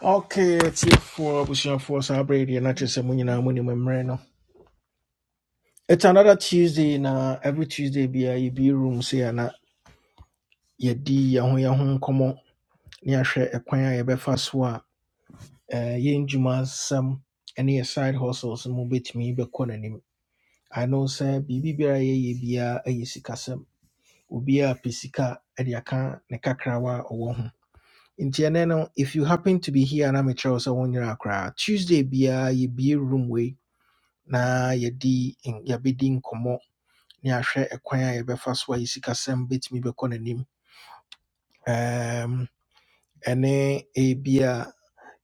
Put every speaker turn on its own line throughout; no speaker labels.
Okay, tiefoɔ abusuafoɔ saa berɛ yi deɛ na just sɛ mo nyinaa monim mmerɛ no it's another tuesday na every tuesday bia yɛbi room so yɛ na yɛdi yɛn ho yɛn ho nkɔmmɔ ne yɛahwɛ ɛkwan a yɛbɛfa so a eh, yɛn dwuma nsɛm ne yɛ side hustles no mu bɛtumi bɛkɔ n'anim i know sɛ biribi biara yɛyɛ biara ɛyɛ sikasɛm obiara pɛ sika de aka ne kakrawa no if you happen to be here na mekyerɛ wo sɛ wo nyera koraa tuesday biara yɛbie room way. na yɛdi n- yɛbɛdi nkɔmmɔ ne ahwɛ ɛkwan a yɛbɛfa so a yɛ sikasɛm bɛtumi n'anim Ɛm, ɛne ebi a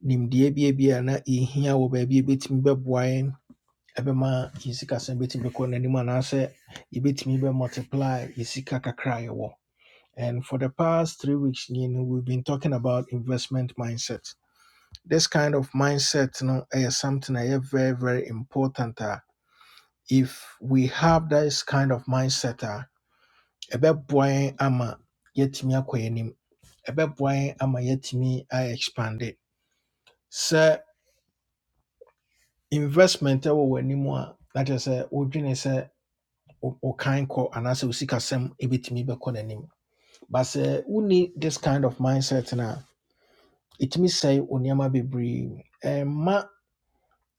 nimdeɛ bi na yɛhia wɔ baabi a ɛbɛtumi bɛboa yɛn ɛbɛma yɛ sikasɛm n'anim anaasɛ yɛbɛtumi bɛ multiply yɛ kakra a yɛwɔ And for the past three weeks, you know, we've been talking about investment mindset. This kind of mindset, you know, is something that is very, very important. if we have this kind of mindset a ɛbɛboa yɛn ama yɛatumi akɔ yɛn anim ɛbɛboa yɛn ama yɛatumi ayɛ expande sɛ investment ɛwɔ w'anim a na kyerɛ sɛ wodwene sɛ wo wo kan kɔ anaasɛ wo sikasɛm ɛbɛtumi bɛkɔ n'anim but sɛ wonni this kind of mindset na a say sɛe wo nneɛma ma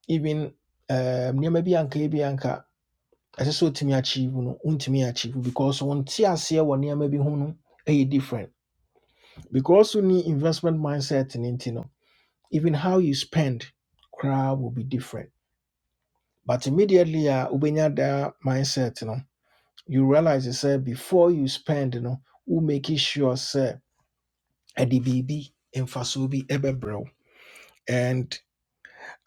even um, nneɛma bi anka ebi anka I ɛsɛ sɛ wotumi achieve no wontumi achieve because wo nte aseɛ wɔ nneɛma maybe ho no different because you ni investment mindset no nti no even how you spend koraa will be different but immediately a ubenya daa mindset you know. you realize you say before you spend you know, wo make it sure say a D B B biribi fasubi ebe bro. wo and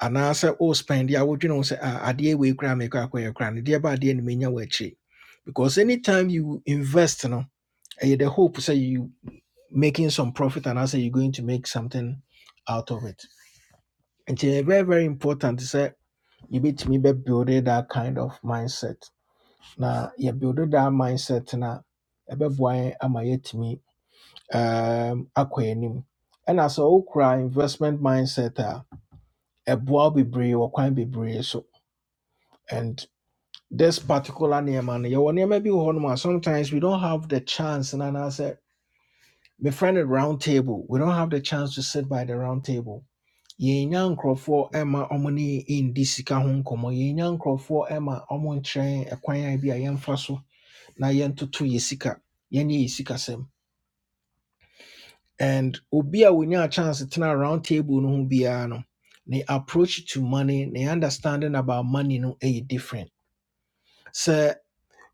anaasɛ oh spend a wodwene wo sɛ "Ah, adeɛ wei we mekɔ make koraa no deɛ ba adeɛ no menya wɔ because anytime you invest you know. Eh, the hope say you making some profit and I say you're going to make something out of it. And it's very, very important to say you beat me by building that kind of mindset. Now you build that mindset now ɛbɛboa ama yɛatumi um, akɔ anim. Ɛna sɛ wokura investment mindset a ɛboa wo bebree wɔ kwan bebree so. And this particular nneɛma no yɛwɔ nneɛma bi wɔ hɔnom sometimes we don't have the chance and I say. befriended round table. We don't have the chance to sit by the round table. Yenya nkurɔfoɔ ɛma ɔmo ne ndi sika ho nkɔmɔ. Yenya nkurɔfoɔ ɛma ɔmo nkyerɛn a bi a so na yɛntoto yɛ sika. Yɛnyɛ yɛ sikasɛm. And obi a wonya chance tena round table no ho biara no, ne approach to money, ne understanding about money no ɛyɛ different. So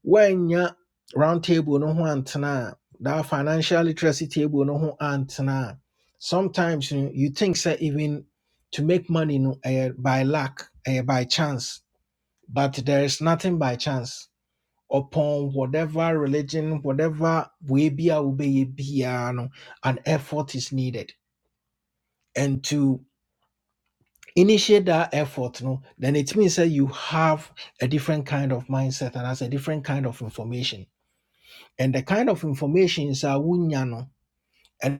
woannya round table no ho antena that financial literacy table no ho antena sometimes you, know, you think say even to make money no ɛyɛ by luck eh by chance but there is nothing by chance upon whatever religion whatever way be a wobɛyɛ no an effort is needed and to initiate that effort no then it means that you have a different kind of mindset and has a different kind of information and the kind of informations are wunya no and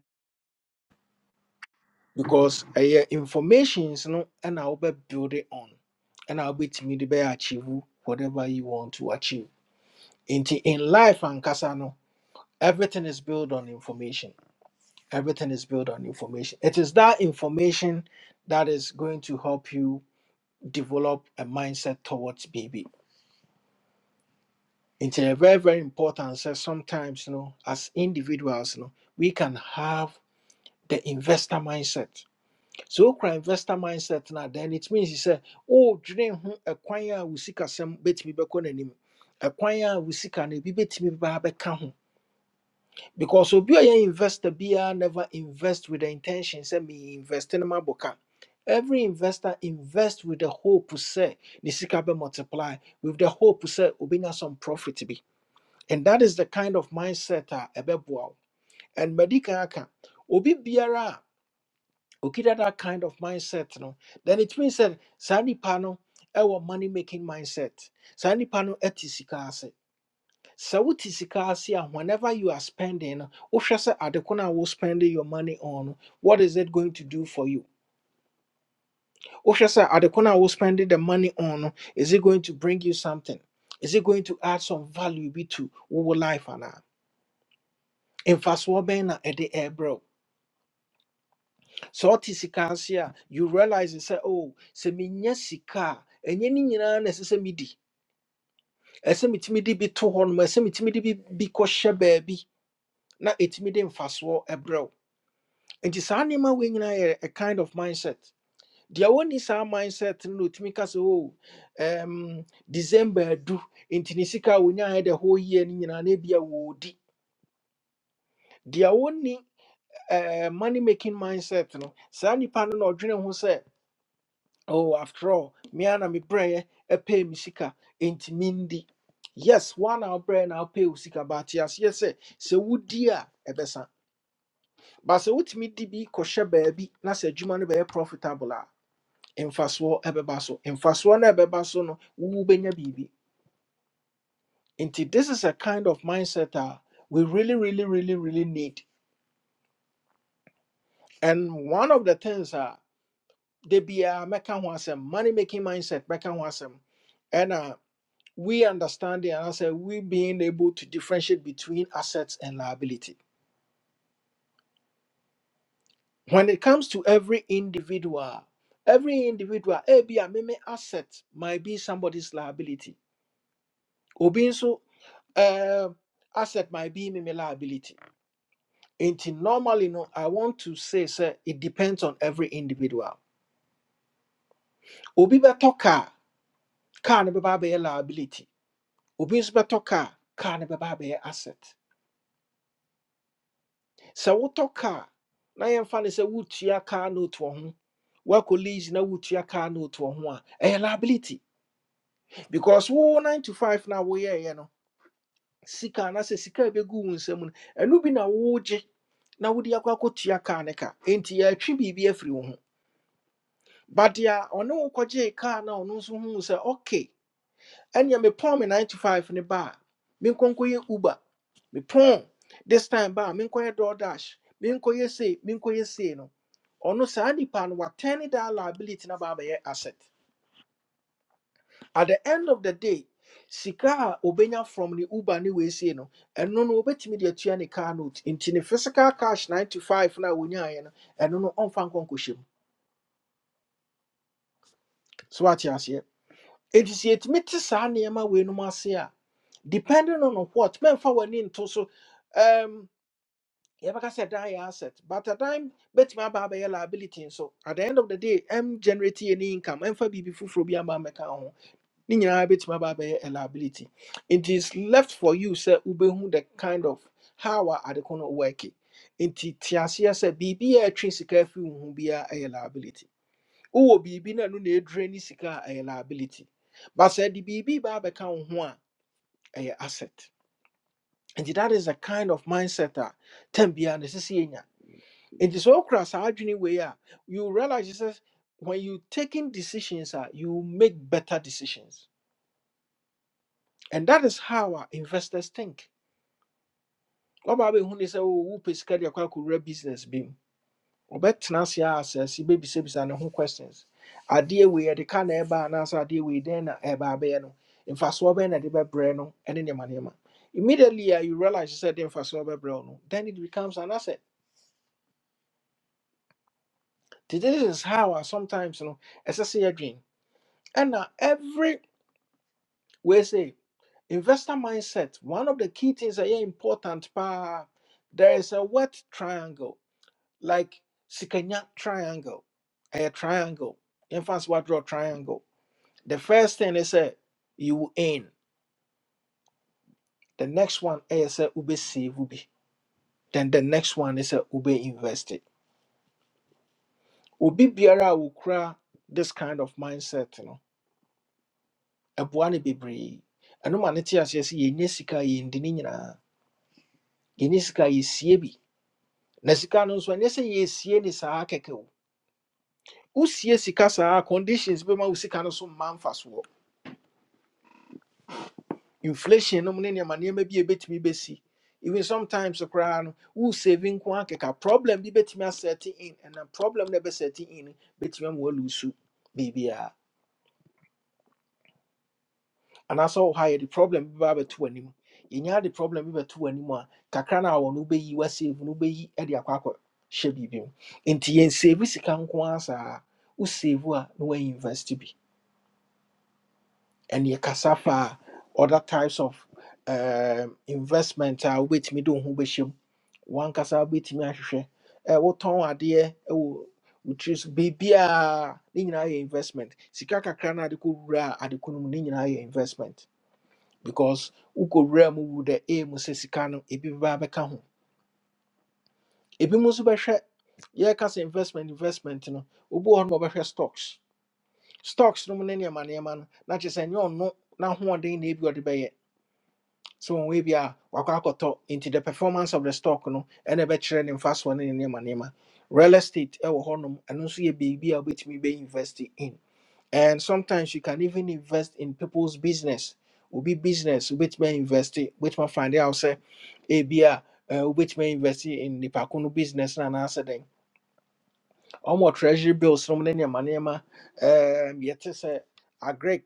because uh, informations no and I'll be build it on and I'll be timid be achieve whatever you want to achieve. Into in life and kasano, everything is built on information. Everything is built on information. It is that information that is going to help you develop a mindset towards baby. It's a very, very important. So sometimes, you know, as individuals, you know, we can have the investor mindset So, wokura investor mindset no then it means he say, "Oh, wodwene ho ɛkwan a wo sikasɛm bɛtumi bɛkɔ n'anim ɛkwan a wo sika no ebi bɛtumi baa bɛka ho because obi a ɔyɛ investor biara never invest with the intention sɛ meinvest no mabɔ ka every investor invest with the hope say the sika bɛ multiply with the hope sɛ obɛnya some profit bi and that is the kind of mindset a ɛbɛboa wo and madi kan aka obi biara a okida that kind of mindset no then it means that saa nipa no ɛwɔ money making mindset saa nipa no ɛte sika ase sɛ wote sika ase a whenever you are spending no wohwɛ sɛ adeko no a wo spending your money on no what is it going to do for you wohwɛ sɛ adeko no a wo spending the money on no is it going to bring you something is it going to add some value bi to wo life anaa mfasoɔ bɛn na ɛde ɛɛbrɛ wo So ɔte sika ase a you realize and say, oh sɛ menya sika a ɛnyɛ ne nyinaa na ɛsɛ sɛ medi ɛsɛ metumi de bi to hɔ nom ɛsɛ metumi de bi bi kɔhyɛ baabi na ɛtumi de mfasoɔ ɛbrɛ wo saa nneɛma wei nyinaa yɛ a kind of mindset deɛ wɔnni saa mindset no na ɔtumi ka sɛ oh um, december adu nti ne sika a wɔnyaeɛ the whole year no nyinaa na ebia wɔɔdi deɛ wɔnni eh, money making mindset no saa nnipa no na ɔdwene ho sɛ Oh, after all, me and me prayer, a pay me sika, ain't mindi. Yes, one hour prayer now pay usika, but yes, yes, eh, so would dear a eh, besa. But so what me dibi kosher baby, that's a juman be profitable. In fast war ebebaso, in fast one ebebaso no, woo benya bibi. Inti, this is a kind of mindset ah, we really, really, really, really need. And one of the things are, they be a meka wasem, money making mindset, meka wasem. we understanding and I said we being able to differentiate between assets and liability. When it comes to every individual, every individual, eh, be a meme asset might be somebody's liability. Obi so uh, asset might be meme liability. And normally, no, I want to say, sir, it depends on every individual. Obi beto car, car ne be liability. Obi nso beto car, car ne be asset. sɛ wotɔ car? na yɛmfa no sɛ wotua kaa note wɔ ho woakɔ lease na wotua kaa note wɔ ho a ɛyɛ liability because wo 9 to 5 na woyɛeɛ no sika anaasɛ sika a ɛbɛgu wo nsam no ɛno bi na wogye na wode akɔ akɔtua kaa ne ka enti yɛatwe biribi afiri wo ho but ya ɔne wo kɔgyee kaa na ɔno nso huu sɛ okay ɛnea mepɔn me pon me 95 ne ba a menkɔnkɔyɛ uber mepɔn this time ba a menkɔyɛ DoorDash menkɔyɛ sei menkɔyɛ sei no ɔno saa nipa no watɛne that liability no aba abɛyɛ asset at the end of the day sika a obenya from the uber ne wei say. no ɛno no wobɛtumi de atua ne car note nti ne physical cash 95 na wonya ye no a wonyaeɛ no ɛno no ɔmfa nkɔnkɔhyɛ mu so what wate aseɛ It is yet yɛtumi te saa nneɛma weinom ase a, depending on what, memfa w'ani nto so, um, yɛbɛka sɛ dan yɛ asset, but a dan bɛtumi aba abɛyɛ liability nso. At the end of the day, m generate any income, ɛmfa biribi foforɔ bi aba mmɛka wo ho. Ne nyinaa bɛtumi aba abɛyɛ a liability. It is left for you sɛ wobɛhu the kind of how a ade ko no work. Enti te aseɛ sɛ biribi a ɛtwe sika afi wo ho biara yɛ liability wowɔ biribi na ɛno na ɛdure ne sika a ɛyɛ liability but sɛ de biribi baa bɛka wo ho a ɛyɛ asset and that is a kind of mindset a tam biara ne sɛ sɛ yɛnya nti sɛ wokura saa adwene wei a you realize sɛ when you taking decisions a you make better decisions and that is how a investors think What wɔbaa bɛhu ne say, "Oh, wopɛ sika de a akɔwura business bi ɔbɛtena ase asɛse bɛbisabisa ne ho questions adeɛ wei yɛde ka na ɛba anaasɛ adeɛ wei dɛn na ɛba abɛyɛ no mfasoɔ bɛn na ɛde bɛbrɛ no ɛne nneɛma nneɛma immediately a you realize you said mfasoɔ bɛbrɛ wo no then it becomes an asset Nti this is how a sometimes no ɛsɛ sɛ and now every we say investor mindset one of the key things that are important paa there is a wet triangle like sikanya triangle a triangle yɛmfa nso wɔadraw triangle The first thing is a you will earn. The next one is that ube save ube. Then the next one is a ube invested it. Obi biara will cry this kind of mindset, you know. Ɛboa ne bebree. Ɛno ma ne te aseɛ sɛ yɛnya sika a yɛndi ne nyinaa. Yɛnya sika a yɛsie bi. Na sika no nso ɛnyɛ sɛ yɛsie ne saa kɛkɛ u Wosie sika saa conditions be wo sika no so mma mfasoɔ. inflation no money, ne nneɛma nneɛma bi a ɛbɛtumi busy. even sometimes koraa no who saving nko akeka problem bi bɛtumi setting in and the problem never setting in no bɛtumi ama walusu biribiaa anaasɛ wo ha the problem bi ba bɛto w'anim yɛnya de problem bi bɛto w'anim a kakra no a wɔ no wobɛyi wasave no wobɛyi de akɔ akɔ hyɛ biribi mu nti yen save sika nko ara saa wo save a no woainvest bi and your cassava other types of um investment are with me do who one kasa with me ahwehwɛ eh wo ton adeɛ ɛwɔ which is baby a investment sika kakra na ade ko wura a no investment because wo ko wura mu wu the aim sɛ sika no ebi ba bɛka ebi mu nso bɛhwɛ yɛka investment investment no obi wɔ hɔ no ɔbɛhwɛ stocks stocks no mu ne nneɛma nneɛma no na kyerɛ sɛ ɛnyɛ ɔno n'ahoɔden na ebi ɔde bɛyɛ so wɔn wei bi a wakɔ akɔtɔ nti the performance of the stock no ɛna ɛbɛkyerɛ ne mfa soɔ ne ne nneɛma nneɛma real estate ɛwɔ hɔnom ɛno nso yɛ biribi a wobɛtumi bɛ invest in and sometimes you can even invest in people's business obi business wobɛtumi invest wobɛtumi find out sɛ ebi a wobɛtumi invest in nipa ko no business no anaasɛ dɛn ɔmo treasury bills nom ne nneɛma nneɛma Um, yɛte sɛ agric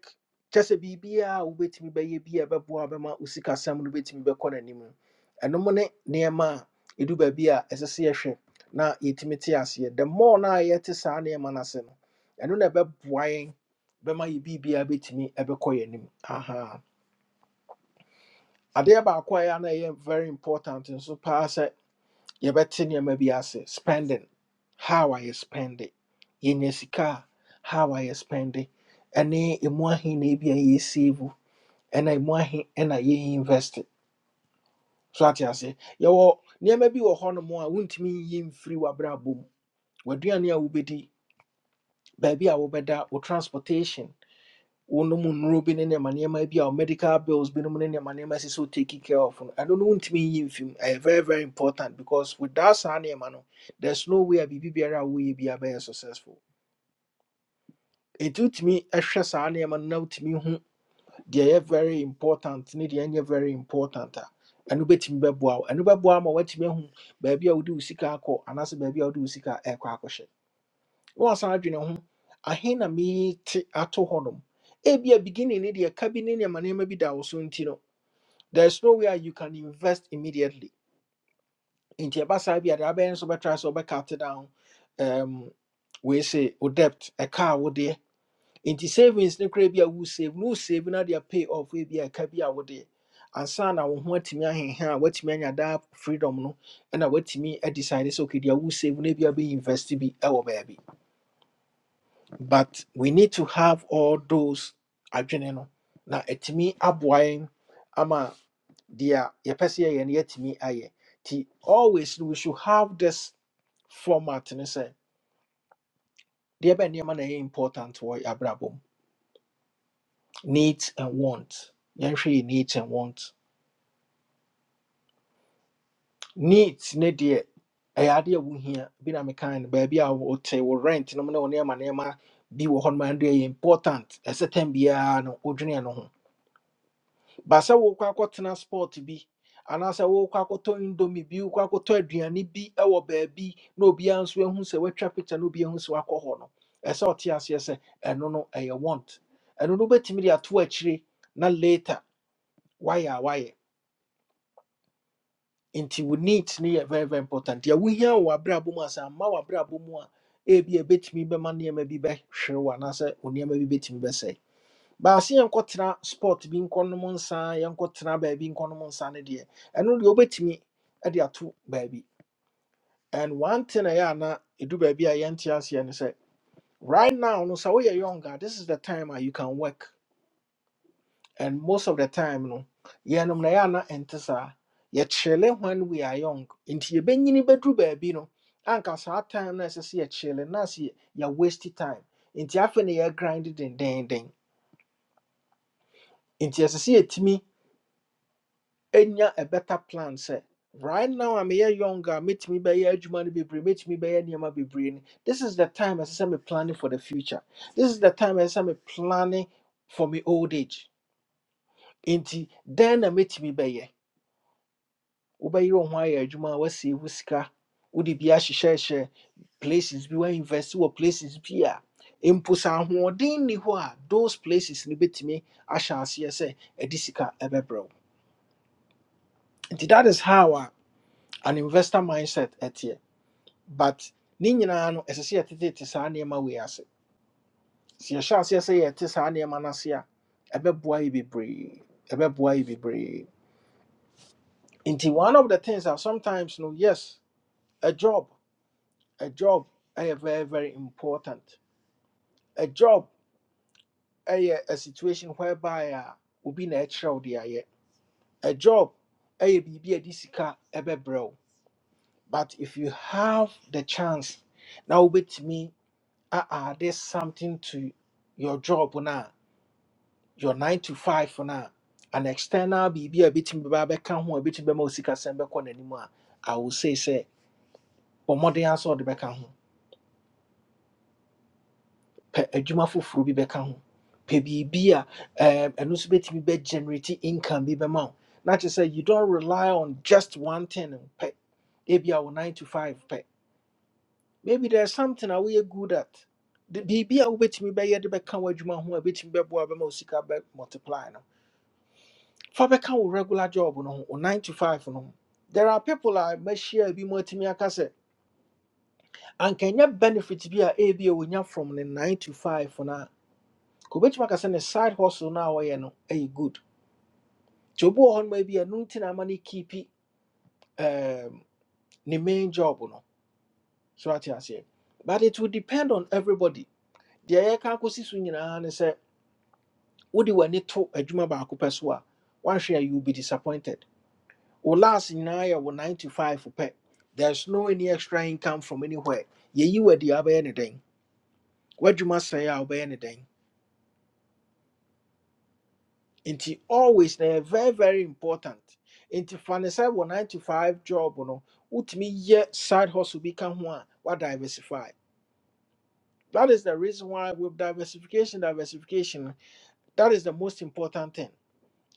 kyɛ sɛ biribiaa a wobɛtumi bɛyɛ bi a ɛbɛboa bɛma wo sikasɛm no bɛtumi bɛkɔ n'anim no ɛnom ne nneɛma a ɛdu baabi a ɛsɛ sɛ yɛhwɛ na yɛtumi te aseɛ the more no a yɛte saa nneɛma no ase no ɛno na ɛbɛboa yɛn bɛma yɛ biribiaa bɛtumi ɛbɛkɔ yɛn anim aha adeɛ baako a ɛyɛ a na ɛyɛ very important nso paa sɛ yɛbɛte nneɛma bi ase spending how I spend it yɛnya sika a, how I spend it ɛne ɛmu ahe na ebi a yɛsave wo, ɛna ɛmu ahe ɛna yɛinvest it. so ate ase yɛwɔ nneɛma bi wɔ hɔnom a wontumi yi mfiri w'abrabɔ mu w'aduane a wobɛdi baabi a wobɛda wo transportation wonom nnuro bi ne nneɛma nneɛma bi a ɔ- medical bills binom ne nneɛma nneɛma sisi so taking care of no not know wontumi nyi film. ɛyɛ very very important because without saa nneɛma no there's no way a biribi biara we bi a bɛyɛ successful nti wotumi ɛhwɛ saa nneɛma no na wotumi hu They are very important ne deɛ ɛnyɛ very important a ɛno bɛtumi bɛboa wo ɛno bɛboa ma woatumi ahu baabi a wode wo sika akɔ anaasɛ baabi a wode wo sika ɛkɔ akɔhyɛ wɔnsan adwene ho ahe na mete ato hɔnom ebia beginning ne deɛ ka bi ne nneɛma nneɛma bi da wo so nti no there is no way you can invest immediately nti ɛba saa bi a deɛ abɛyɛ nso bɛtra sɛ wobɛcut down um, wei se wo debt ɛka a wodeɛ nti savings ne koraa bi a wo save no wo save no deɛ pay off wei bi a ɛka bi a wodeɛ ansa na wo ho atumi ahenha a woatumi anya daa freedom no ɛna woatumi adecide sɛ okay deɛ wo save no bi a bɛyi invest bi ɛwɔ baabi but we need to have all those adwene no na ɛtumi aboa ama dia yɛpɛ sɛ yɛyɛ no yɛatumi ayɛ always no, we should have this format ne sɛ deɛ bɛ nneɛma na ɛyɛ important wo yɛ needs and want yɛnhwɛ yɛ needs and want needs ne dia ɛyɛ adeɛ a wohia bi na mekan no baabi a wote wo rent nom ne wo nneɛma nneɛma bi wo hɔ nom a ɛno ɛyɛ important ɛsɛ tam biara no wodwene no ho But sɛ wokɔ akɔtena sport bi anaasɛ wokɔ akɔtɔ indomie bi wokɔ akɔtɔ aduane bi wɔ baabi na obiara nso ahu sɛ woatwa picture na obiara ahu sɛ woakɔ hɔ no ɛsɛ sɛ ɔte aseɛ sɛ ɛno no ɛyɛ want ɛno no wobɛtumi de ato akyire na later wayɛ a wayɛ nti wo need. no yɛ very very important deɛ wohia wɔ w'abrabɔ mu a sɛ amma w'abrabɔ mu a ebi a ɛbɛtumi bɛma nneɛma bi bɛhwere wo anaasɛ wo nneɛma bi bɛtumi bɛsɛe baase yɛnkɔtena sport bi nkɔnom nsa yɛnkɔtena baabi nkɔnom nsa no deɛ ɛno deɛ wobɛtumi de ato baabi and one thing a ɛyɛ a na ɛdu baabi a yɛnte aseɛ no say, right now no sɛ woyɛ younger this is the time a you can work and most of the time no yɛnom na ɛyɛ a na ɛnte saa yɛkyerɛle when we are young nti yɛbɛnyini bɛduru baabi no anka saa time no a ɛsɛ sɛ yɛkyerɛle na ase yɛ waste time nti afei na yɛgrind dendenden nti ɛsɛ sɛ yɛtumi enya a better plan sɛ right now I'm here younger Meet me by metumi money be no Meet me by nneɛma be no this is the time ɛsɛ sɛ me planning for the future this is the time ɛsɛ sɛ me planning for me old age Inti then I meet me by ye. Uba ho ayɛ adwuma a woasie wo sika Udi bi ahyehyɛhyɛ places bi woainvest wɔ places bi a mpo sɛ ahoɔden hɔ a those places ni no bɛtumi ahyɛ aseɛ sɛ ɛde sika ɛbɛbrɛ wo nti that is how a an investor mindset ɛteɛ but ne nyinaa no ɛsɛ sɛ yɛtetete saa nneɛma wei ase sɛ yɛhyɛ aseɛ sɛ yɛte saa nneɛma no ase a ɛbɛboa yɛ bebree ɛbɛboa yɛ bebree nti one of the things that sometimes no yes a job a job a very very important a job a a situation whereby a obi be natural wo a job ɛyɛ biribi a de sika ɛbɛbrɛ wo but if you have the chance now with me. uh-uh, there's something to your job now. your nine to five now. an external biribi a ɛbɛtumi bɛba bɛka ho a bit in ɛbɛtumi bɛma osikasɛm bɛkɔ anymore. I will say say, sɛ bɔ mmɔden ara sɛ ɔde bɛka ho pɛ adwuma foforɔ bi bɛka ho pɛ biribi a ɛm, ɛno nso bɛtumi bɛgenerate income be bɛma wo na say you don't rely on just one thing pɛ ebia our nine to five pɛ maybe there's something that we're good at The- biribi a wobɛtumi bɛyɛ de bɛka w'adwuma ho a ɛbɛtumi bɛboa bɛma wo sika bɛ multiply no fa bɛka wo regular job no ho wo 9 to 5 no ho there are people a may share mu atumi aka sɛ anka ɛnyɛ benefit bi a ebi a wonya from the 9 to 5 no a nka wobɛtumi aka sɛ ne side hustle no you wɔyɛ no ɛyɛ good nti obi wɔ hɔ noma bi a no nti na no um, ne main job oh, no so ate aseɛ but it will depend on everybody deɛ yɛka akɔsi so nyinaa ne sɛ wode w'ani to adwuma baako pɛ so a woahwɛ a you will be disappointed wo last nyinaa yɛ wo 9 to 5 pɛ there's no any extra income from anywhere yɛyi w'adi a wobɛyɛ ne dɛn w'adwuma sɛe a wobɛyɛ ne dɛn nti always na ɛyɛ very very important nti fa ne sɛ wɔ 9 to 5 job no wotumi yɛ side hustle bi ka ho a wadiversify that is the reason why with diversification diversification that is the most important thing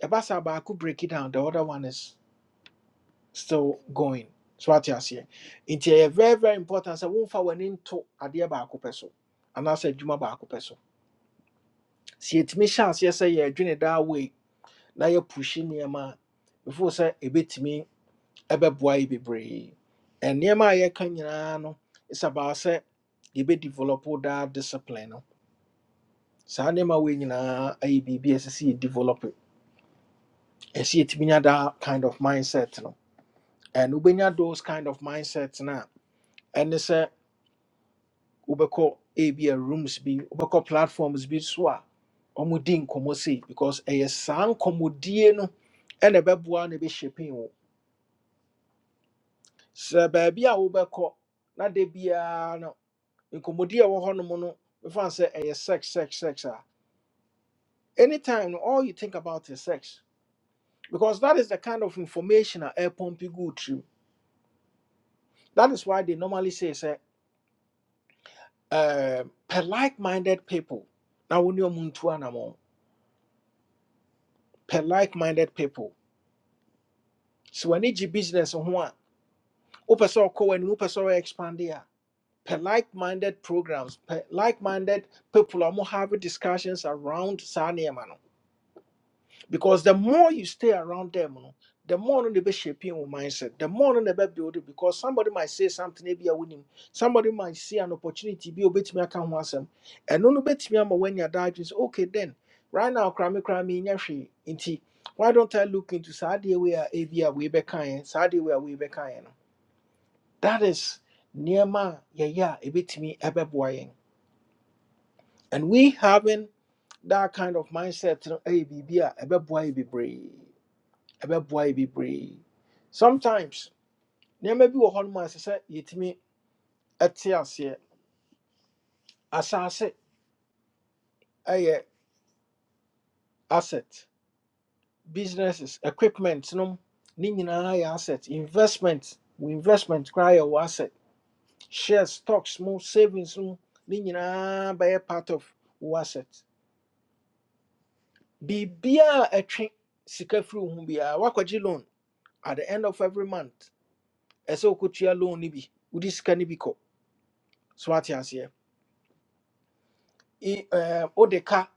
ɛba saa baako break it down the other one is still going. So what you say? Nti very very important So sɛ womfa w'ani nto adeɛ baako pɛ so anaasɛ adwuma baako pɛ so. Sɛ yɛtumi hyɛ aseɛ sɛ yɛadwene daa wei na yɛpuhyi nneɛma a before sɛ ɛbɛtumi ɛbɛboa yɛ bebree. And nneɛma a yɛka nyinaa no it's about sɛ yɛbɛdevelop daa discipline no. Saa nneɛma wei nyinaa ayɛ biribi a ɛsɛ sɛ yɛdevelop. Ɛsɛ sɛ yɛtumi nya that kind of mindset no. And wobɛnya those kind of mindsets no And ɛne sɛ wobɛkɔ ebi a rooms bi wobɛkɔ platforms bi so a ɔmodi nkɔmmɔ sei because ɛyɛ saa nkɔmmɔdie no ɛna ɛbɛboa na ɛbɛhyɛpin wo sɛ baabi a wobɛkɔ na da biara no nkɔmmɔdie a ɛwɔ hɔnom no mefa sɛ ɛyɛ sex sex sex a anytime no all you think about is sex because that is the kind of information a ɛpɔmpi gu trim that is why they normally say sɛ um, per like-minded people na wo ne ɔmo ntu anamɔ per like-minded people sɛ w'ani gye business ho a wopɛ sɛ ɔkɔ and wopɛ sɛ ɔyɛ expande a pɛ like-minded programs per like-minded people a mo have discussions around saa nneɛma no because the more you stay around them no the more no be shaping your mindset the more no be building. because somebody might say something ebi a winning. somebody might see an opportunity bi a obetumi aka ho asɛm ɛno no betumi ama w'anya daa adwene sɛ okay then right now koraa me koraa inti. why don't i look into saa adeɛ wei a be a wei bɛkaeɛ saa adeɛ wei a wei bɛkaeɛ no that is nneɛma a yɛyɛ a ɛbɛtumi ɛbɛboa yɛn. And we having that kind of mindset no ɛyɛ biribi a ɛbɛboa yɛ bebree. Ɛbɛboa yɛ brave. Sometimes nneɛma bi wɔ hɔnom a ɛsɛ sɛ yɛtumi ɛte aseɛ. Asase ɛyɛ asset. Businesses, equipment nom ne nyinaa yɛ asset. Investment, wo investment koraa yɛ asset. Shares, stocks mu, savings mu, ne nyinaa a part of wo asset. biribiaa ɛtwe sika firi wo ho loan at the end of every month ɛsɛ wokɔtua loan nibi bi wode sika no bi kɔ so I- ɛɛ, wode ka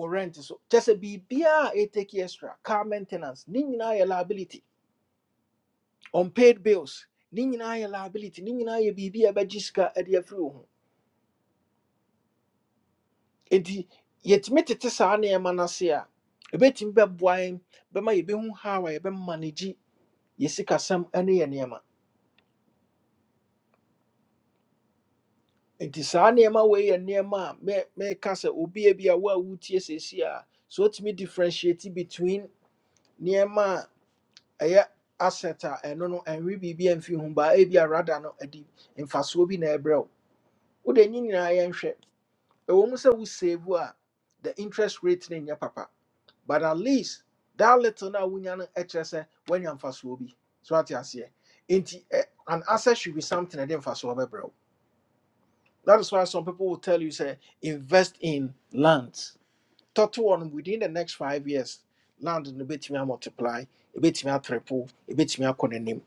wo rent so kyɛ sɛ biribiaa ɛtaki extra car maintenance ne nyinaa yɛ liability unpaid bills ne nyinaa yɛ liability ne nyinaa yɛ biribi a ɛbɛgye sika de afiri wo ho enti yɛtumi tete saa nneɛma no ase ye ɛbɛtumi bɛboa yɛn bɛma yɛbɛhu how a yɛbɛmanage yɛ sikasɛm ne yɛ nti saa nneɛma wei yɛ nneɛma a me meka sɛ obi a bi a wo a wotie seesi a so wotumi differentiate between nneɛma a ɛyɛ asset a ɛno no ɛnwe biribi amfi ho baa ebi a rada no adi mfasoɔ bi na ɛbrɛ wo wode ne nyinaa yɛnhwɛ ɛwɔ mu sɛ wo save a the interest rate no nyɛ papa but at least that little na wonya no ɛkyerɛ sɛ woanya mfasoɔ bi so ate aseɛ nti ɛ- an asset should be something a ɛde mfasoɔ bɛbrɛ wo that is why some people will tell you, say, invest in land. one within the next five years, land no betumi multiply, ebetumi triple, ebetumi akɔ n'anim.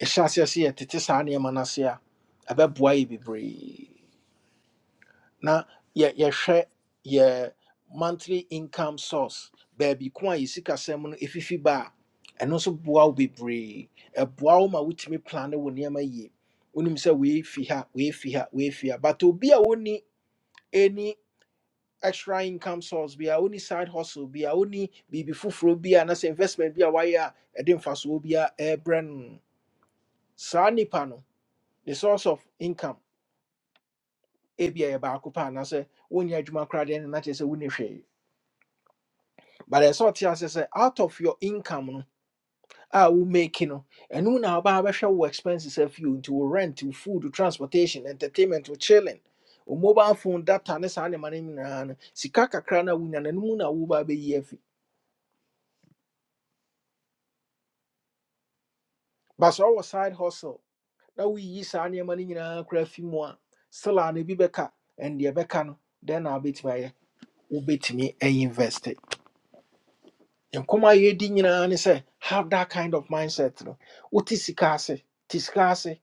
Ɛhyɛ aseɛ sɛ yɛtete saa nneɛma no ase a, ɛbɛboa yɛ bebree. Na yɛ yɛhwɛ yɛ monthly income source, baabi ko a yɛ sikasɛm no ɛfifi ba a, ɛno nso boa wo bebree. Ɛboa wo ma wotumi plan wo nneɛma yie. Wonim sɛ wei fi ha, wei fi ha, wei fi ha. But obi a woni any. extra income source bi a only side hustle bi a only. biribi foforɔ bi a na sɛ investment bi a wayɛ a ɛde mfasoɔ bi a ɛrebrɛ brand. saa panel. the source of income a be a ɛyɛ baako paa anaasɛ wonyɛ adwuma koraa deɛ no na kyerɛ sɛ wonni hwee but ɛsɛ ɔte ase say out of your income no a wo make no ɛno na wobaa bɛhwɛ wo expenses afio nti into rent wo food wo transportation entertainment wo chilling wo mobile phone data ne saa nneɛma no nyinaa no sika kakra na a na. no ɛno mu na wobaa bɛyi afi but so ɔwɔ side hustle na woyiyi saa nneɛma no nyinaa kora fi mu a sela no bi bɛka ɛndeɛ bɛka no dɛn na wobɛtumi ayɛ wobɛtumi ainvest nkɔma yɛdi nyinaa ne sɛ have that kind of mindset no wote sika ase te sika ase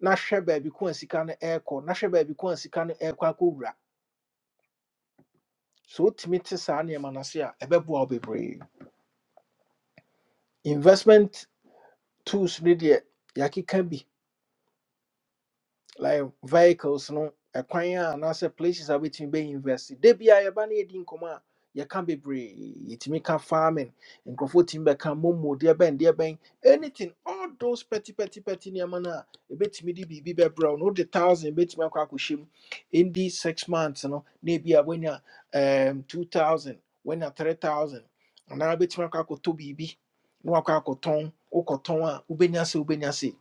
na hwɛ baabi ko a sika no ɛrekɔ na hwɛ baabi ko a sika no ɛrekɔ akɔwura so wotumi te saa nneɛma no ase a ɛbɛboa wo bebree investment tools no deɛ yɛakeka bi like vehicles no ɛkwan a anaasɛ places a wobɛtumi bɛ invest da bia yɛba no yɛdi nkɔmmɔ a yɛka bebree yɛtumi ka farming nkurɔfoɔ tumi bɛka momo deɛ bɛn deɛ bɛn anything all those petty, petty, petty. nneɛma no a ɛbɛtumi de biribi bɛbrɛ wo no wode thousand bɛtumi akɔ akɔhyɛ mu ɛndi six months no na ebi a woanya um, 2000 woanya 3000 anaa wobɛtumi akɔ akɔtɔ biribi na wakɔ akɔtɔn wokɔtɔn a wobɛnya se wobɛnya se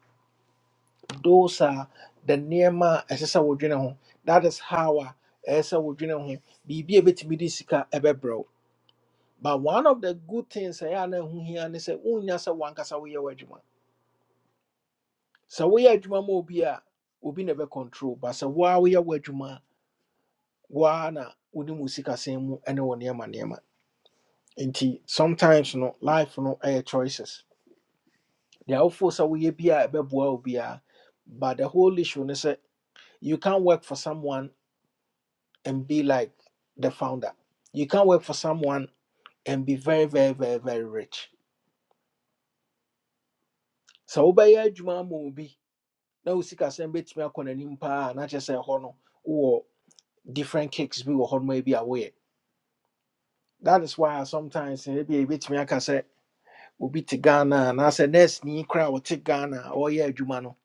those are the nneɛma a ɛsɛ sɛ wodwene ho that is how a ɛsɛ sɛ wodwene ho biribi a ɛbɛtumi de sika ɛbɛbrɛ wo but one of the good things ɛyɛ a na ɛho hia ne sɛ wonya sɛ wankasa woyɛ w'adwuma sɛ woyɛ adwuma ma obi a obi na ɛbɛcontrol but sɛ woa woyɛ w'adwuma a, woa na wonim wo sikasɛm mu ɛne wo nneɛma nneɛma nti sometimes no life no ɛyɛ choices deɛ wofoo sɛ woyɛ bi a ɛbɛboa wo biara but the whole issue ne sɛ you can't work for someone and be like the founder. You can't work for someone and be very, very, very, very rich. So wobɛyɛ juma ama now na wo sika sɛm bɛtumi akɔ n'anim paa na kyerɛ sɛ ɛhɔ no wowɔ different cakes bi wɔ hɔ noma bi a woyɛ. That is why I sometimes ebi ebetumi aka sɛ obi te Ghana and I say nurse ni koraa a ɔte Ghana a ɔreyɛ adwuma no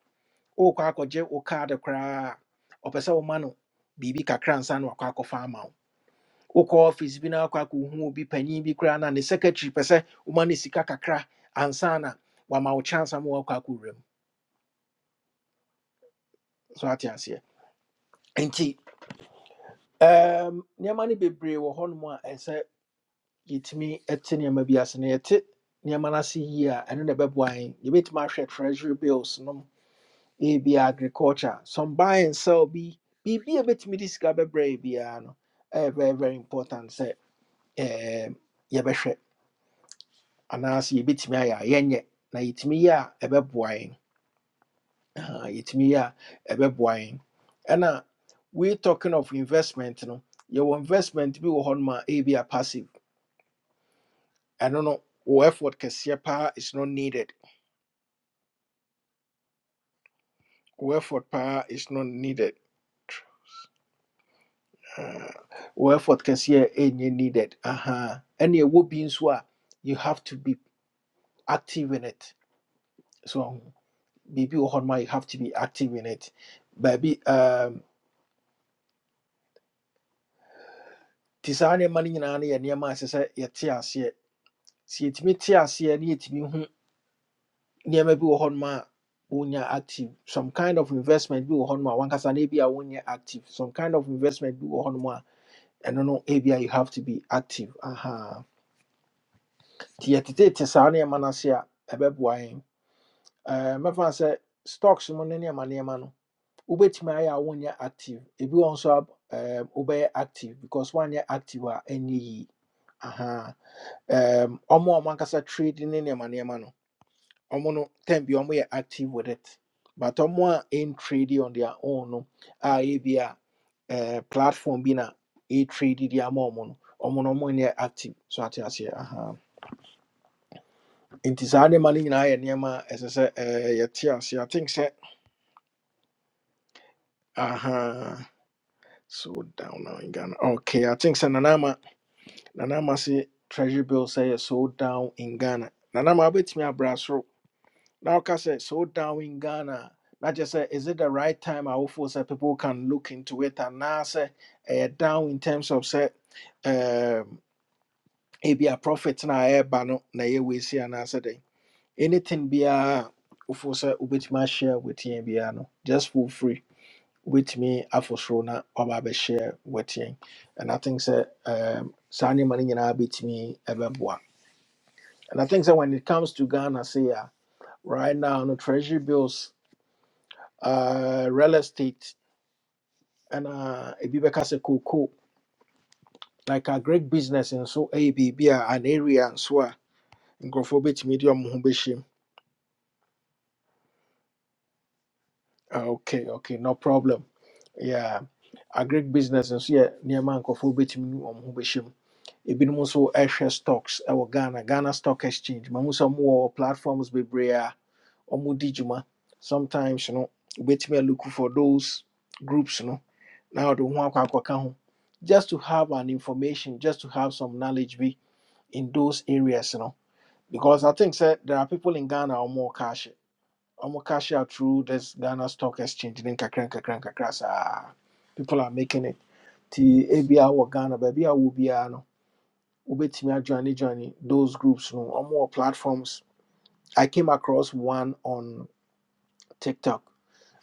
wokɔ akɔgye wo card koraa a ɔpɛ sɛ woma mano. Bibi kakran san na wakɔ akɔfa wokɔ office bi na akɔ akɔhu obi panyin bi koraa na ne secretary pɛ sɛ woma no sika kakra ansa na wama wo chance ama wakɔ akɔwura mu so ate aseɛ nti um, nneɛma no bebree wɔ hɔnom a ɛsɛ yɛtumi te nneɛma bi ase na yɛte nneɛma no ase yie a ɛno na ɛbɛboa yɛn yɛbɛtumi ahwɛ treasury bills nom ebi agriculture some buy and sell bi biribi a ɛbɛtumi de sika bɛbrɛ yɛ biara no ɛyɛ very very important sɛ um, yɛbɛhwɛ anaasɛ yɛbɛtumi ayɛ a yɛnyɛ na yɛtumi yɛ a ɛbɛboa yɛn Aha, yɛtumi yɛ a ɛbɛboa yɛn ɛna we talking of investment no yɛwɔ investment bi wɔ hɔnom a ɛyɛ bi a passive ɛno no wo effort kɛseɛ paa is not needed wo effort paa is not needed Ah, wo effort kɛseɛ ɛnyɛ needed aha ɛne ɛwɔ bi nso a you have to be active in it so biribi wɔ hɔnom a you have to be active in it baabi um nti saa nneɛma no nyinaa no yɛ nneɛma a ɛsɛ sɛ yɛte aseɛ sɛ yɛtumi te aseɛ na yɛtumi hu nneɛma bi wɔ hɔnom a wonya active some kind of investment bi wɔ hɔnom a wankasa no ebi a wonyɛ active some kind of investment bi wɔ hɔnom a ɛno no ebi a you have to be active aha nti yɛtetete saa nneɛma no ase a ɛbɛboa yɛn Eh, mɛfa no sɛ stocks mu no nneɛma nneɛma no wobɛtumi ayɛ a wonyɛ active ebi wɔ hɔ nso a eh, wobɛyɛ active because wanyɛ active a ɛnyɛ yie Aha. um ɔmo a ɔmo ankasa trade ne nneɛma nneɛma no ɔmo no time bi ɔmo yɛ active with it but ɔmo a ɛn trade on their own no a ebi eh, platform bi na ɛ trade de ama ɔmo no ɔmo no ɔmo nyɛ active so ate aseɛ aha nti saa nneɛma no nyinaa yɛ nneɛma a ɛsɛ sɛ ɛɛ yɛte aseɛ i think sɛ aha so down now in ghana okay i think sɛ nanama nanama se treasury bill say yɛ so down in ghana nanama abɛtumi abrɛ Now, I so down in Ghana. Not just say, is it the right time? I hope so people can look into it. And now say, eh, down in terms of say, um, it be a profit na air bano na ye we see and answer day. Anything be a ufosa ubit my share with ye be uh, no just for free with me afosrona oba be share with ye. And I think say, um, Sani money na bit me ebeboa. And I think that when it comes to Ghana, say, ah, right now, no treasury bills uh, real estate and uh, ebi bɛka sɛ cocoa like a great business in so biribi an area nso a nkurɔfoɔ bɛtumi de ɔmo ho bɛhyɛ Ah, okay okay no problem yeah a great business nso so yeah near man bɛtumi medium, ɔmo ho bɛhyɛ mu ebinom nso ɛhwɛ stocks ɛwɔ ghana ghana stock exchange mahu sɛ ɔmowɔ platforms bebree a ɔmo di dwuma sometimes you no wobɛtumi a look for those groups no Now ɔde wo ho akɔ akɔka ho just to have an information just to have some knowledge be in those areas you know because i think sir, there are people in ghana or more cash or more cash out through this ghana stock exchange Then kakra and kakra and kakra saa. people are making it ti ebi wɔ ghana baabi a wo biara no wobɛtumi adwane join those groups no or more platforms i came across one on tiktok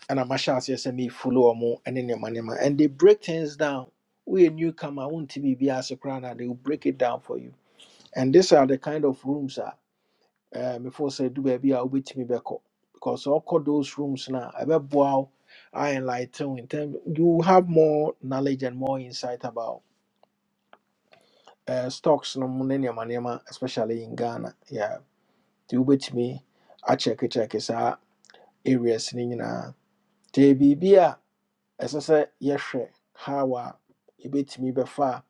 And I'm sure yes, me follow more and then manema. And they break things down. We a newcomer, won't be be as a crown, and they will break it down for you. And these are the kind of rooms that uh, before say do baby I'll wait me back up. Because all call those rooms now, I bet wow, I enlighten in term you have more knowledge and more insight about uh, stocks no mu ne nneɛma nneɛma, especially in Ghana. Yeah. Do wait me I check it check it areas ne nyinaa. Te biribi a ɛsɛ sɛ yɛhwɛ how a yɛbɛtumi bɛfa a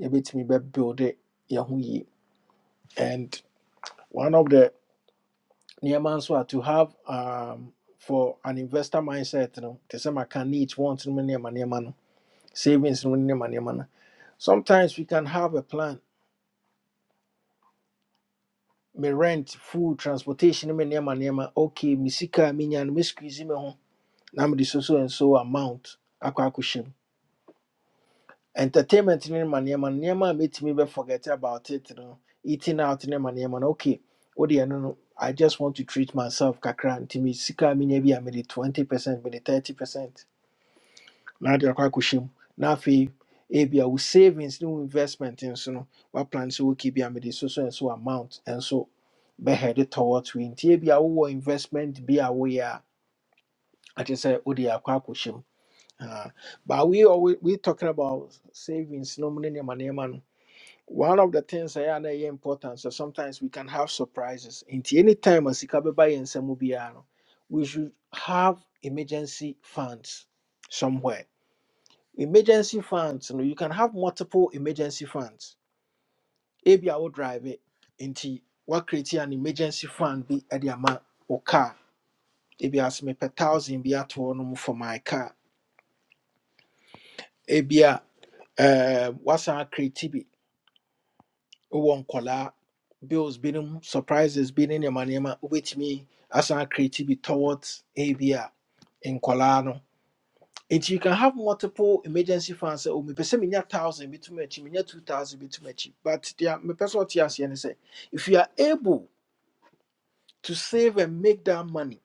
yɛbɛtumi bɛbuilde yɛn ho yie and one of the nneɛma nso a to have um, for an investor mindset you know, the same I can needs want no money, nneɛma nneɛma no savings no money, nneɛma nneɛma no sometimes we can have a plan me rent food transportation no mu nneɛma nneɛma okay me sika me menya no me squeeze me ho na mede so so and so amount akwa akɔhyɛ entertainment ne ma nneɛma no nneɛma a mɛtumi bɛ forget about it no eating out ne ma nneɛma no okay wode ɛno no no, i just want to treat myself kakra nti sika a menya bi a mede 20 percent mede 30 percent na ade akɔ akɔhyɛ mu na afei ebia wo savings ne wo investment nso no woaplan sɛ woki bi a mede so so nso amount nso bɛhɛde towards we nti ebia wowɔ investment bi a woyɛ a akyɛ sɛ wode akɔ akɔhyɛ mu Ah, but we always we talking about savings no money, ne nneɛma nneɛma no one of the things I know is important. So sometimes we can have surprises. In any time as ikabeba and semubiano, we should have emergency funds somewhere. Emergency funds, you know, you can have multiple emergency funds. Ebi I will drive it into what create an emergency fund be at the amount or car. Ebi as me per thousand be at one for my car. Ebi uh what's our creative? wowɔ nkɔlaa bills binom surprises bi ne nneɛma nneɛma wobɛtumi asan create bi towards a ebi a nkɔlaa no nti you can have multiple emergency funds sɛ o mepɛ sɛ menya thousand bitum akyi menya two thousand bitum akyi but deɛ mepɛ sɛ ɔte aseɛ ne sɛ if you are able to save and make that money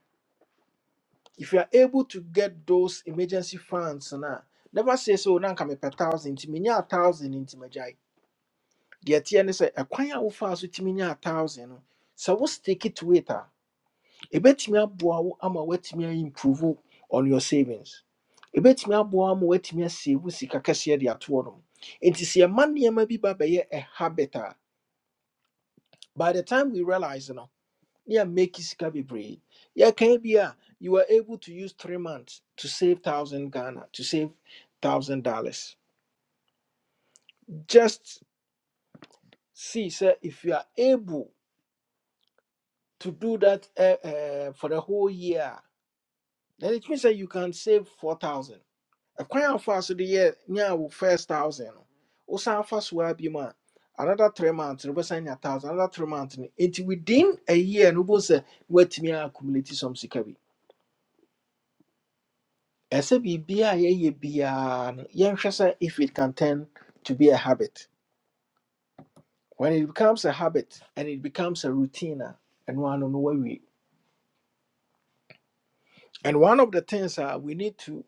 if you are able to get those emergency funds na never say so na nka mepɛ thousand nti menya a thousand nti magyae The idea is sɛ ɛkwan a wofaa so tumi nya thousand no sɛ wo stick it to it a ɛbɛtumi aboa wo ama woatumi improve on your savings ɛbɛtumi aboa wo ama woatumi asave wo sika kɛseɛ de atoɔ no nti sɛ yɛma nneɛma bi ba bɛyɛ a habit a by the time we realize no ne make sika bebree yeah can be a you were able to use three months to save thousand ghana to save thousand dollars just see sir, if you are able to do that uh, uh, for the whole year, then it means that you can save four thousand. A coin fast the year yeah first thousand. Osan fast will be man. Another three months, We reversing a thousand, another three months. Into within a year, no boss wait me accumulate some sikabi. Ɛsɛ biribiara a yɛyɛ biara no, yɛnhwɛ sɛ if it can turn to be a habit. When it becomes a habit and it becomes a routine, and one no way. And one of the things uh, we need to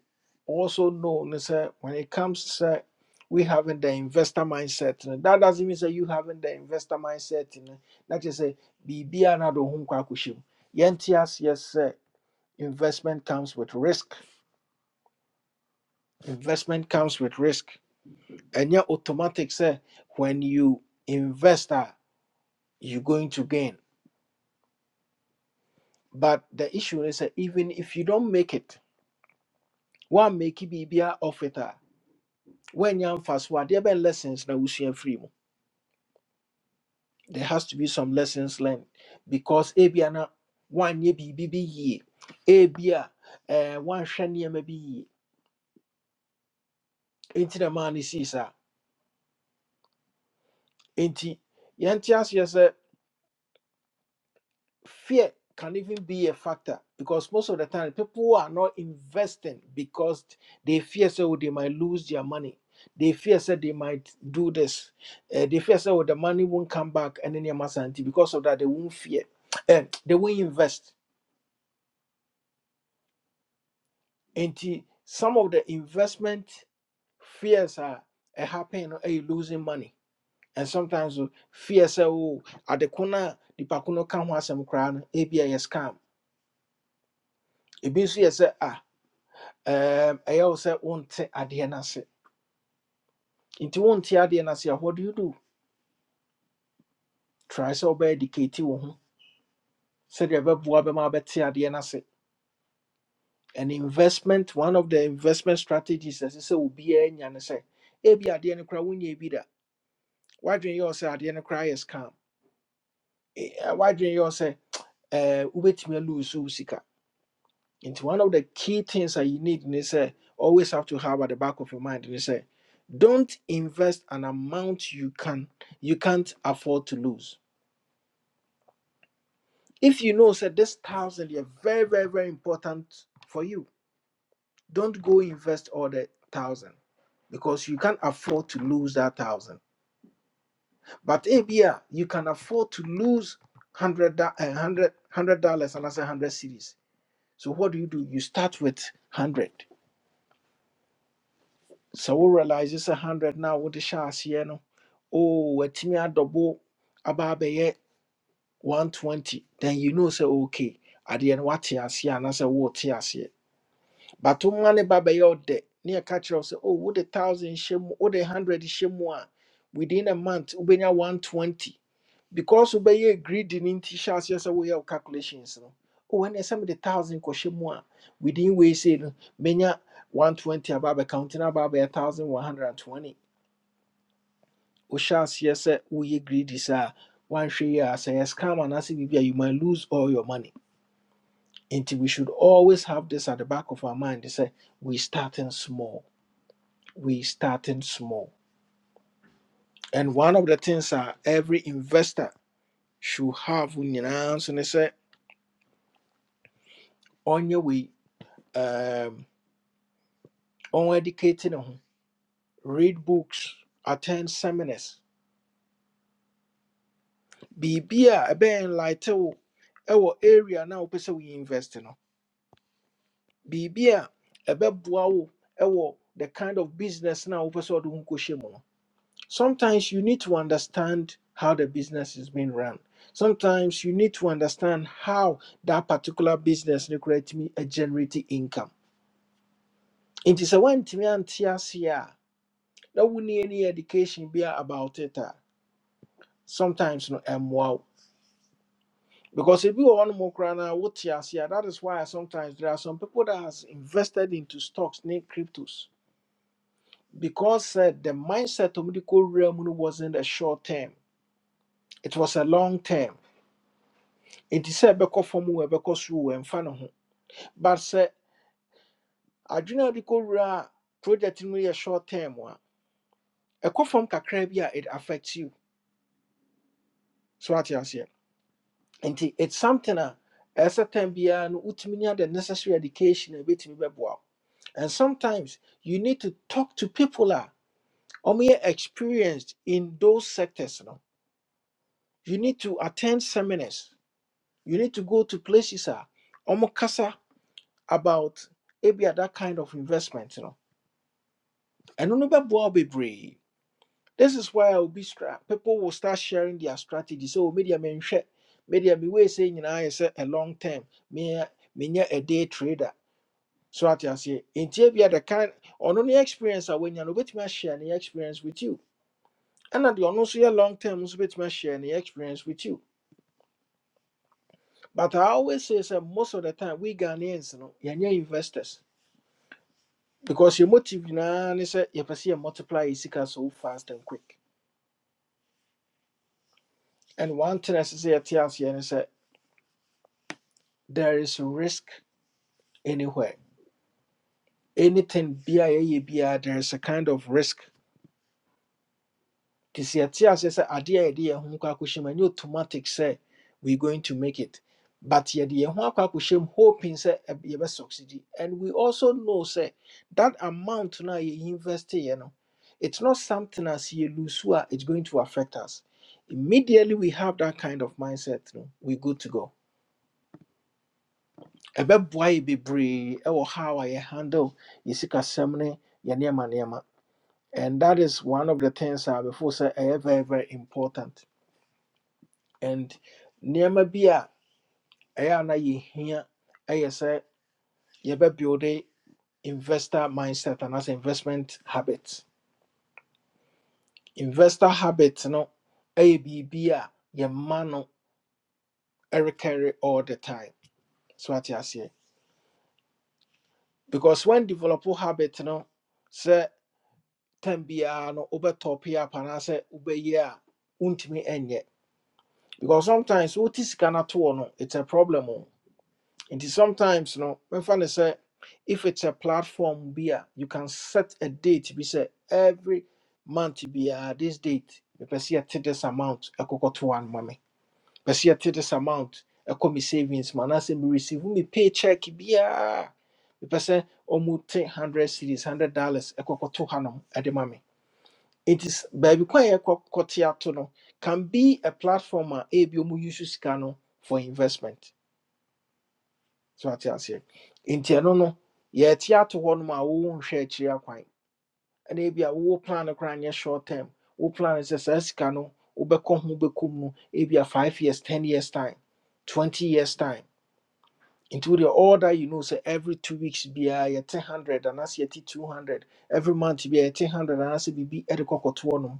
also know is that when it comes to uh, we having the investor mindset, no, that doesn't mean that you having the investor mindset. You know, that is a BBA na do hun kwa kushim. Yentias, yes, uh, investment comes with risk. Investment comes with risk. And your automatic say when you invest, uh, you're going to gain. But the issue is that even if you don't make it, one make it BBA off it. ah, when yam fast what there been lessons na wusua free mu there has to be some lessons learned because ebia na one ye bi bi bi ye ebia eh one hwɛ nneɛma bi yie enti na man ne sii saa enti yɛnte aseɛ sɛ fear can even be a factor because most of the time people are not investing because they fear so they might lose their money. They fear that they might do this. Eh, they fear so the money won't come back and then sanity. Because of that, they won't fear. And they won't invest. And some of the investment fears are eh, happening or you losing money. And sometimes oh, fear say, oh, at the corner, the pakuno can have some crown, ABI scam. It means yes, ah. um ɛyɛ wo sɛ wonte adeɛ Into ase nti wonte no what do you do try sɛ wobɛɛdikate wo ho sɛdeɛ ɛbɛboa bɛma wobɛte adeɛ no ase an investment one of the investment strategies ɛsɛ sɛ obiaa nya ne sɛ ebi adeɛ no koraa wonyɛ bi da woadwene yɛ wo sɛ adeɛ no koraa yɛ scam Eh, eh, woadwene yɛ wo sɛ eh, wobɛtumi alose wo sika one of the key things that you need ne say always have to have at the back of your mind ne say don't invest an amount you can you can't afford to lose If you know that this thousand is very, very, very important for you, don't go invest all the thousand because you can't afford to lose that thousand. But ABR, you can afford to lose hundred da- eh, hundred- hundred dollars and that's a hundred cities. So what do you do? You start with hundred. So we realize it's a hundred now with the shares here. No, oh, a timia double about 120. Then you know say okay. At the end, what here, and I say what here. but wo mma ne ba bɛyɛ wo dɛ ne yɛka kyerɛ wo sɛ oh thousand hyɛ mu a hundred hyɛ within a month ubenya one twenty because wobɛyɛ greedy in t-shirts aseɛ sɛ woyɛ calculations no oh ɛne sɛ mede thousand kɔhyɛ within we say no menya one twenty aba counting no a thousand one hundred and twenty wohyɛ aseɛ sɛ woyɛ greedy saa a woanhwɛ yi a sɛ yɛ scam anaasɛ biribi a you might lose all your money nti we should always have this at the back of our mind They say we starting small we starting small. And one of the things that every investor should have when you and they say on your way um on educating ho, read books, attend seminars. Biribi a ɛbɛyɛ enlighten wo ɛwɔ area na wopɛ sɛ we invest no. Biribi a ɛbɛboa wo ɛwɔ the kind of business na wopɛ sɛ ɔde ho kɔhyɛ mu no. sometimes you need to understand how the business is being run. Sometimes you need to understand how that particular business no create me a generating income. Nti sɛ woantumi ante ase a na wonni any education be about it a sometimes no ɛmmoa wo. Because if you want more crana, what that is why sometimes there are some people that has invested into stocks named cryptos. Because uh, the mindset of the realm no wasn't a short term, it was a long term It is a ɛbɛkɔ fam a ɛbɛkɔ soro and ɛmfa ne ho but sɛ adwene a wode project in mu yɛ short term wa. a ɛkɔ fam it affects you so wate aseɛ nti it's something a ɛsɛ time biara no wotumi nya the necessary education a ɛbɛtumi bɛboa wo and sometimes you need to talk to people a ɔmoyɛ experienced in those sectors no you need to attend seminars you need to go to places a ɔmo kasa about ebi that kind of investment You know. ɛno no bɛboa wo bebree this is why will be stra- people will start sharing their strategy so media menhwɛ media me wei sɛ nyinaa yɛ sɛ a long term me me a day trader so ate aseɛ ntia bia the kind ɔno ne experience a wanya no wobɛtumi share ne experience with you And ɛna deɛ ɔno so yɛ long term nso bɛtumi share ne experience with you but i always say "Say most of the time we ghanaians no yɛnyɛ investors because your motive nyinaa ne say you yɛpɛ sɛ yɛ multiply your sika so fast and quick And one thing I say at here is that there is risk anywhere. Anything BIA BIA, there is a kind of risk. This year TLC is a idea idea Hunkakushim, and you automatic say we're going to make it. But yet the Hunkakushim hoping say you will succeed. And we also know say that amount now you invest, you know, it's not something as you lose, it's going to affect us. Immediately we have that kind of mindset, no, we're good to go. ɛbɛboa yɛ bebree ɛwɔ how I handle yɛ sikasɛm ne yɛ nneɛma nneɛma and that is one of the things a before sɛ ɛyɛ very very important and nneɛma bi a ɛyɛ a na yɛhia ɛyɛ sɛ yɛbɛbuilde investor mindset anaasɛ investment habits. investor habits no ɛyɛ biribi a yɛma no ɛrekɛre all the time so ate aseɛ because when develop habit no sɛ time biara no wobɛtɔ pay up anaasɛ wobɛyie a wontumi ɛnyɛ because sometimes what sika gonna toɔ no it's a problem o nti sometimes no mɛmfa ne say if it's a platform beer you can set a date bi say every month biara this date mepɛ sɛ yɛte this amount ɛkɔkɔtoa no ma me mepɛ sɛ yɛte this amount ɛkɔ me savings mu anaasɛ mereceive me pay check biara mepɛ sɛ ɔmu te 100 series 100 dollars ɛkɔkɔto hanom ɛde ma me it is baabi kwan a yɛkɔte ato no can be a platform a ebi ɔmo use sika no for investment. So ate aseɛ. Nti ɛno no yɛte ato hɔ nom a wɔwɔ nhwɛ akyiri akwan. Ɛna ebi a wɔwɔ plan no koraa short term. Wo plan is sɛ saa sika no wobɛkɔ ho bɛkɔ mu no ebi a five years, ten years time, twenty years time. Into the order you know say every two weeks biara yɛte hundred and as yɛte two hundred. Every month biara yɛte hundred anaasɛ biribi ɛde kɔ kɔto hɔ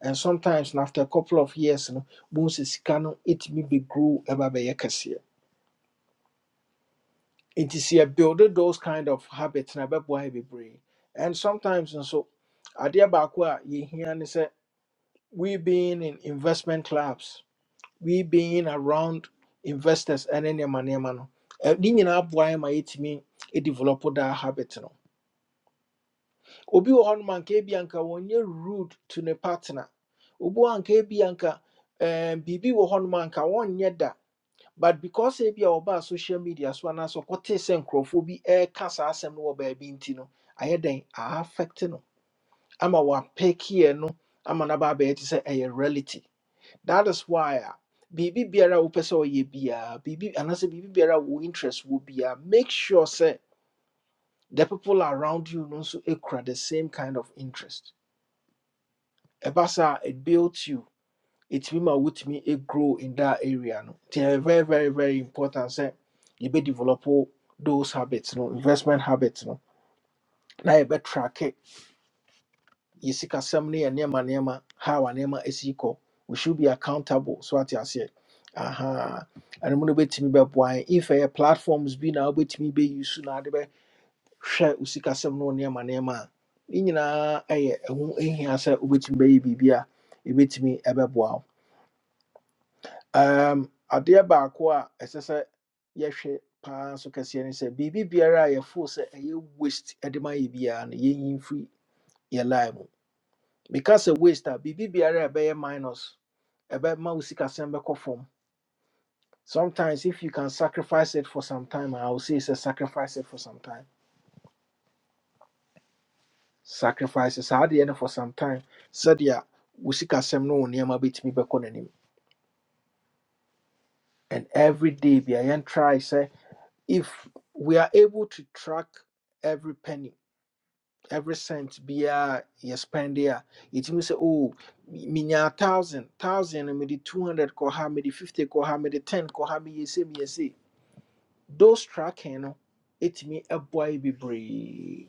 And sometimes na after a couple of years, no, bones is canon, it may be grow ever by It is here build those kind of habits na be boy be brain. And sometimes and so idea bakwa ye hear and say we being in investment clubs, we being around investors and any money man. Ni nyinaa boa ma yɛtumi e develop that habit no. Obi wɔ hɔ no anka ebi anka wɔnyɛ rude to ne partner. Obi wɔ hɔ anka ebi anka um, biribi wɔ hɔ no ma anka wɔnyɛ da but because ebi a wɔbaa social media so anaasɛ ɔkɔtee sɛ nkurɔfoɔ bi ɛreka saa asɛm no wɔ baabi nti no ayɛ dɛn aafɛkte no ama wapɛkiɛ no ama no aba abɛyɛ te sɛ ɛyɛ reality that is why a biribi biara a wopɛ sɛ ɔyɛ biara biribi anaasɛ biribi biara a wo interest wɔ biara make sure sɛ the people around you no nso kura the same kind of interest ɛba it builds you ɛtumi me wotumi grow in that area no nti ɛyɛ very very very important Say you sɛ yɛbɛdevelop those habits no investment habits no now na yɛbɛtracke yɛ sikasɛm no yɛ nneɛma nneɛma how a nneɛma ɛsi kɔ we should be accountable so what you say? aha ɛno mu no bɛtumi bɛboa yɛn if ɛyɛ platforms bi na wobɛtumi bɛyi so na ade bɛhwɛ wo sikasɛm no wo nneɛma nneɛma a ne nyinaa ɛyɛ ɛho ɛhia sɛ wobɛtumi bɛyɛ biribi a ɛbɛtumi ɛbɛboa wo um, adeɛ baako a ɛsɛ sɛ yɛhwɛ paa nso kɛseɛ ne sɛ biribi biara a yɛfoo sɛ ɛyɛ waste de ma yɛ biara no yɛnyi mfiri yɛ life mu meka sɛ waste a biribi biara a ɛbɛyɛ minus ɛbɛma wo sikasɛm bɛkɔ fam sometimes if you can sacrifice it for some time I will say, sɛ sacrifice it for some time sacrifice it, saa adeɛ no for some time sɛdeɛ wo sikasɛm no wo nneɛma bɛtumi bɛkɔ n'anim and every day bia yɛn try sɛ if we are able to track every penny, every cent be a you spend there, it means say, oh, minya thousand, thousand, maybe two hundred koha, maybe fifty koha, maybe ten koha, me yesi me yesi. Those tracking no, it me a boy be brave.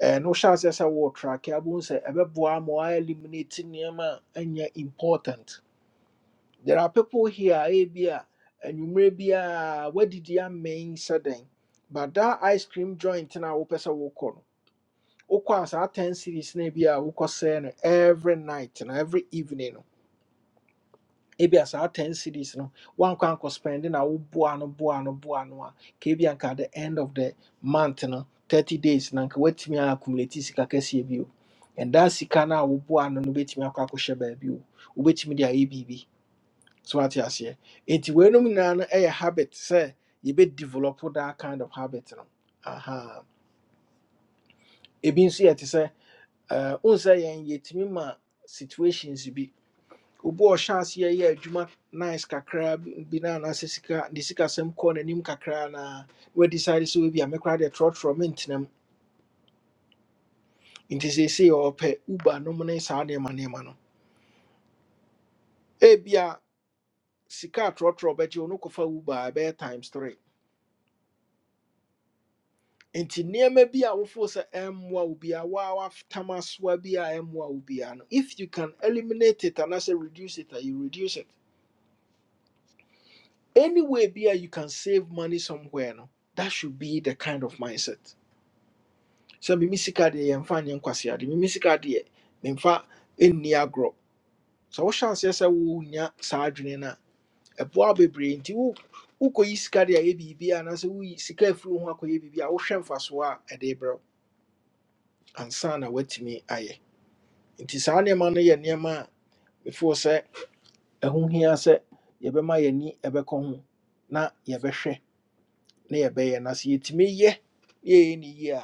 And no shots as a war track, I won't say a boy more eliminating yama and important. There are people here, Abia, and you may be a what did you mean sudden? But that ice cream joint in our Opesa Wokon. Okwas our 10 cities, maybe a Wokosen every night and every evening. Ebias our 10 cities, no one can go spending our buano buano buano. Kabianka at the end of the month, no 30 days, Nanka wait me accumulate Sika Kessi And that Sikana Wubuano, no wait me a Kakosha baby, wait me the ABB so ate aseɛ nti weinom nyinaa no na a habit say you've sɛ yɛbɛdevelop that kind of habit no aha ebi nso yɛ te sɛ eh, wohu sɛ yɛn yɛtumi ma situations bi obi a ɔhyɛ aseɛ yɛ adwuma nice kakra bi bi na anaasɛ sika ne sikasɛm kɔɔ nim kakra na we wɔadecide sɛ wɔbi a mɛkora deɛ trɔtrɔ mentenam nti seesei ɔpɛ uber nom ne saa nneɛma nneɛma no ebia sika a trɔtrɔ bɛgye wo no kɔfa uber a ɛbɛyɛ times 3 nti nneɛma bi a wofo sɛ ɛmmoa wo bia waa watam asoa bi a ɛmmoa wo bia no if you can eliminate it and anaasɛ reduce it a you reduce it any way bi a you can save money somewhere no that should be the kind of mindset sɛ mimi sika deɛ yɛmfa nyɛ nkwaseade mimi sika deɛ memfa ɛnni agorɔ sɛ wohyɛ aseɛ sɛ wonya saa adwene no a ɛboa wo bebree nti wo wokɔyi sika de ayɛ biribi a anaasɛ woyi sika afiri wo ho akɔyɛ biribi a wohwɛ mfasoɔ a ɛde brɛ wo ansa na woatumi ayɛ nti saa nneɛma no yɛ nneɛma a before sɛ ɛho hia sɛ yɛbɛma yɛni ɛbɛkɔ ho na yɛbɛhwɛ na yɛbɛyɛ na sɛ yɛtumi yɛ na yɛyɛ ne yie a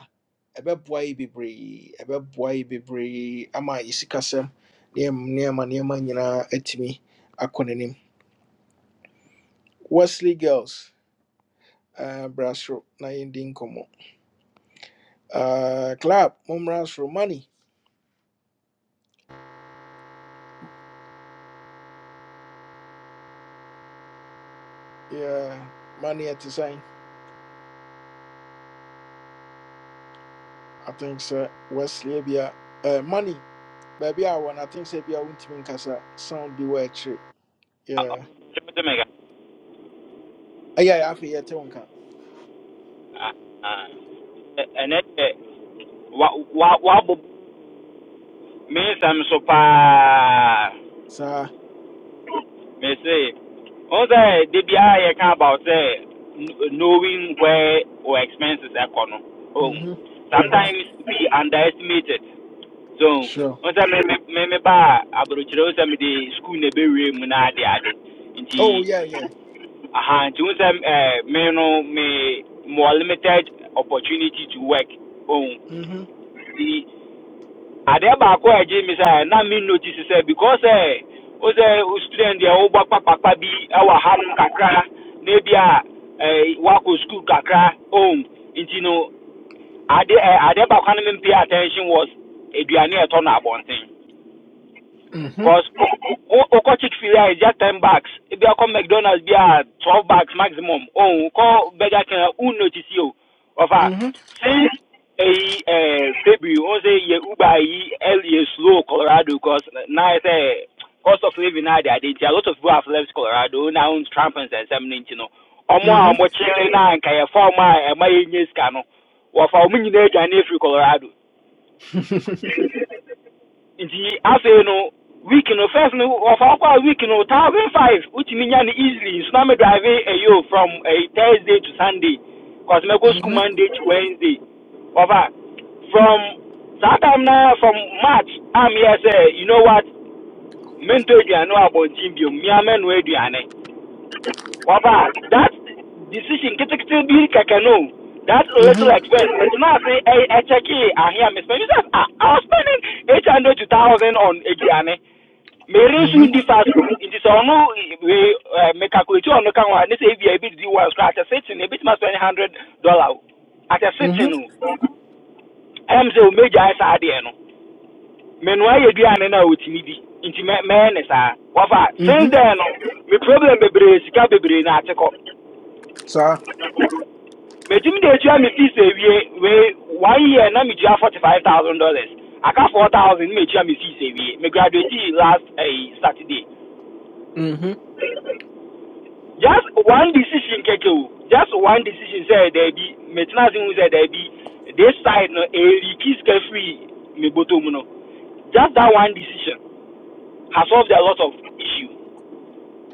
ɛbɛboa yɛ bebree ɛbɛboa yɛ bebree ama yɛ sikasɛm nneɛma nneɛma nneɛma nyinaa atumi akɔ n'anim wesley girls uh, bra soro na yɛndi nkɔmmɔ uh, club mommra soro money yeah, money ɛte sɛn i think sɛ wesley bia uh, money baabi a wɔn I wanna think sɛ be a wɔntumi nkasa sound be wɔ akyire yeah
Jamaica.
ɛyɛ a yeah. yɛte wo nka
And it, wabɔ mensɛm so far?
saa
mese ɔhu sɛ de biara yɛka about knowing where our expenses are no oh,
mhm mhm
sometimes we underestimate so
sure
ɔhu sɛ me me me ba a aburokyerɛ wo sɛ school na ɛbɛwie mu na ade ade
oh
nti
yeah yeah
Uh-huh. To them, uh, me no me more limited opportunity to work. Oh,
mhm
the other ba ko eje mi say na me notice say because eh o say o student dey o gba papa bi e wa kakra na bi a eh wa ko school kakra oh nti no ade eh, ade ba no me pay attention was eduane e to na abonten
mhm
Cause Oko Chick fil A is just ten bucks. If you come McDonald's, be a twelve bucks maximum. Oh, call Burger King, who notice you? Offer
mhm
since a uh, February, on say ye Uber ye L- ye slow Colorado, cause now it's a cost of living now. they are There, a lot of people have left Colorado now. Trump and some things, you know. Ọmụ a
mhm
ọmụ chile na nka ya fọm a ɛma ya nye sika no wɔfa ɔmo nyinaa aduane efiri Colorado nti afei no week no first no of kɔ a week no one thousand five wotumi nya no easily nso na me drive ɛyo from a thursday to sunday cause mɛkɔ school
mhm
monday to wednesday wɔfa from saa time na from march I'm here say you know what mentɔ aduane wɔ abɔnten biom mea mɛnoa aduane wɔfa that decision ketekete bi kɛkɛ no o, that little
mhm
expense ɛti na ase ɛkyɛkee ahe a mespend You sɛ ah i was spending eight hundred to one thousand on aduane meresu
mhm
ndi fast nti sɛ ɔno We mekakulati ɔno ka ho a ne sɛ ebia ebi di wɔn koraa atɛ setin ebitumi asɔ ne hundred dollar o atɛ
mhm
setin o ɛyam sɛ o meja ayɛ saa no menua yɛ aduane no a otumi di nti mɛ mɛyɛ ne saa wafa
mhm
since then no me problem bebree sika bebree na ate kɔ
saa
metumi de etua me fees ewie We one year na metua forty five thousand dollars aka four thousand na metua me fees ewie me graduate last eh, saturday
mhm
just one decision keke o just one decision sɛ there be ase hu sɛ daabi this side no ɛreliki sika firi me bɔtɔ no just that one decision has solved a lot of issue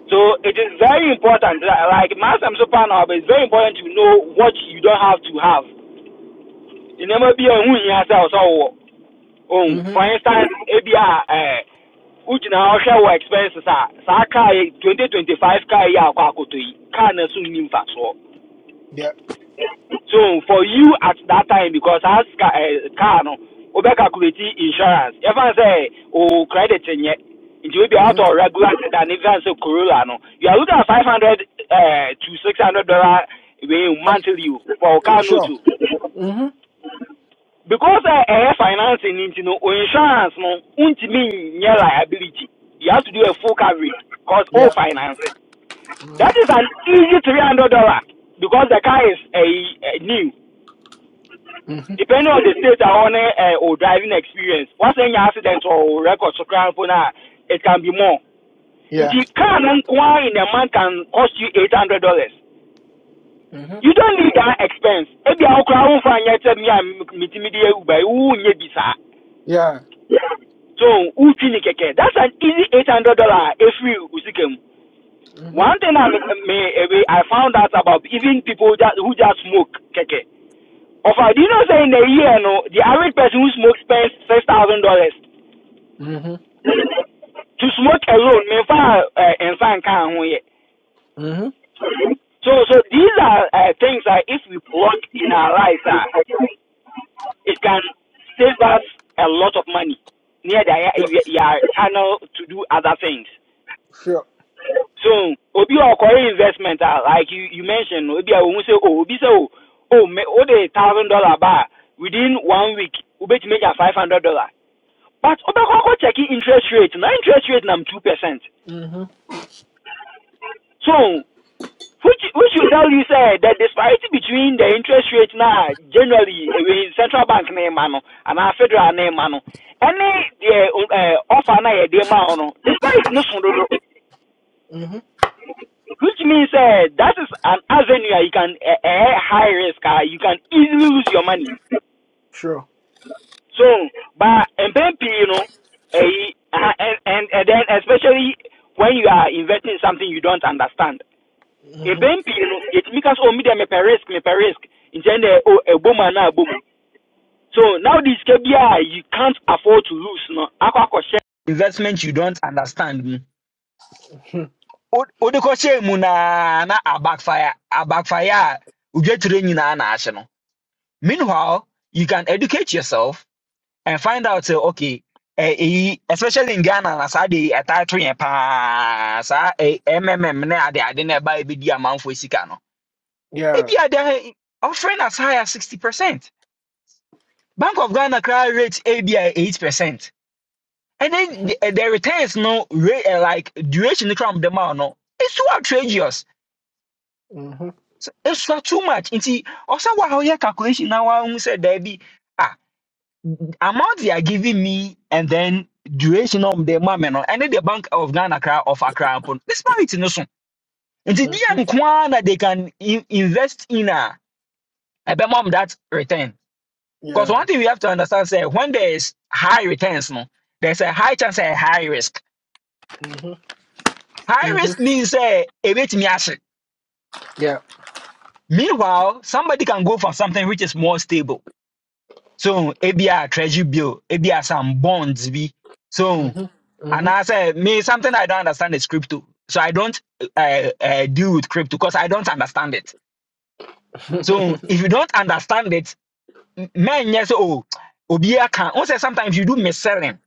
so it is very important that, like master so pa na but it's very important to know what you don't have to have nneɛma bi a ɛho hia sɛ ɔsɛ wowɔ
mhm
for instance ebi a ɛɛ wogyina hɔ hwɛ expenses a saa car twenty twenty five car ya a akɔ akɔtɔ yi car na so nni mfasoɔ
yeah
So for you at that time, because as car, uh, car no, over calculate insurance. If I say oh credit in yet, it will be out
mhm
of regular than if I say Corolla no. You are looking at five hundred uh, to six hundred dollar monthly you for car no
sure
too.
mhm
Because uh, uh, financing into no insurance no, untimi nye liability. You have to do a full coverage because all
yeah
finance.
mhm
That is an easy three hundred dollar because the car is a uh, uh, new.
mhm
depending on the state I want uh, or driving experience. Once any accident or record so crime for now, it can be more. In
yeah
the car no nkoa in a month can cost you eight hundred dollars.
mhm
You don't need that expense. Ebi a okra wo fa nyɛ sɛ me a metimi de Uber, wo nyɛ bi saa.
yeah
So who ne kɛkɛ. That's an easy eight hundred dollar every usikem.
mhm
One thing I me eh, I found out about even people that who just smoke keke. Of I do you know say in a year no the average person who smokes spends six thousand dollars
mhm
to smoke alone may far uh, and find can here.
mhm
So so these are uh, things that if we plug in our lives, uh, it can save us a lot of money near the
sure
your channel to do other things.
sure
So obi a ɔkɔyɛ investment a like you you mentioned no, obi a ohun sɛ oh obi sɛ oh oh me o de thousand dollar ba within one week ubet make a five hundred dollar but ɔbɛkɔ akɔ check interest rate na interest rate nam two percent
mhm
so which which will tell you say the disparity between the interest rate na generally eh, central bank na ɛma no and our federal na ɛma no ɛne deɛ eh, offer na yɛde ma ɔno disparity no so dodo
mhm
which means uh, that is an avenue you can uh, uh, high risk. Uh, you can easily lose your money.
sure
So, but and you know, uh, and, and and then especially when you are investing in something you don't understand. In
mhm
PMP, you know, it makes us oh me them a risk, me per risk. In the eh, oh a boom and a boom. So now this KBI, you can't afford to lose. No, investment you don't understand. wo- wode kɔhyɛɛ mu na na a backfire, a odwakyerɛ nyinaa na ahye no meanwhile you can educate yourself and find out sɛ okay eh, eyi especially in ghana na saa de ɛtae to pa paa saa eh, mmm na ade ade na ɛba ɛbɛdi amanfoɔ sika no ebi
yeah
ade offering as high as 60 percent bank of ghana cry rate ebi a 8 percent and then the, eh, the returns no rate, like duration no kram dem out no it's too outrageous
Mhm.
So it's not too much. You see, also wa ɔyɛ calculation now, i hun sɛ daabi ah amount they are giving me and then duration of the money no and then the bank of Ghana kra of Accra mpo no disparity no so. Nti di
Mhm.
nko ara na they can in- invest in a a mom, that return. Because one
Yeah.
thing we have to understand say when there is high returns no there's a high chance and high risk.
Mhm.
High
Mhm.
risk means say a bit ahye.
Yeah.
Meanwhile somebody can go for something which is more stable. so ebia treasury bill ebia some bonds be so
Mhm.
and
Mhm.
i say me something i don't understand is crypto so i don't uh, uh, deal with crypto because i don't understand it so if you don't understand it m- men yes oh Obia can also sometimes you do mis selling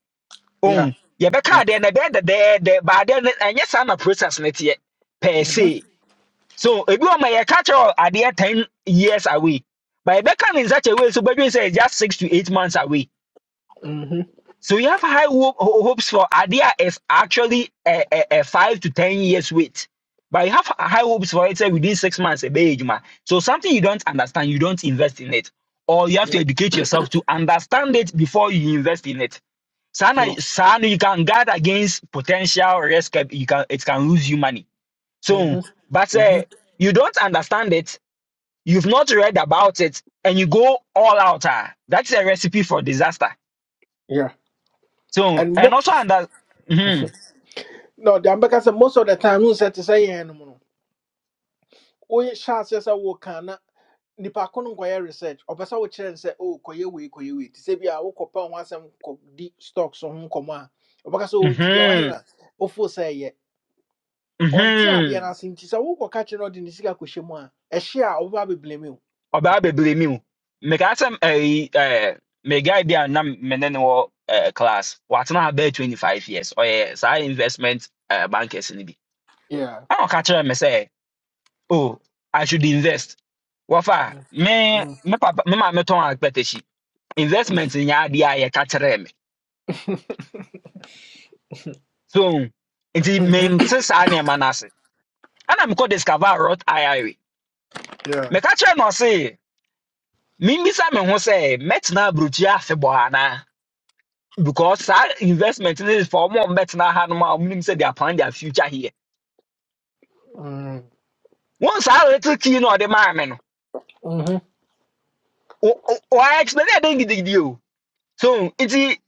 yeah.
oh yeah be
Yeah.
card then there there there but then and yes i'm a process net yet per se so if you my catch all are there 10 years away but Rebecca in such a way, so Bedouin says just six to eight months away.
Mhm.
So we have high ho- ho- hopes for Adia is actually a, a, a five to ten years wait, but you have high hopes for it say within six months a big man. So something you don't understand, you don't invest in it, or you have
Yeah.
to educate yourself to understand it before you invest in it.
Sure.
Sana, sana you can guard against potential risk. eh, You can it can lose you money. So,
Mhm.
but uh,
Mhm.
you don't understand it, you've not read about it, and you go all out. ah, that's a recipe for disaster.
Yeah.
So
And
and
mo
also under mhm
no, the Ambeka said most of the time you said to say animal. Oye sha says I walk na nipa ko no kwaya research. Obasa wo kyerɛ sɛ oh koye we koye we. Ti sɛ bi a wo kɔpa ho asɛm kɔ di stocks ho nkɔmɔ a. Obaka sɛ oh nti dia wahe na
mhm
ofo sɛ yɛ. Ɔnte adeɛ no
mhm
ase nti sɛ wo kɔka kyerɛ no de ne sika kɔhyɛ mu a, ɛhye a ɔba bebree
ọbaa bebree mi o mekaa sɛ ɛyi ɛɛ me guy bi a na me ne no wɔ ɛɛ class What ha about twenty five years ɔyɛ saa investment ɛɛ bankers ni bi
mu.
ɛna ɔka kyerɛ me say, oh I should invest What wɔfa me
Mm,
me papa me maame tɔn akpɛtɛsi investment nyɛ adeɛ a yɛka kyerɛ me so nti mente saa nneɛma no ase ɛna mekɔ discover a roth ira
yeah.
meka kyerɛ no ɔse mimmisa me ho sɛ mɛtena aburokyiri afebɔɔ anaa because saa investment no is for more. a ɔmbɛtena ha nom a ɔmo nim they are planning their future here
Mm,
Once saa little key no a ɔde maa me no
mm-hmm,
o- o- ɔa explain ɛdɛn gidigidi o so it's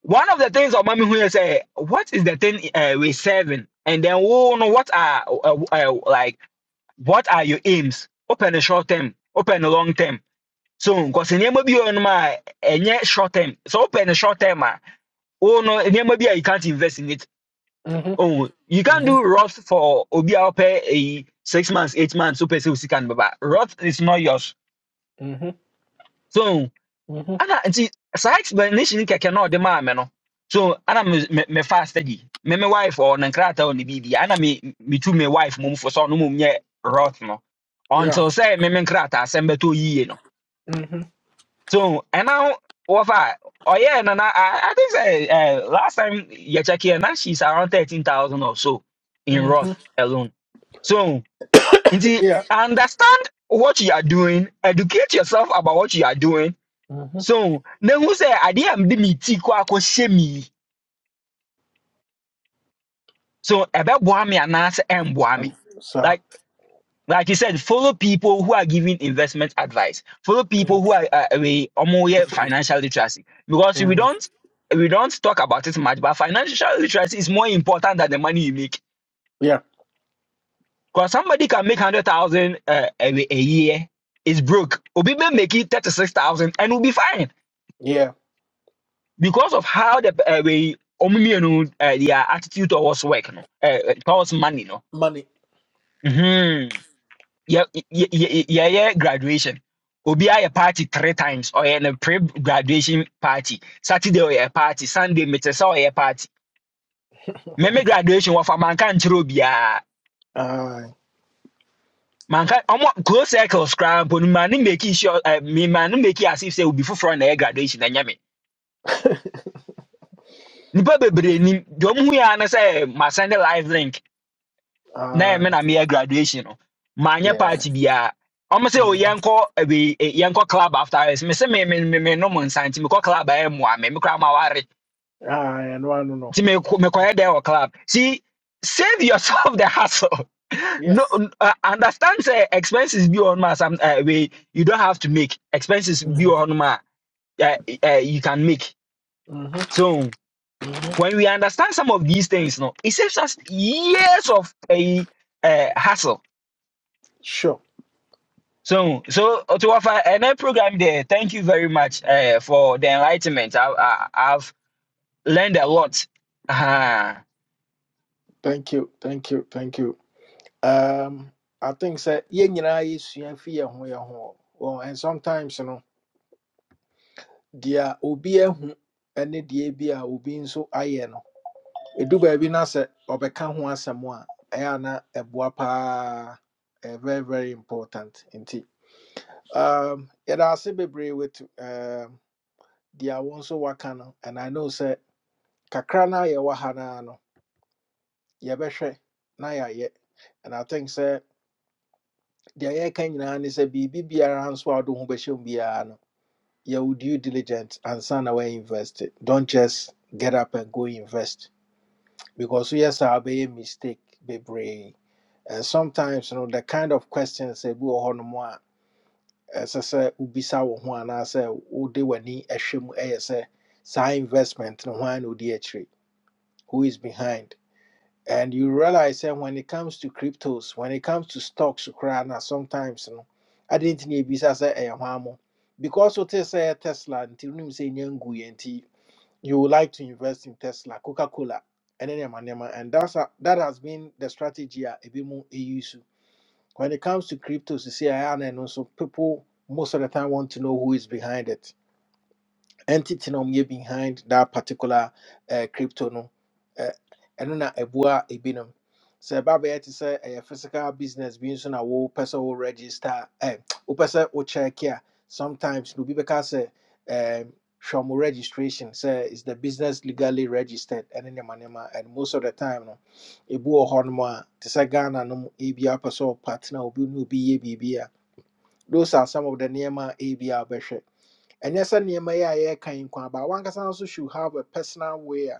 one of the things of me who say, what is the thing uh, we serving and then wo no what are uh, uh, like what are your aims open the short term open the long term so because nneɛma bi wɔ hɔ nom short term so open the short term a oh no any maybe you can't invest in it
mm-hmm,
oh you can't
mm-hmm,
do roth for obi pay a six months eight months so person can but roth is not yours
mm-hmm,
so
mm-hmm,
Anna, ana nti saa explanation kɛkɛ na ɔde maa me no so Anna me me me fa study me me wife or ne nkrataa ɔ ne biribi ana me me tu me wife mum for so no mum nyɛ roth no
yeah.
until say me me nkrataa asɛm bɛtɔ yie no
Mm-hmm,
So and now what I oh yeah, and I I I think say uh, last time you check here now she's around thirteen thousand or so in
mm-hmm,
Roth alone. So indeed
yeah.
understand what you are doing, educate yourself about what you are doing.
Mm-hmm.
So then who say I didn't me tea kwa shemi. So ebe boami and answer and
Um,
boami.
so,
Like Like you said, follow people who are giving investment advice. Follow people
mm,
who are uh, we omo yeah, financial literacy. Because we
mm,
don't we don't talk about it much, but financial literacy is more important than the money you make.
yeah,
Because somebody can make hundred thousand uh, a, a year, is broke. Obi may make it thirty six thousand and will be fine
yeah.
because of how the uh, we omo me, you know, uh, their attitude towards work, no, uh, uh, towards money, no.
Money.
Mhm. yeah, yeah, yeah, yeah, yeah, graduation. Obi a party three times or in a pre graduation party. Saturday or a party, Sunday meeting or a party. Meme graduation wa for mankan trobia.
Aye,
Mankan omo close circles cram pon mani make sure uh, me mani make it as if say will be for na ɛyɛ graduation na nyame. Nipa bebre ni dom hu ya na say my send live link na ɛmɛ
aye,
na meyɛ graduation no maanyɛ
yeah.
party biara ɔmo sɛ o
Mm-hmm.
yɛnkɔ ɛbi ɛ- yɛnkɔ club after hours mese me me me me nom nsa nti mekɔ club a ɛmoa me mekora ma ware
Aye, and I don't know.
nti mekɔ- mekɔyɛ dɛ wɔ club see save yourself the hassle
Yeah.
no n- uh, understand sɛ expenses bi wɔ hɔnom a some uh, we you don't have to make expenses bi wɔ
Mm-hmm,
hɔnom a uh, uh, you can make
mm-hmm,
so
mm-hmm.
when we understand some of these things no it saves us years of a uh, hassle
Sure.
So, so to offer and program there, thank you very much uh, for the enlightenment. I, I, I've learned a lot. Uh-huh.
Thank you, thank you, thank you. Um, I think sɛ yɛn you know, fi yɛn ho yɛn ho. Well, and sometimes, you know. deɛ obi ahu ne deɛ bi a obi nso ayɛ no ɛdu baabi na sɛ ɔbɛka ho asɛm a ɛyɛ a na ɛboa paa ɛyɛ very very important indeed. um, yɛda ase bebree with um, deɛ wo nso waka no and i know sɛ kakra no a yɛwɔ ha noa no yɛbɛhwɛ na yɛayɛ and i think sɛ deɛ yɛreka nyinaa ne sɛ biribi biara nso a wode wo ho bɛhyɛ mu biara no yɛwo due diligent and na woainvest it. don't just get up and go invest because yes I be a mistake bebree and sometimes you know the kind of questions ebi wɔ hɔ nom a ɛsɛ sɛ wobisa wo ho anaasɛ wode w'ani ɛhwɛ mu ɛyɛ sɛ saa investment no hwan na who is behind and you realize that when it comes to cryptos when it comes to stocks koraa na sometimes no ade nti na ebisa sɛ ɛyɛ hwan mo because wote sɛ ɛyɛ tesla until wonim sɛ ɛnya you would like to invest in Tesla, Coca Cola, and any manema. And that's a, that has been the strategy a bit more use. When it comes to cryptos, you see, I am, and also people most of the time want to know who is behind it entity na ɔmo yɛ behind that particular uh, crypto no uh, ɛno na ɛboa ebinom sɛ ɛba bɛyɛ te sɛ ɛyɛ physical business bi nso na wopɛ sɛ wo register ɛ wopɛ sɛ wo check a sometimes na obi bɛka sɛ ɛɛm, hwɛ ɔmo registration sɛ is the business legally registered ɛne nneɛma nneɛma and most of the time no ebi wɔ hɔ nom a te sɛ ghana nom ebi apɛ sɛ ɔpartner obi ne obi yɛ biribi a those are some of the nneɛma a ebi a wɔbɛhwɛ and ɛnyɛ sɛ nneɛma yi a yɛreka yi but one wankasa also should have a personal way a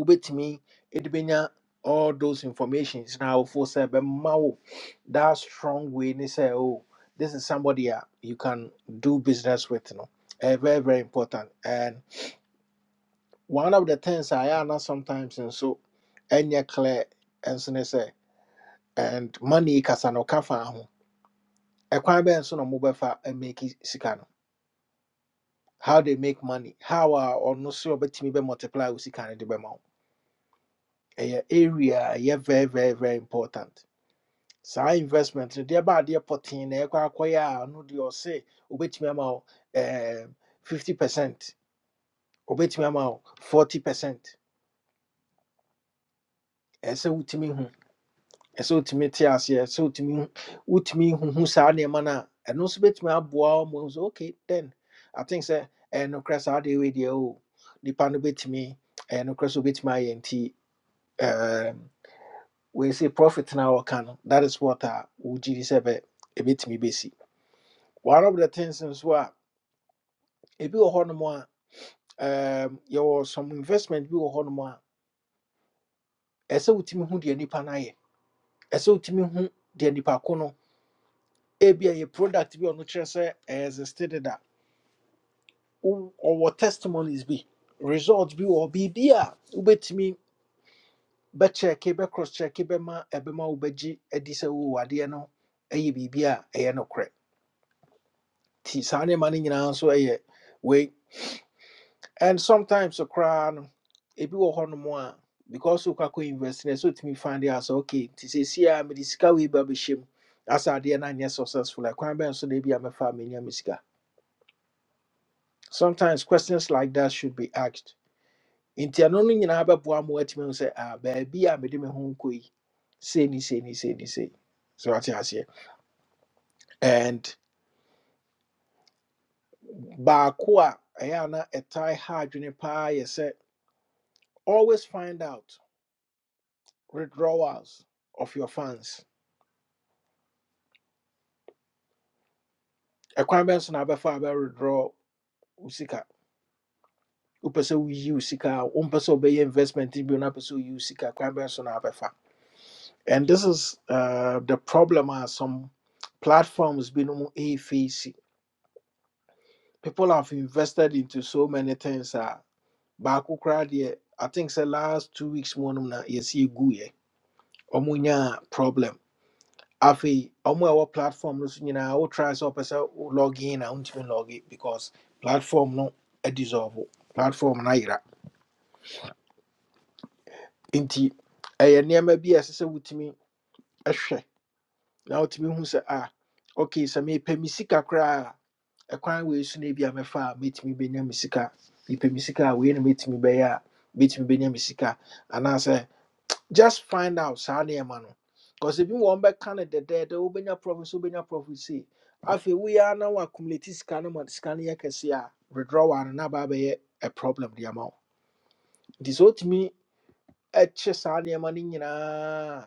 wobɛtumi de bɛnya all those informations Now for say, but wo that strong way they say, oh, this is somebody a you can do business with no ɛyɛ very very important and one of the things I ɛyɛ ana sometimes and nso ɛnyɛ clear nso ne sɛ and money kasa no ɔka fa ho ɛkwan bɛn so na mobɛfa ameki sika no mobile and make it sick. how they make money how a no so ɔbɛtumi be multiply wo sika no de bɛma wo area a very very very important So investment no deɛ ba adeɛ pɔtee na ɛkɔ akɔyɛ a ɔno deɛ ɔse wobɛtumi ama wo 50 percent wobɛtumi ama 40 percent ɛɛ sɛ wotumi hu ɛsɛ wotumi te aseɛ ɛsɛ wotumi hu- wotumi huhu saa nneɛma no a ɛno nso bɛtumi so wo ma wo sɛ okay then i think sɛ ɛɛ nokorɛ saa deɛ wei deɛ o nipa no bɛtumi ɛɛ nokorɛ sɛ wobɛtumi ayɛ nti um, we say profit now or can that is what uh would say a bit me busy. One of the things is what if you are more um your some investment you are more as a ultimate who the nipa na ye as a ultimate who the nipa a be a product be on which as a stated that our testimonies be results be or be be a ubet me bet check cross check be ma ebema ubeji edise wo wade no ɛyɛ biribi a ɛyɛ nokorɛ. ti saa nneɛma no nyinaa nso yɛ wei and sometimes so koraa no ebi wɔ hɔnom a because wokɔ akɔ university no so sɛ wotumi find out sɛ okay nti seesei a mede sika wei ba bɛhyɛ mu asa adeɛ no anyɛ successful a kwan bɛn so da bi a mɛfa a menya me sika sometimes questions like that should be asked nti ɛno no nyinaa bɛboa ma woatumi hu sɛ ah baabi a mede me ho nkɔ yi sei ne sei ne sei ne sei so wate aseɛ and baako a ɛyɛ a na ɛtae ha adwene paa yɛ sɛ always find out withdrawals of your funds. ɛkwan bɛn so na abɛfa a father withdraw wo sika wopɛ sɛ woyi wo sika a wompɛ sɛ investment bi na wopɛ sɛ woyi wo sika kwan so and this is uh, the problem are some platforms being a ɛfeesi people have invested into so many things a baako koraa deɛ i think the last two weeks mu nom na yɛsi ɛguiɛ ɔmo nyaa problem afei ɔmo our platform no so nyinaa wo try so, ɔpɛ sɛ wo log in a wontumi log in because platform no adissolve wo. platform no ayera nti ɛyɛ nneɛma bi a ɛsɛ sɛ wotumi ɛhwɛ na wotumi hu sɛ ah okay sɛ mepɛ me sika koraa a ɛkwan wei so no bi a mɛfa a mɛtumi bɛnya me sika mepɛ me sika a wei na mɛtumi bɛyɛ a mɛtumi bɛnya me sika anaasɛ just find out saa nneɛma no because ebi wɔn bɛka no dɛdɛɛdɛ wobɛnya profit so wobɛnya profit sei afei woyɛ a na wɔakumulate sika no ma sika no yɛ kɛse a withdrawal no na ba abɛyɛ a problem de ama wo nti sɛ wotumi akye saa nneɛma no nyinaa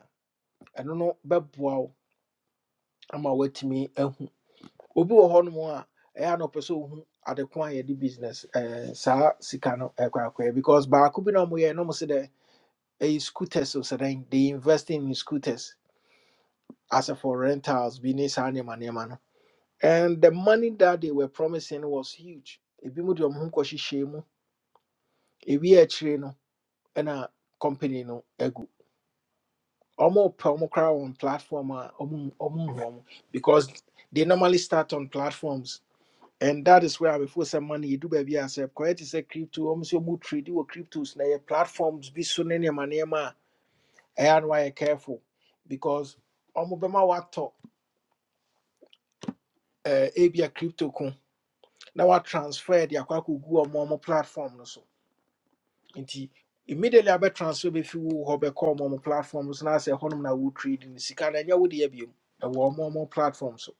ɛno no bɛboa wo ama woatumi ahu obi wɔ hɔnom a ɛyɛ a na ɔpɛ sɛ ohu ade ko a yɛde business ɛɛ, saa sika no ɛkɔ akɔyɛ because baako bi na ɔmoyɛ no mo se dɛ ɛyɛ scooters o sɛ dɛn they investing in scooters as a for rentals bi ne saa nneɛma nneɛma no and the money that they were promising was huge ebi mu de ɔmo ho kɔhyehyɛ mu ebi akyire no ɛna company no agu ɔmo pɛ ɔmo koraa on platform a ɔmo ɔmo nhu ɔmo because they normally start on platforms and that is where abɛfo some money yɛdu baabi a sɛ kɔyɛ te sɛ crypto ɔmo sɛ ɔmo trade wɔ cryptos na ɛyɛ platforms bi so ne nneɛma nneɛma a ɛyɛ a na careful because ɔmo bɛma watɔ ɛɛ ebi a crypto ko na watransfer de akɔ akɔgu ɔmo ɔmo platform no so nti immediately abɛ transfer bɛfi wo hɔ bɛkɔ ɔmo ɔmo platform no so na asɛ hɔnom na wo trade no sika no ɛnyɛ wo deɛ biom ɛwɔ ɔmo ɔmo platform so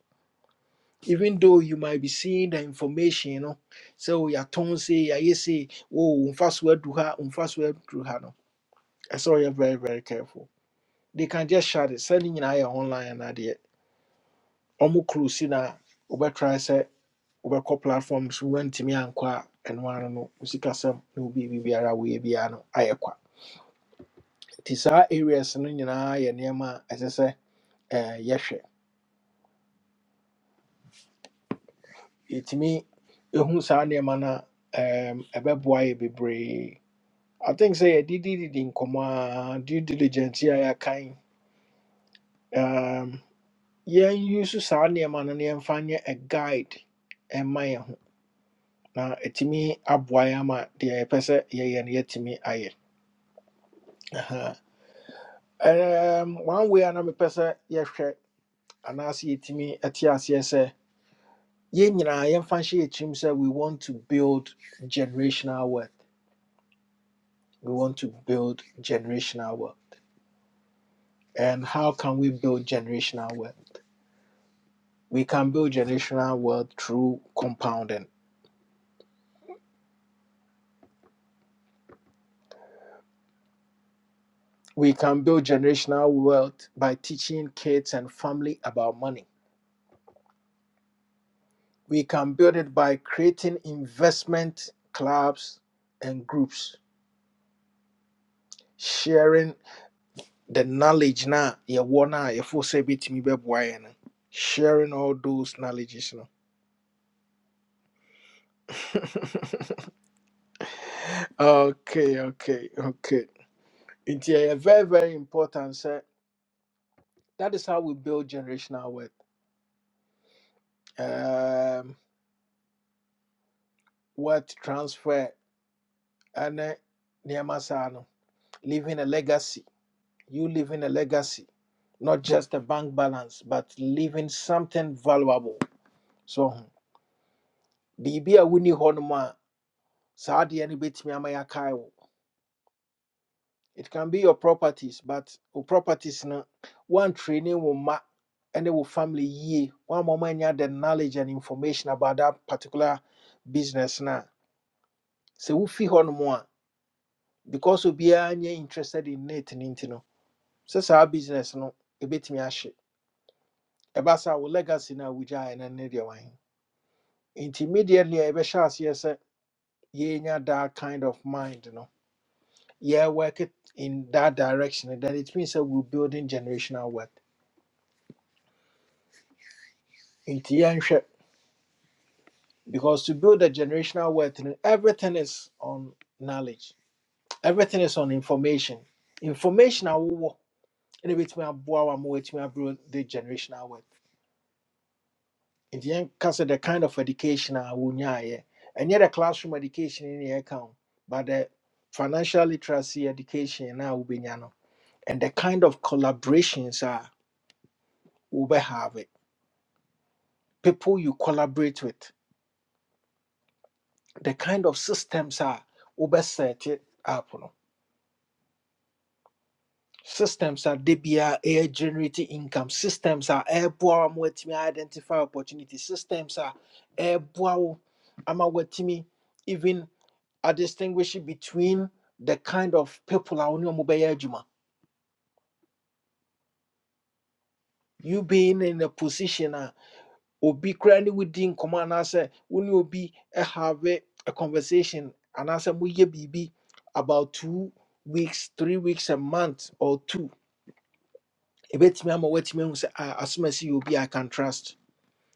even though you might be seeing the information you no sɛ o yɛatɔn se yɛayɛ se o mfa so ya ton say ya ye say wo mfaso adu ha mfa so aduru ha no ɛsɛ ɔyɛ very very careful they can just shut it sɛ ne nyinaa yɛ online anadeɛ ɔmo close na wobɛtry sɛ wobɛkɔ platforms woantumi ankɔ a ɛno ano no wo sikasɛm na wobi biribiara woyɛ biara no ayɛ kwa nti saa areas no nyinaa yɛ nneɛma a ɛsɛ sɛ eh, yɛhwɛ yɛtumi ɛhu saa nneɛma no a ɛm, ɛbɛboa yɛ bebree i think sɛ yɛdidididi nkɔmmɔ a did it in comma due diligence a yɛakan um, yɛnuse saa nneɛma no na yɛmfa nyɛ a guide ɛmma yɛn ho na ɛtumi aboa yɛn ama deɛ yɛpɛ sɛ yɛyɛ no yɛatumi ayɛ Um, one way another person, yes, and I see it me at yes, yes, sir. Yɛn nyinaa yɛmfa nhyɛ yɛn tirim sɛ we want to build generational wealth. We want to build generational wealth. And how can we build generational wealth? We can build generational wealth through compounding. We can build generational wealth by teaching kids and family about money. We can build it by creating investment clubs and groups, sharing the knowledge na your yɛwɔ no a yɛfo sɛ bɛtumi bɛboa yɛ no sharing all those knowledges no okay okay okay It's ɛyɛ very very important sɛ that is how we build generational wealth um, wealth transfer and nneɛma saa no leaving a legacy you leaving a legacy not just a bank balance but leaving something valuable so hmm, biribi a wonni hɔ nom a saa adeɛ no bɛtumi ama It can be your properties, but your properties na one training will ma and will family ye one moment you have the knowledge and information about that particular business na. So we fee on more because we be interested in it in it no. So our business no a bit me ash. Ebasa we legacy na wuja and an area wine. Intermediately a beshas yes ye nya that kind of mind no. Yeah, work it in that direction. Then it means that we're building generational wealth. Nti yɛnhwɛ Because to build a generational wealth, you everything is on knowledge. Everything is on information. Information are what and it me abua am wait me abro the generational wealth. In the end, because the kind of education I wunya and yet the classroom education in the account, but the financial literacy education now will be no. And the kind of collaborations are we have it. People you collaborate with, the kind of systems are we set it up. no systems are they be are air generating income systems are airborne with me identify opportunity systems are airborne ama with me even are distinguishing between the kind of people I only mobile juma you being in a position uh, or be currently within command answer when you be a obi koraa ne wodi nkɔmmɔ anaasɛ wo ne obi have a a conversation anaasɛ moyɛ biribi about two weeks three weeks a month or two I am woatumi ahu sɛ "Ah, asɛm a ɛsi yɛ be, I can trust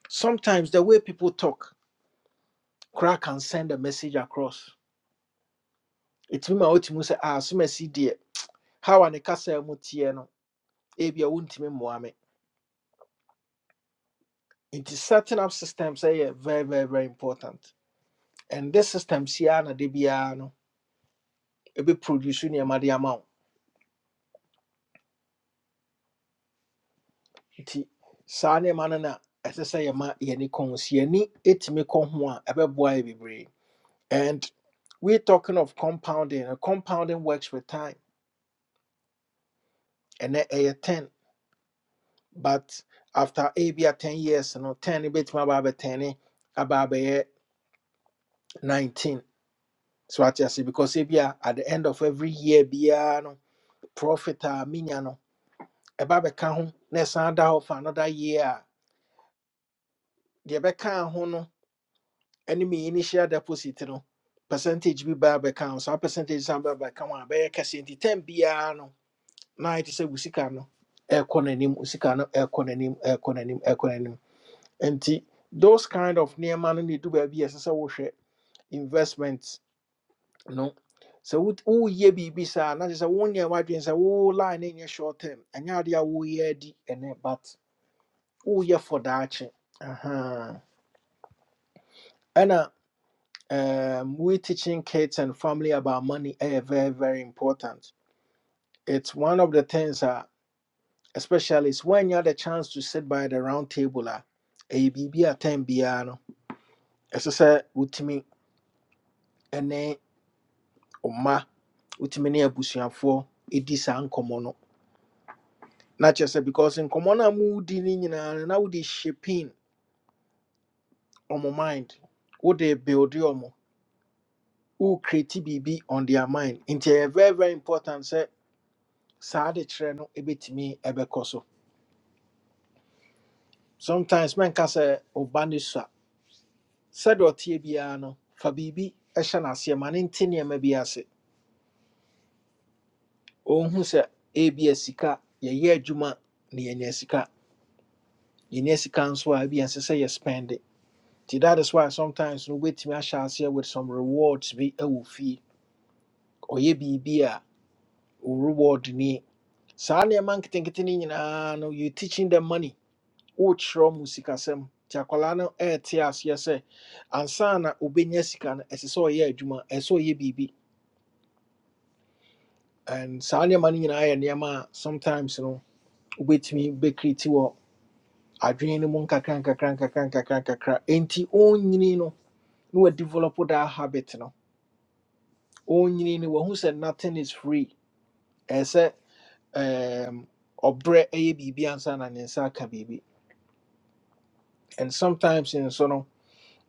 sometimes the way people talk crack can send a message across ɛtumi ma wotumi sɛ ah so masi deɛ how a ne kasa mu teɛ no ebia wontumi mmoa me nti setting up systems are very very very important and this system si ara na de biara no ebi produce nneɛma de ama wo nti saa nneɛma no na ɛsɛ sɛ yɛma yɛni kɔn si yɛni etumi kɔ and we are talking of compounding and compounding works with time ɛnɛ ɛyɛ ten but after a bia 10 years no 10 no my aba ten, about 19 so what you see? because ebia at the end of every year biara no profit a menya no ɛba bɛka can na ɛsan da hɔ for another year a deɛ bɛkaa ho no ne initial deposit no percentage be by bɛka ho saa percentage san baa bɛka ho a bɛyɛ nti 10 biara no na ayɛ te sɛ wo sika no ɛrekɔ n'anim wo no ɛrekɔ n'anim ɛrekɔ n'anim ɛrekɔ nti those kind of nneɛma no ne du baabi a ɛsɛ sɛ wohwɛ investment no sɛ wo- woyɛ biribi saa na kyerɛ sɛ wo nneɛma adwene sɛ wo line no nyɛ short term ɛnyɛ adeɛ a woyɛ adi ɛnɛ but woyɛ for daakye Aha. ɛna um, we teaching kids and family about money ɛyɛ very very important it's one of the things a especially is when you have the chance to sit by the round table a ɛyɛ biribi a time biara no ɛsɛ sɛ wotumi wo mma wotumi ne abusuafoɔ ɛdi saa nkɔmmɔ no na kyerɛ sɛ because nkɔmmɔ no a mudi no nyinaa no na wode shaping ɔmo mind wode builde ɔmo Wo create biribi on their mind nti ɛyɛ very very important sɛ saa de kyerɛ no ɛbɛtumi ɛbɛkɔ so sometimes mɛnka sɛ ɔba ne sua sɛdeɛ ɔteɛ biara no fa biribi ɛhyɛ no aseɛ ma ne nte nneɛma bi ase ɔhu sɛ ebia sika yɛyɛ adwuma na yɛnya sika yɛnya sika nso a ebia ɛnsɛ sɛ yɛ spend it. nti that is why sometimes no wobɛtumi ahyɛ aseɛ with some rewards bi ɛwɔ fie ɔyɛ biribi a reward ni saa man nketenkete no nyinaa no you teaching them money wokyerɛ mu sikasɛm nti akwalaa no ɛɛte aseɛ sɛ ansa na obɛnya sika no ɛsɛ sɛ ɔyɛ adwuma ɛsɛ sɛ ɔyɛ and saa nneɛma no nyinaa yɛ nneɛma a sometimes no wobɛtumi bɛkriti wɔ adwene no mu nkakran kakran kakran kakran kakran nkakra enti ɔnyini no na develop that habit no Only no wahu sɛ nothing is free ɛɛ sɛ um, ɔbrɛ ɛyɛ biribi ansa na ne nsa aka biribi and sometimes nso no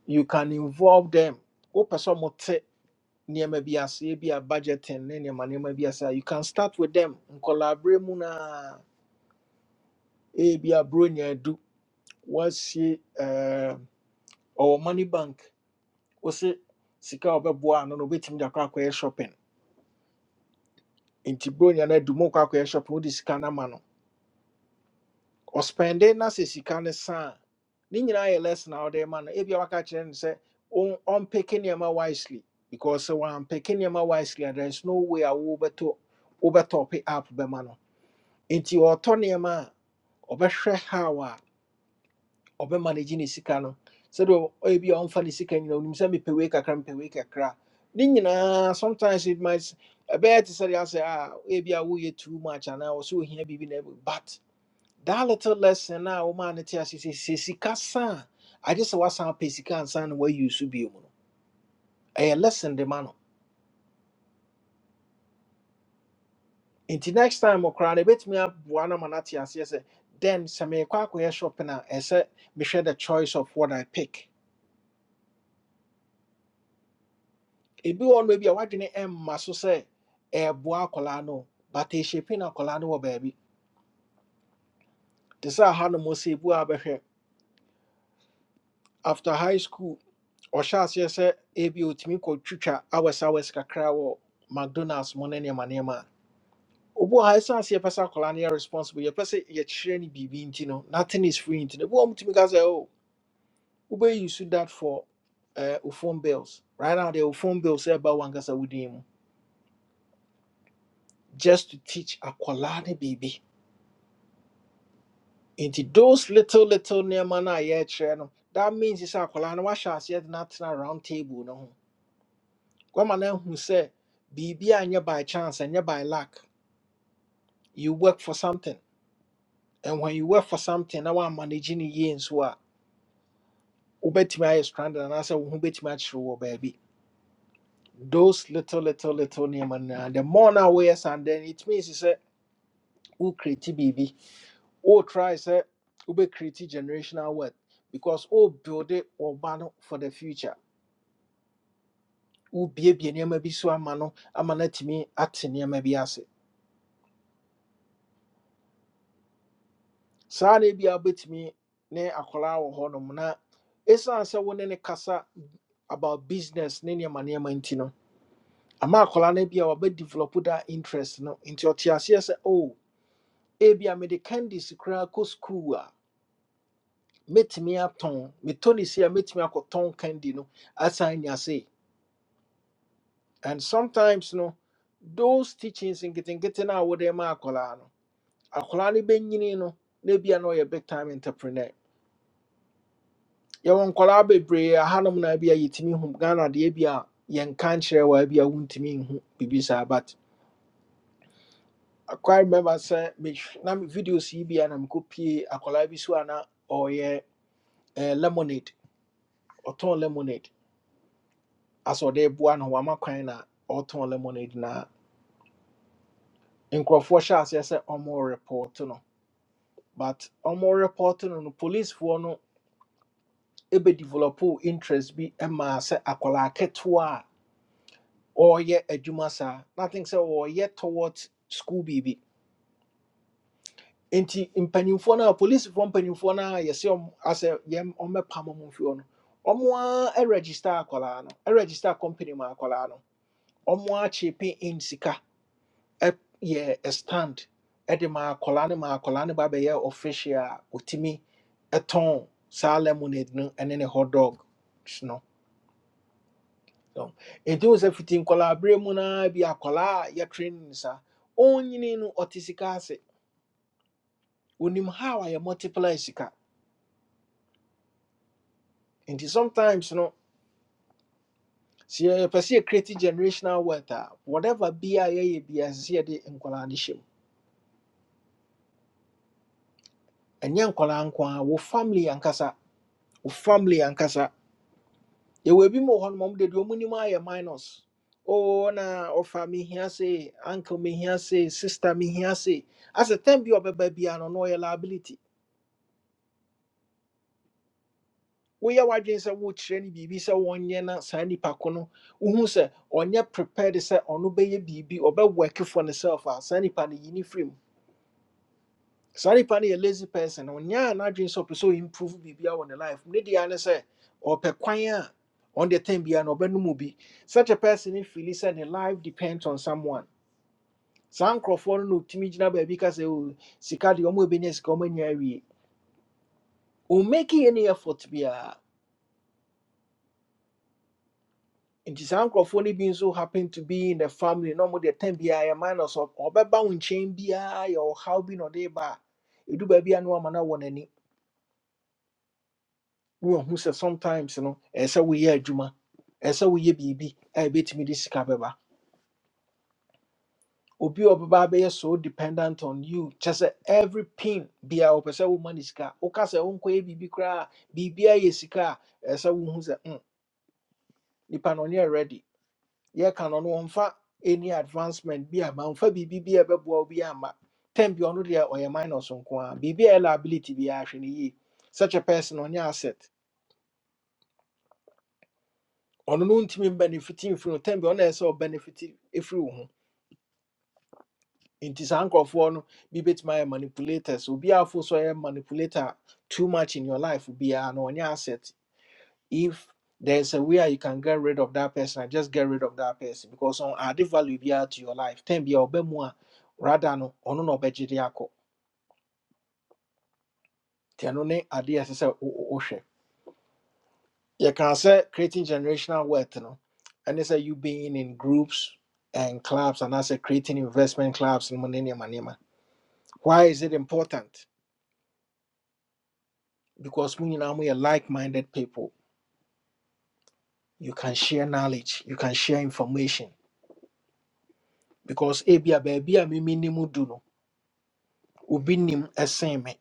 you can involve them wopɛ sɛ ɔmote nneɛma bi aseɛ bi a budgeting ne nneɛma nneɛma bi you can start with them nkɔlaabrɛ mu no a ɛyɛ bi a bronya adu wasie um, ɔwɔ money bank wose sika a ɔbɛboa ano no wobɛtumi de akɔ shopping nti bronya no adu mu kɔ shopping wode sika no no ɔspɛnde na sɛ sika no sa a ne nyinaa yɛ lesson a ɔde ma no ebia waka kyerɛ no sɛ ɔn- ɔmpeke nneɛma wisely because sɛ wampeke nneɛma wisely a there is no way a wobɛtɔ wobɛtɔpe app bɛma no nti ɔtɔ nneɛma a ɔbɛhwɛ how a ɔbɛma no gye ne sika no sɛdeɛ ɔ- ebia ɔmfa ne sika nyina onim sɛ mepɛ wei kakra mepɛ wei kakra ne nyinaa sometimes it might ɛbɛyɛ te say, say "Ah, asɛ a ebia woyɛ too much anaa wɔ sɛ ohia biribi na ɛb- but that little lesson now woman it is say sika san i just was some pay sika and san where you should be you know a lesson the man until next time okra na bet me up one man at yes say then some me kwa kwa shopping na e say me share the choice of what i pick e be one maybe a white em ma so say e boa colano, no but e shaping a colano, baby this say how no mo say after high school or shas yes say e bi otimi ko twitwa hours hours kakra wɔ mcdonalds mo ne nneɛma obi wɔ ha ɛsiane sɛ yɛpɛ sɛ akwadaa no yɛ responsible yɛpɛ sɛ yɛkyerɛ no biribi nti no nothing is free nti no ebi wɔ hɔ a mutumi ka sɛ oh wobɛyi you shoot that for uh, phone bills right now the phone bills ɛba wankasa wo din mu just to teach akwadaa no biribi nti those little little nneɛma no a yɛrekyerɛ no that means sɛ akwadaa no wahyɛ aseɛ de no atena round table no ho kwama no ahu sɛ biribi a nyɛ by chance ɛnyɛ by luck you work for something and when you work for something na wɔamanage no yie nso a wobɛtumi ayɛ stranded anaasɛ wo ho bɛtumi akyerɛ wɔ baabi those little little little nneɛma no nyinaa, the more no a woyɛ saa no, then it means sɛ wokreti biribi wotry sɛ wobɛkreti generational wealth because wobuilde wɔba no for the future wobiebie nneɛma bi so ama no ama no atumi ate nneɛma bi ase saa na ebia wobɛtumi ne akwaraa wɔ hɔnom na ɛsiane sɛ wo ne ne kasa about business ne nneɛma nneɛma nti no ama akwaraa no bi a wabɛ develop that interest no nti ɔte aseɛ sɛ oh ebi a mede candies koraa kɔ school a mɛtumi atɔn metɔ ne se a mɛtumi akɔtɔn candy no asan nya se and sometimes no those teachings nketenkete no a wode ma akwaraa no akwaraa no bɛnyini no na bi na ɔyɛ big time entrepreneur yɛwɔ nkwaraa bebree ahanom na bi a yɛtumi hu ghana deɛ bi a yɛnka nkyerɛ wɔ bi a wontumi nhu saa but I quite remember say, me, na me videos yi bi a na mekɔpie akwadaa bi so a na eh, lemonade ɔtɔn lemonade asɛ ɔde boa no wama kwan na ɔtɔn lemonade na nkurɔfoɔ hyɛ aseɛ sɛ ɔmo report no but ɔmo report no no police, policefoɔ no ebe ɛbɛdevelopo interest bi maa sɛ akwadaa ketewa a ɔreyɛ adwuma saa na I think sɛ ɔreyɛ towards school biribi nti mpanimfoɔ no a polisifoɔ mpanimfoɔ no a yɛsɛ ɔm asɛ yɛm ɔmmɛpam ɔmo mfi hɔ no ɔmo a ɛregister akwadaa no ɛregister company mu akwadaa no ɔmo a kyepe in sika ɛ- yɛ a stand ɛde ma akwadaa no ma akwadaa no ba bɛyɛ official a otumi ɛtɔn saa lemonade no ɛne ne hot dog no So, nti wo sɛ fiti nkwadaa bere mu naa bi akwadaa a yɛtrain no saa ɔnyini no ɔte sika ase onim how a yɛ multiply sika nti sometimes no sɛ yɛpɛ sɛ yɛcreate generational wealth a whatever bia yɛyɛ bia sɛ sɛ yɛde nkwaraa no hyɛ mu ɛnyɛ nkwaraa nko a ye be as ye de nkwala nishim. And yan kwala nkwa wo family ankasa wo family ankasa yɛwɔ bi mu wɔ hɔ nomam de deɛ ɔmu nim minus o na ɔfa mehia se uncle mehia se sister mehia se asɛ tam bi a ɔbɛba bia no na ɔyɛ liability woyɛ w'adwene sɛ wokyerɛ no biribi sɛ wɔnyɛ na saa nnipa ko no wohu sɛ ɔnyɛ prepared sɛ ɔno bɛyɛ biribi ɔbɛwɔke for ne self a saa nnipa no yi ne firim Sorry, nipa no yɛ lazy person ɔnyaa n'adwene sɛ ɔpɛ sɛ ɔimprove biribiara on the life ne deɛ ne sɛ ɔpɛ kwan a the time biara no ɔbɛnom such a person no feel sɛ ne life depends on someone Some nkurɔfoɔ no na ɔtumi gyina baabi ka sɛ "Oh, sika deɛ ɔma ɛbɛnya sika ɔma nya awie ɔmmaki any effort biara nti saa nkurɔfoɔ no bi happen to be in the family No, ɔmo the time biara yɛ minus ɔbɛba wo nkyɛn biara yɛ be, or na ɔde ba a ɛdu baabi do na wama no wɔ n'ani wohu sɛ sometimes no ɛɛ sɛ woyɛ adwuma ɛɛ sɛ woyɛ biribi a ɛbɛtumi de sika bɛba obi a ɔbɛba abɛyɛ so dependent on you kyɛ sɛ every pin bia ɔpɛ sɛ woma ne sika woka sɛ wonkɔyɛ biribi koraa biribia yɛ sika a ɛɛ sɛ wohu sɛ mm, nipa no ɔnyɛ ready yɛka no no ɔmfa any advancement bi ama ɔmfa biribi bi a ɛbɛboa wo bi ama tem bi ɔno deɛ ɔyɛ minus nko a biribi a ɛyɛ liability biara hwɛ no yie such a person ɔnyɛ asset ɔno no ntumi benefiti mfiri no tɛm bi ɔno ɛsɛ sɛ benefiti ɛfiri wo ho nti saa nkurɔfoɔ no bi bɛtumi ayɛ manipulators obi afo so ɔyɛ manipulator too much in your life be na ɔnyɛ asset if there's a way you can get rid of that person just get rid of that person because on add value biara to your life tɛm bi a ɔbɛ a rather no ɔno na ɔbɛgye de akɔ nti ɛno ne adeɛ ɛsɛ sɛ wo- wo- you can say creating generational wealth you know and they say you being in groups and clubs and as a creating investment clubs and money and money why is it important because when you know we are like-minded people you can share knowledge you can share information because ebia baby a mimi ni mu du no obi nim ɛsen me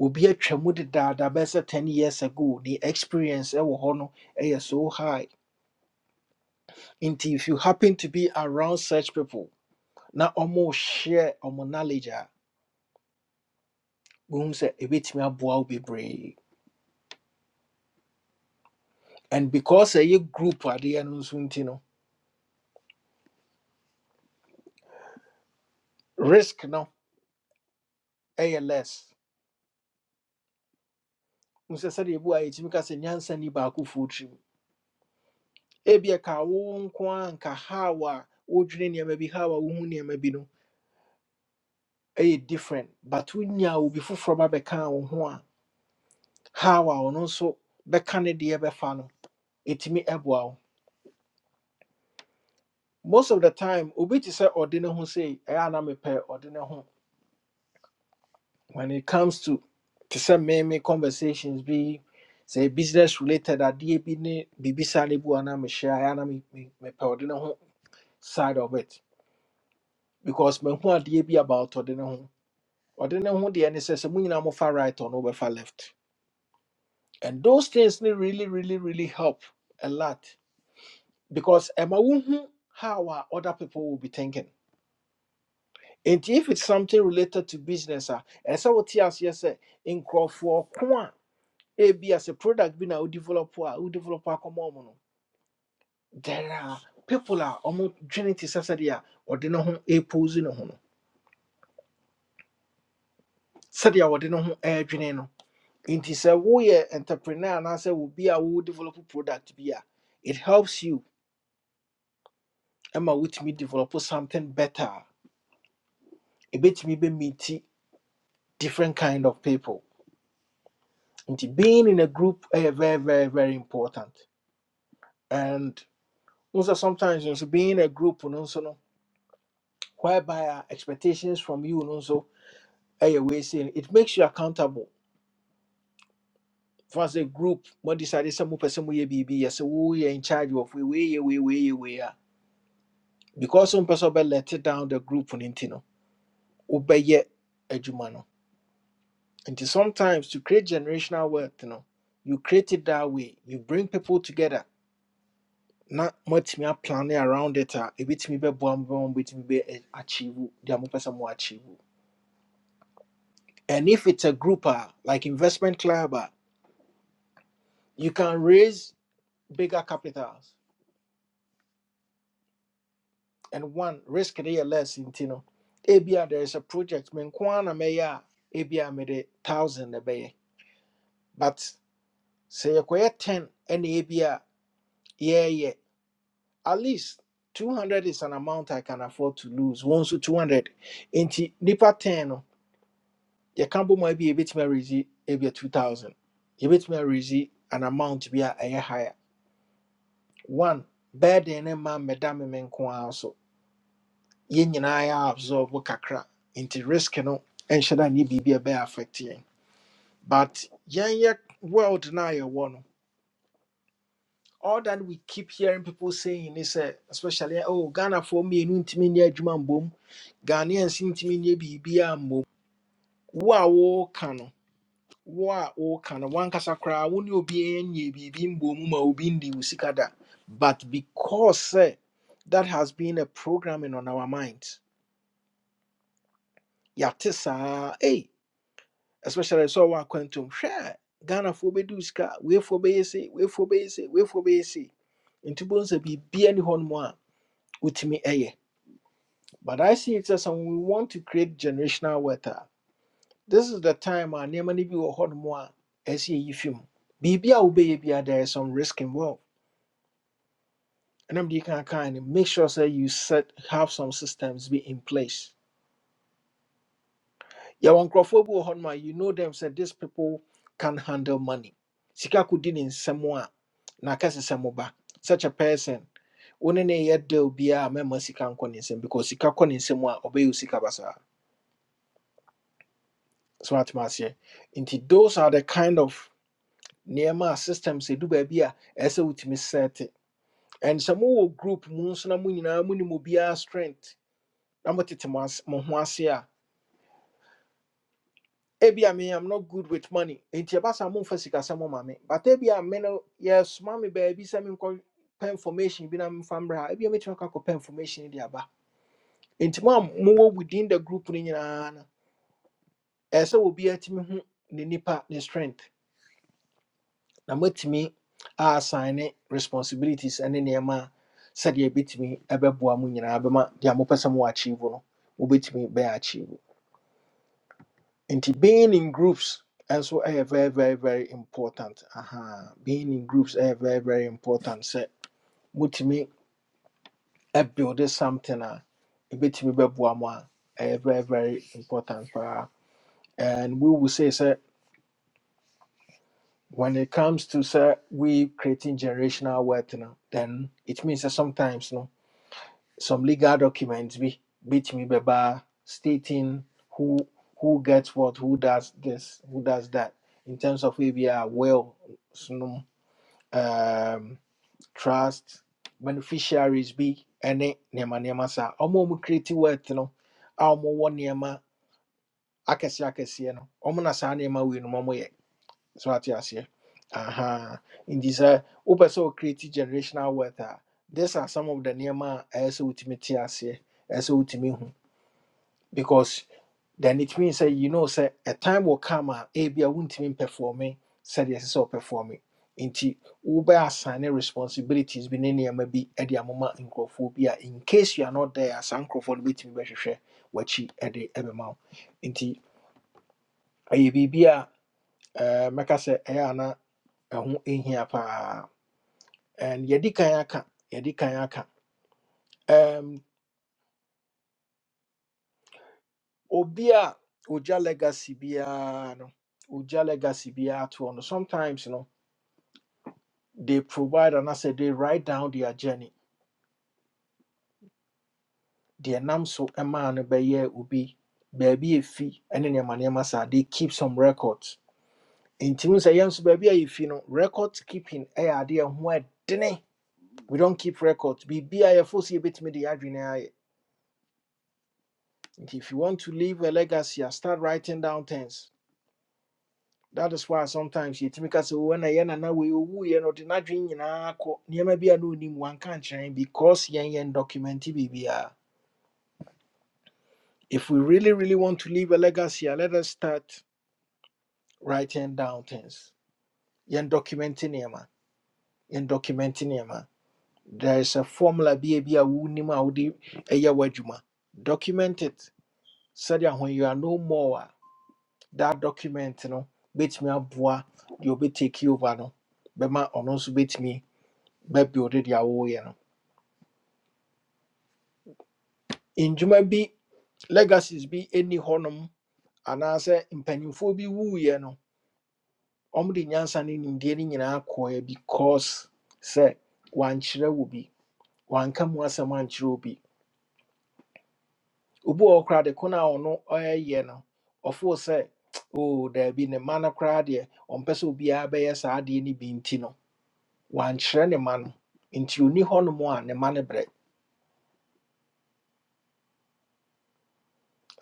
obi atwa mu dedaada bɛyɛ 10 years ago the experience ɛwɔ hɔ no ɛyɛ so high nti if you happen to be around such people na ɔmo share ɔmo knowledge wohu sɛ ɛbɛtumi aboa wo bebree and because ɛyɛ group adeɛ no nso nti no risk no ɛyɛ less hu sɛ sɛdeɛ ɛbi wɔ a yɛtumi ka sɛ nyansa ni baako foɔ tirim ebi ɛka wo nko a nka haw a wodwene nneɛma bi haw a wohu nneɛma bi no ɛyɛ different but wonya obi foforɔ ba bɛkaa wo ho a haw a ɔno nso bɛka ne deɛ bɛfa no ɛtumi ɛboa wo most of the time obi te sɛ ɔde ne ho sei ɛyɛ a na mepɛ ɔde ne ho when it comes to to some meme conversations be say business related adeɛ be ne biribi saa ne bi wɔ na mehyɛ ayɛ na me- me- mepɛ ɔde ne ho side of it because me mahu adeɛ be about ɔde ne ho ɔde ne ho deɛ ne sɛ sɛ mo nyinaa mofa right ɔno wobɛfa left and those things ne really really really help a lot because ɛma wohu how a other people will be thinking and if it's something related to business ah, a ɛsɛ wote aseɛ sɛ in ko a ebi as a product bi na wo develop a wo develop akɔma ɔmo no there are people a ɔmo dwene te sɛ sɛdeɛ a ɔde ne ho epose ne ho no sɛdeɛ a no. ne ho ɛɛdwene no nti sɛ woyɛ entrepreneur anaasɛ obi a wo develop product bi a it helps you ɛma wotumi develop something better a ebetumi bɛ meet different kind of people nti being in a group ɛyɛ very very very important and also sometimes nso being in a group no so no whereby a expectations from you no so. ɛyɛ wei sei it makes you accountable for as a group mo decide sɛ mopɛ sɛ moyɛ biribi yɛ sɛ woyɛ in charge of we, we, yɛ we, wei yɛ wei a because wompɛ sɛ wobɛlet down the group no nti no wobɛyɛ adwuma no nti sometimes to create generational wealth no you create it that way you bring people together na moatumi aplane around it a ɛbɛtumi bɛboa mo bɛma mobɛtumi bɛ eh, achieve deɛ mopɛ sɛ mo achieve and if it's a group a like investment club a you can raise bigger capitals and one risk de less nti no ebia there is a project me nko ara na mɛyɛ a ebia mede thousand na be. but sɛ yɛkɔyɛ ten ɛna ebia yeah. yeah at least 200 is an amount I can afford to lose. One so 200. Nti nipa 10 no, yɛka bɔ mu a ebia yɛbɛtumi arezi ebia 2000. Yɛbɛtumi arezi an amount be a ɛyɛ higher. One, bɛɛ de ma me da me nko so. yɛn nyinaa absorb wo kakra nti risk no nhyɛ da ne biribi a ɛbɛyɛ affect yɛn but yɛnyɛ world no a yɛwɔ no all that we keep hearing people saying is sɛ especially oh ghanafoɔ mmienu ntumi nyɛ adwuma mbom ghanaians ntumi nyɛ biribi a mbom wo a woka no wo a woka no wankasa koraa wo ne obi nyɛ biribi mbom ma obi ndi wo sika da but because eh that has been a programming on our minds yɛate saa hey especially sɛ ɔwɔ akwantum hwɛ a ghanafoɔ bɛdu sika weifoɔ bɛyɛ we weifoɔ bɛyɛ sei weifoɔ bɛyɛ sei nti bohu sɛ biribia ni hɔ nom a wotumi ɛyɛ but i see it as when we want to create generational wealth a this is the time a nneɛma no bi wɔ hɔ nom a ɛsɛ yɛyi fi mu biribi a bia there is some risk involved ɛnam de kan kan no make sure sɛ you set have some systems be in place yɛwɔ nkurɔfoɔ bi wɔ you know them sɛ these people can handle money sika kudin in nsɛm a na akɛse sɛ such a person wo ne ne yɛ deal biaa mɛma sika nkɔ because sika kɔ ne nsɛm sika basa. Smart atoma Inti those are the kind of nneɛma systems ɛdu do baby as a ɛɛ sɛ wotumi sɛte and sɛ mowɔ group mu na mo nyinaa monim strength na motete ebi I mean, I'm not good with money. Nti ɛba saa momfa sika sɛ moma me. But ebi I mean, no yɛsoma baby, baabi me menkɔ pɛ information bi na memfa mbrɛ a ebi me mɛtumi akɔ akɔpɛ information no de aba. Nti mo a mowɔ within the group no nyinaa no ɛyɛ sɛ obi atumi hu ne nipa ne strength na moatumi assign ne responsibilities ene ne nneɛma a sɛdeɛ ɛbɛtumi ɛbɛboa mo nyinaa bɛma deɛ mopɛ sɛ mowɔ achieve no mobɛtumi bɛyɛ achieve. nti being in groups also ɛyɛ very very very important aha being in groups ɛyɛ very very important sɛ motumi build something a ɛbɛtumi bɛboa mo a ɛyɛ very very important paa and we will say sɛ when it comes to sɛ we creating generational wealth no then it means that sometimes no some legal documents be bitimi beba stating who who gets what, who does this, who does that in terms of ABR will snom, um trust beneficiaries be any nema nema sa omo mu create wealth no a omo wo nema akese akese no omo na sa nema we no omo yɛ so ate aseɛ aha In this, wopɛ sɛ wocreate generational wealth a these are some of the nneɛma a ɛyɛ sɛ wotumi te aseɛ ɛyɛ sɛ wotumi because then it means that you know say a time will come and a ebia wontumi mpɛfɔɔme sɛdeɛ ɛsɛ sɛ ɔpɛfɔɔme nti wobɛ assign responsibilities bi ne nneɛma bi de amoma nkurɔfoɔ bi a in case you are not there a, saa nkurɔfoɔ no bɛtumi bɛhwehwɛ w'akyi de bɛma wo nti ɛyɛ biribi a ɛɛ, mɛka sɛ ɛyɛ ɛho ɛhia paa and yɛdi kan aka yɛdi kan aka um, obi a ogya legacy biara no ogya legacy biara toɔ no sometimes no they provide and I said they write down their journey their nam so ɛmaa no bɛyɛ obi baabi a ɛfi ɛne nneɛma nneɛma saa they keep some records ntimi sɛ yɛn nso baabi a yɛfi no record keeping ɛyɛ adeɛ ho ɛdene we don't keep records biribi a yɛfo so yɛbɛtumi de yɛ adwene ayɛ if you want to leave a legacy, ah, start writing down things. That is why sometimes you think as when I and now we woo you know the not drinking never be a no name one country because yen yen document BBR. If we really, really want to leave a legacy, ah, let us start writing down things. Yen documenting yema. Yen documenting yema. There is a formula be a woo nima udi a ya wajuma. Document it. Said when you are no more. ah, that document no bɛtumi aboa deɛ ɔbɛtake over no bɛma ɔno nso bɛtumi bɛbuilde deɛ wɔreyɛ no ndwuma bi legacies bi ɛni hɔnom anaasɛ mpanimfoɔ bi wuiɛ no ɔmde nyansa no nimdeɛ no nyinaa kɔɛ because sɛ wankyerɛ wo bi wanka mu asɛm ankyerɛ obi obi wɔ hɔ koraa de ko no a ɔno ɔyɛyɛ no ɔfoo sɛ o daabi ne mma no koraa deɛ ɔmpɛ sɛ obiara bɛyɛ saa adeɛ no bi nti no wankyerɛ ne ma no nti ɔni hɔnom a ne ma no brɛ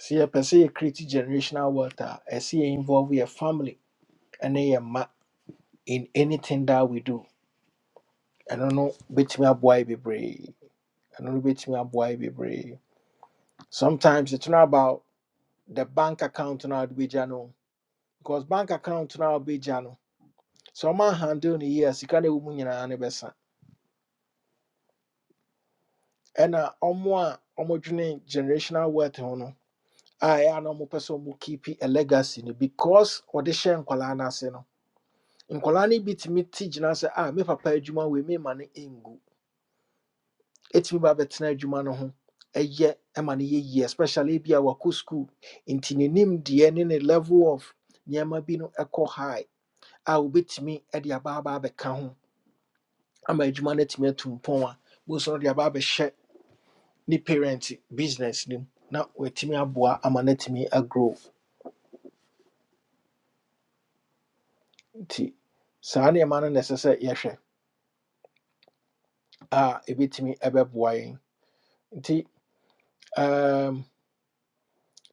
sɛ yɛpɛ sɛ yɛ create generational wealth a ɛsɛ yɛ involve yɛ family ne yɛ ma in anything that we do ɛno no bɛtumi aboa yɛ bebree ɛno no bɛtumi aboa yɛ bebree sometimes it's not about the bank account no a wode bɛgya no because bank account no a wobɛgya no sɛ ɔma handle no yie a sika no ɛwɔ mu nyinaa no bɛsa ɛna ɔmo a ɔmodwene generational wealth ho no I am a person who keep a legacy no because ɔde hyɛ nkwalaa no ase no nkwalaa no bi tumi te gyina sɛ a me papa adwuma wei mema no ɛngu ɛtumi ba bɛtena adwuma no year, ɛyɛ ma no yɛ yie especially bi a wakɔ in nti ne nimdeɛ in a level of nneɛma bi no ɛkɔ high a wobɛtumi de aba aba abɛka ho ama adwuma no atumi atu mpɔn a bosu no de aba abɛhyɛ ne parent business no mu I'm a ama me a grow. nti saa nneɛma no na ɛsɛ sɛ yɛhwɛ a ɛbɛtumi ɛbɛboa yɛn nti um,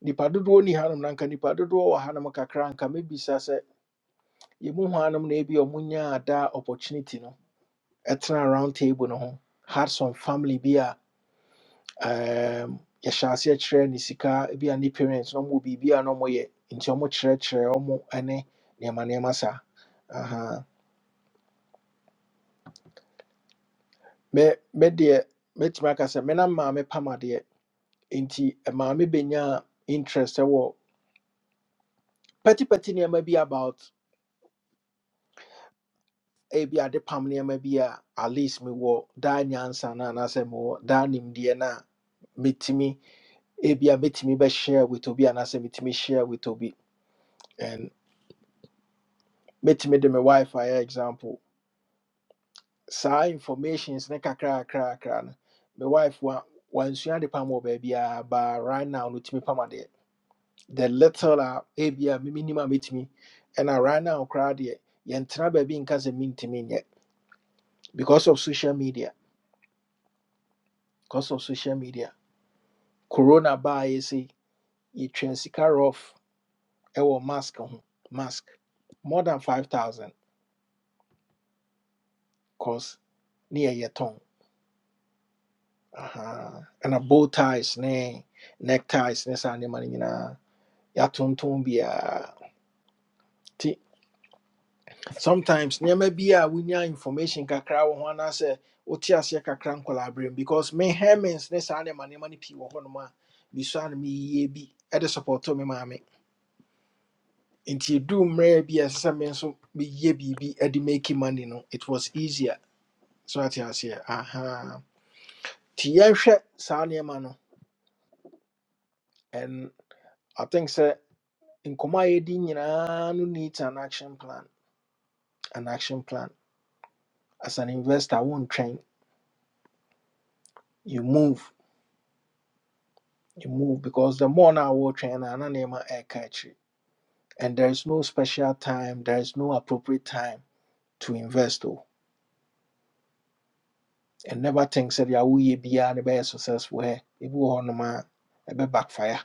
nipa dodoɔ ni hanom na nka nipa dodoɔ wɔ hanom kakra nka mɛbisa sɛ yɛmu hanom na ebi ɔmo nyaa daa opportunity no ɛtena round table no ho had some family bi a um, yɛhyɛ aseɛ kyerɛ ne sika bi a ne parents na ɔmo wɔ biribi a na ɔmo yɛ nti ɔmo kyerɛkyerɛ ɔmo ɛne nneɛma nneɛma saa Aha. me me deɛ mɛtumi aka sɛ menam maame pam adeɛ nti maame bɛnya interest ɛwɔ pɛtipɛti nneɛma bi about ebi adepam nneɛma bi a at least mewɔ daa nyansa no anaasɛ mewɔ daa nimdeɛ no a metumi ebi a metumi bɛshare with obi anaasɛ metumi share with obi and metumi de me wife ayɛ example saa informations ne kakrakrakra no me wife wa wansua ade pam wɔ baabiara ba right now no tumi pam the little uh, a ebi a mimi nim a metumi ɛna right now koraa deɛ yɛntena baabi nka sɛ mentumi nyɛ because of social media because of social media corona baa yɛ you yɛtwɛn off. rof ɛwɔ mask ho mask more than 5000 cause ne yɛyɛ tɔn And a bow ties ne neck ties ne saa nneɛma no nyinaa yɛatontɔn biara sometimes nneɛma bi a wonya information kakra wɔ ho anaasɛ wote aseɛ kakra nkɔla aberɛm because me hermins ne saa nneɛma nneɛma no pii wɔ hɔnom a bisua no meyie bi ɛde supporto me maame nti ɛduu mmerɛ bi a ɛsɛ sɛ me nso meyɛ biribi de make money no it was easier so ate aseɛ aha nti yɛnhwɛ saa nneɛma no and i think sɛ nkɔmmɔ a yɛdi nyinaa no needs an action plan an action plan as an investor wontwɛn you move you move because the more now we're trying ananema air catch it. and there is no special time there is no appropriate time to invest oh and never think that you we be the best success where it will on man a bit backfire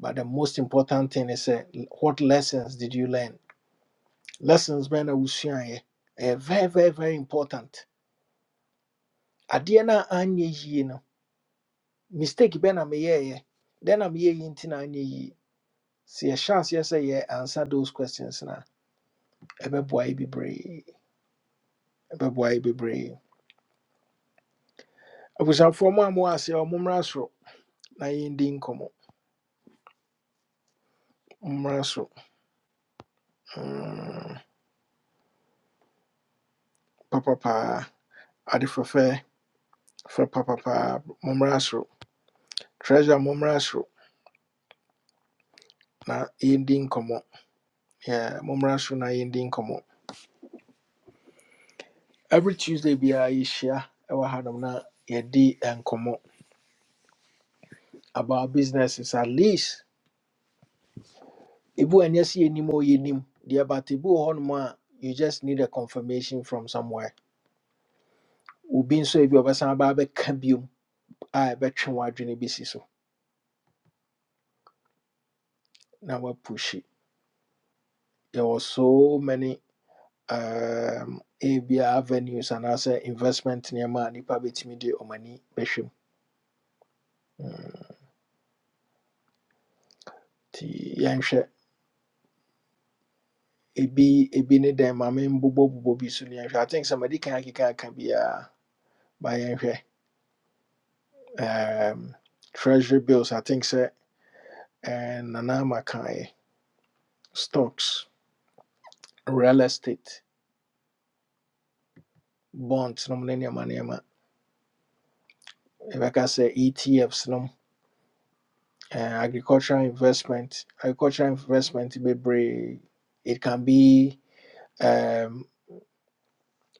but the most important thing is eh, what lessons did you learn lessons been a usually very very very important adeɛ no a anyɛ yie no mistake bɛ na meyɛɛyɛ dɛn na meyɛ yi nti na anyɛ yie sɛ yɛhyɛ aseɛ sɛ yɛ answer those questions no a ɛbɛboa be brave. ɛbɛboa yɛ bebree abusuafoɔ mu a mowɔ ase a ɔmommra soro na yɛndi nkɔmmɔ mommra soro Mm, papa paa ade fɛfɛ fɛ papa paa mommra soro treasure mommra soro na yɛndi nkɔmmɔ Yeah, mommra soro na yɛndi nkɔmmɔ every tuesday biara yɛhyia ɛwɔ hanom na yɛdi nkɔmmɔ about businesses at least ebi wɔ ɛnyɛ sɛ yɛnim a yɛnim deɛ but ebi wɔ you just need a confirmation from somewhere obi nso ebi a ɔbɛsan aba abɛka biom I bet a ɛbɛtwe w'adwene bɛsi so na There were so many um, ebia avenues and as investment nneɛma a nnipa bɛtumi de ɔm ani bɛhwɛ mu Hmm, nti yɛnhwɛ ebi ebi ne dɛn ma bobo bi so ne i think somebody madi kan akeka aka biara ba yɛnhwɛ um, treasury bills i think sɛ and nana ama kaeɛ stocks real estate bonds nom ne nneɛma nneɛma yɛbɛka sɛ etfs nom uh, agricultural investment agricultural investment bebree it can be um,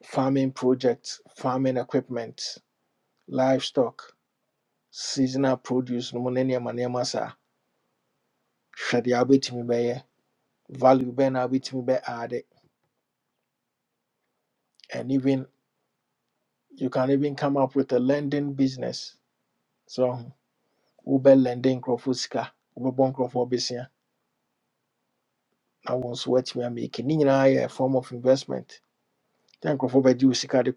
farming projects farming equipment livestock seasonal produce no mu ne nneɛma nneɛma saa hwɛ value bɛn na wobɛtumi bɛ and even you can even come up with a lending business so Uber lending nkurɔfoɔ sika wobɛbɔ nkurɔfoɔ besia na wɔn nso woatumi amake ne nyinaa yɛ a form of investment sɛ nkurɔfoɔ bɛgye wo sika de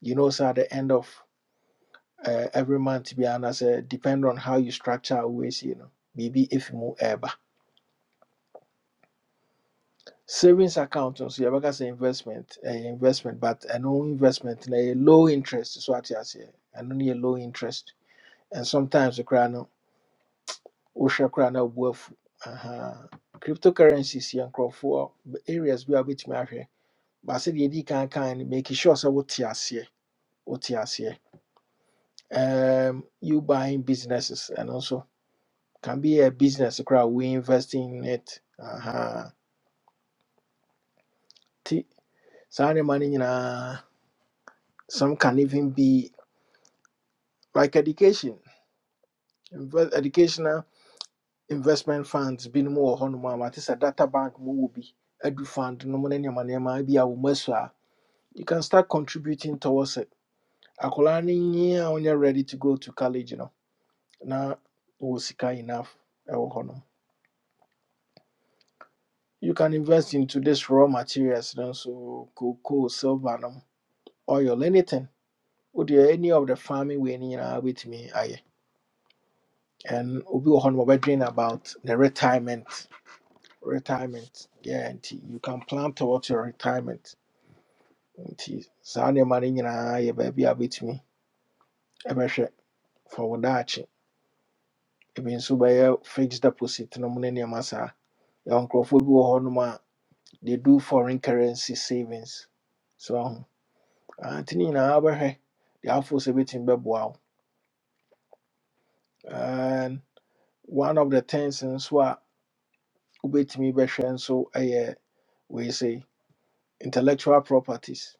you know sɛ at the end of uh, every month bi anaasɛ depend on how you structure always, you know, maybe if you mu ɛɛba savings account nso yɛbɛka sɛ investment ɛyɛ investment but ɛno investment na ɛyɛ low interest so what ate aseɛ ɛno no yɛ low interest and sometimes koraa no wohwɛ koraa worth wobu afu Aha. cryptocurrencies yɛ nkurɔfoɔ areas we are a wobɛtumi ahwɛ baasɛ deɛ ɛdi kan kan kind, make sure so what sɛ wote aseɛ wote aseɛ um you buying businesses and also can be a business crowd we invest in it uh-huh Ti- saa nneɛma no nyinaa, some can even be like education inve- educational investment funds binom wɔ hɔnom a mate sɛ data bank mu wɔ bi edu fund nom ne nneɛma nneɛma bi a wɔ asu a you can start contributing towards it akwaraa no nyi a wonyɛ ready to go to college no na wɔ sika enough ɛwɔ hɔnom You can invest into this raw materials, you know, so cocoa, silver, no, oil, anything. Would you any of the farming we need uh, with me? Aye. And we will on my dream about the retirement. Retirement. Yeah, and you can plan towards your retirement. Nti saa nneɛma no nyinaa yɛ baabi a wobɛtumi bɛhwɛ fa wo daakye. Ebi nso bɛyɛ fixed deposit no mu ne nneɛma saa. Yɛwɔ nkurɔfoɔ bi wɔ hɔnom a they do foreign currency savings. So. ahu. Ah, tini na abehe the deɛ afoɔ sɛ bɛtumi bɛboa and one of the things in swa wobɛtumi bɛhwɛ nso yɛ we say intellectual properties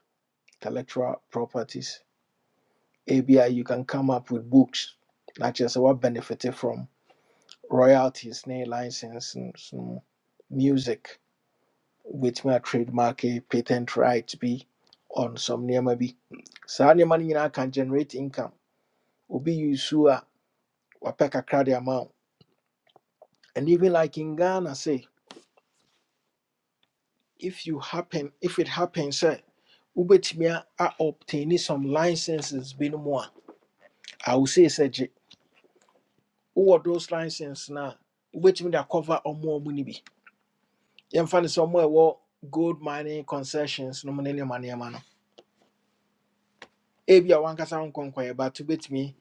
intellectual properties ebia you can come up with books na kyerɛ what benefited from royalties ne licenses no mu. music wobɛtumi a trademark a patent right be on some nneɛma bi saa nneɛma no nyinaa can generate income obi you su wapeka wapɛ kakra de And even like in Ghana, say, if you happen, if it happens, say, Ubetimia are obtaining some licenses been more. I will say, say, who are those licenses now? Ubetimi that cover or more money be. Yan fan is somewhere what gold mining concessions, no money, money, man. Ebi a wankasa nkonkɔɛ, but to bet ubetimi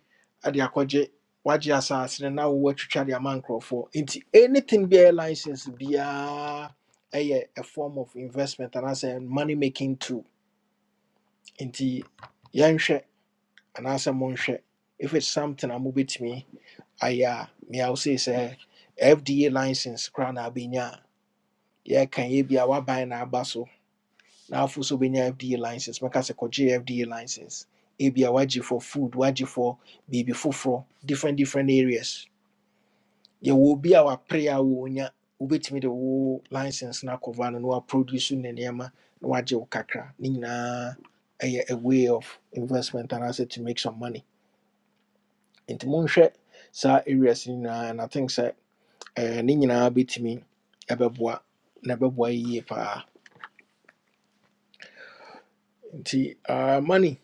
at the akɔgye wagye asase no you try the mancro for. Into anything be a license be a a a form of investment and anaasɛ money making too. nti yɛnhwɛ anaasɛ monhwɛ if it's something I'm a mobɛtumi ayɛ a mea wo sei sɛ fda license koraa na abɛnya a yɛka yɛ bi a woaban na aba so na afo so wobɛnya fda license mɛka sɛ kɔgye fda license ebia wagye for food waji for biribi foforɔ different different areas yɛwɔ will be our prayer, wɔnya wobɛtumi de wo license no akɔva no na waproduce ne nneɛma na wagye wo kakra ne nyinaa ɛyɛ a way of investment and anaasɛ to make some money nti monhwɛ saa areas no na and i think sɛ eh, ne nyinaa bɛtumi ɛbɛboa na ɛbɛboa yɛ yie paa nti ah, money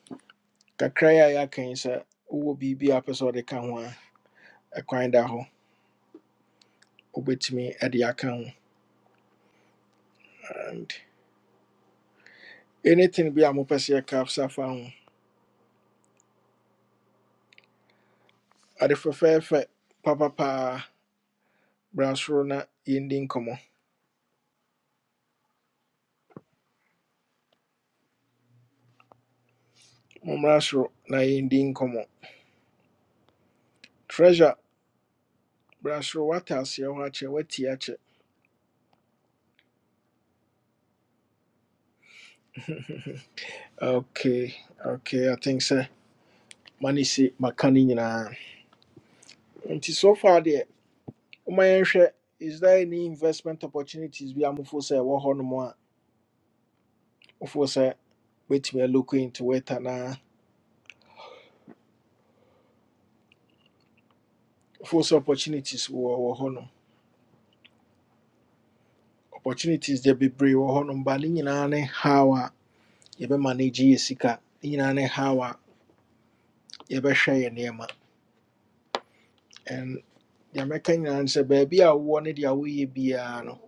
kakra ya a yɛaka yi sɛ wowɔ biribi a wopɛ sɛ wode ka ho a ɛkwan da hɔ wobɛtumi ɛde aka ho and anything bi a mopɛ sɛ yɛka sa fa ho ade fɛfɛɛfɛ papapaa bra na yɛndi nkɔmmɔ mommra na yɛndi nkɔmmɔ treasure bra soro woate aseɛ hɔ akyɛ okay okay i think so. mane makani maka Until so far there. woma is there any investment opportunities bi amofo sɛ ɛwɔ hɔ nom a wofo sɛ wobɛtumi aloko into it Na wofo sɛ opportunities wɔ wɔ hɔ nom opportunities deɛ bebree wɔ hɔ nom ba ne nyinaa ne how a yɛbɛma no gye yɛ sika ne nyinaa ne how a yɛbɛhwɛ yɛ nneɛma and deɛ mɛka nyinaa ne sɛ baabi a wowɔ ne deɛ woyɛ biara no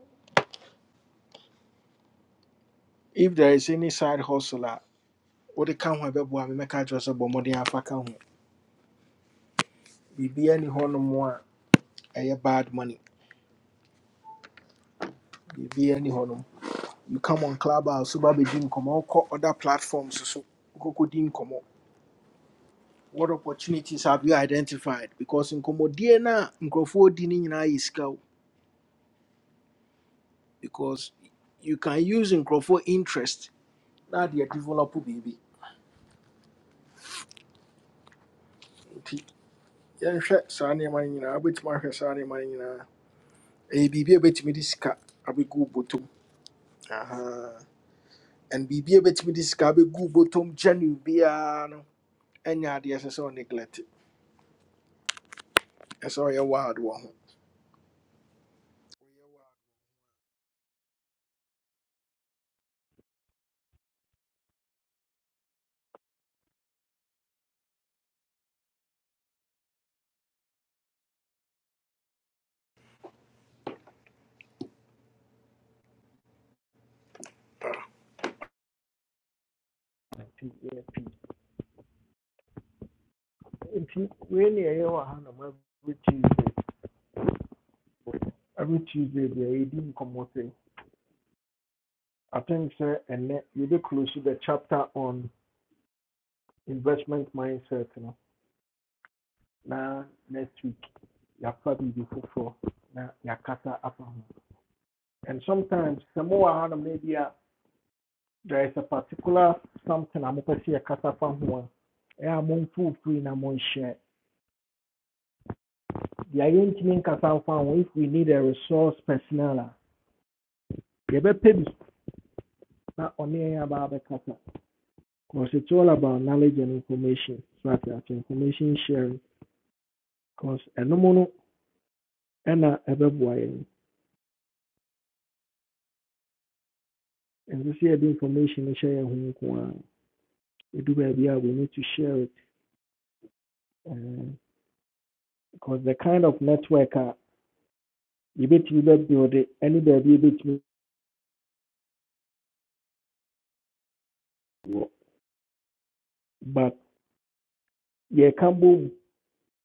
if there is any side hustle a wode ka ho a ɛbɛboa me mɛka kyerɛ sɛ bɔ mmɔden afa ka ho biribiaa ni hɔnom a ɛyɛ bad money biribiaa ni hɔnom you come on club a so ba bɛdi nkɔmmɔ wokɔ other platforms so wokɔkɔdi nkɔmmɔ what opportunities have you identified because in no a nkurɔfoɔ di no nyinaa yɛ sika o because you can use in nkurɔfoɔ interest na adeɛ develop biribi nti yɛnhwɛ saa nneɛma no nyinaa wobɛtumi ahwɛ saa nneɛma no nyinaa ɛyɛ biribi a ɛbɛtumi de sika abɛgu botom Aha. and biribi a ɛbɛtumi de sika abɛgu wo botom gyane biara no ɛnyɛ adeɛ ɛsɛ sɛ ɔneglect ɛsɛ sɛ ɔyɛ wild wɔ ho P- yeah, P. nti wei ne ɛyɛ wɔ ha nom every tuesday every tuesday deɛ yɛdi nkɔmmɔ sɛ i think sɛ ɛnnɛ yɛbɛ close to the chapter on investment mindset no na next week And sometimes Samoa Hana maybe there is a particular something I'm going to see Yeah, if we need a resource personnel. a, yɛbɛpɛ bi na ɔne because it's all about knowledge and information so ati information sharing because ɛnom no ɛna ɛbɛboa yɛn nso sɛ yɛde information no hyɛ yɛn ho we need to share it um, because the kind of network a yɛbɛtumi bɛbuilde ɛne baabi yɛbɛtumi wɔ but yeah, can't move. yɛka bom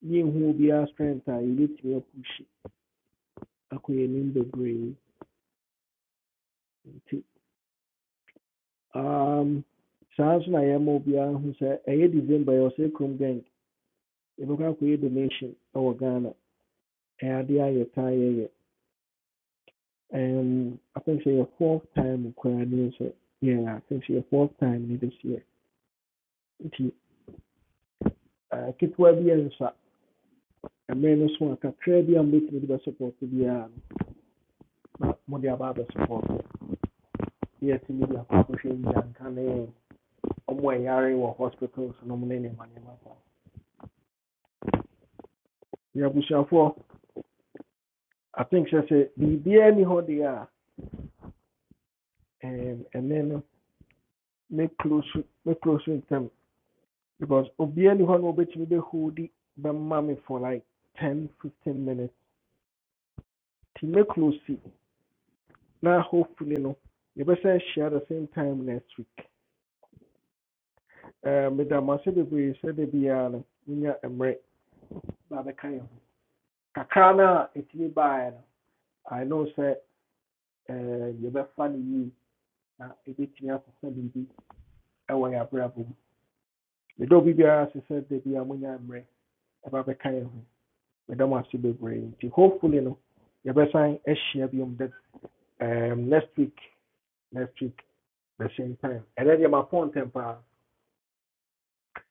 yɛnhu obiara strength a yɛbɛtumi apush akɔ yɛnim bebree nti um, saa nso na yɛma obiara hu sɛ ɛyɛ december yɛwɔ sɛ krom gang yɛbɛkɔ akɔyɛ donation ɛwɔ ghana ɛyɛ adeɛ a yɛtaa yɛyɛ um, I think sɛ yɛ fourth time koraa ne sɛ yeah, I think sɛ yɛ fourth time ne this year nti uh, ketewa bi yɛnsa mmere no so a kakra bi a mobɛtumi de bɛsupporto biara no na mode aba abɛsupporto na yɛatumi in the nyanka ne ɔmo a ɛyare wɔ hospitals nom ne nneɛma nneɛma saa yɛabusuafoɔ i think sɛ sɛ biribiaa ni hɔ And then uh, make close, make close with them because obiaa ni hɔ no wobɛtumi bɛhodi bɛma me the hoodie by mommy for like ten fifteen minutes nti mɛclose Now hopefully no yɛbɛsɛ share the same time next week Eh, meda mo ase bebree sɛ da biara no wonya mmerɛ na bɛka yɛn ho kakra no a ɛtumi baeɛ no i know sɛ eh, yɛbɛfa no yie na ɛbɛtumi akɔfa biribi ɛwɔ yɛ abrabɔ mu meda obi biara ase sɛ da biara monya mmerɛ ɛba bɛka yɛn ho meda mo ase bebree nti hopefully no yɛbɛsan ahyia biom da um, next week next week the same time ɛnɛ deɛ mapɔ ntɛm paa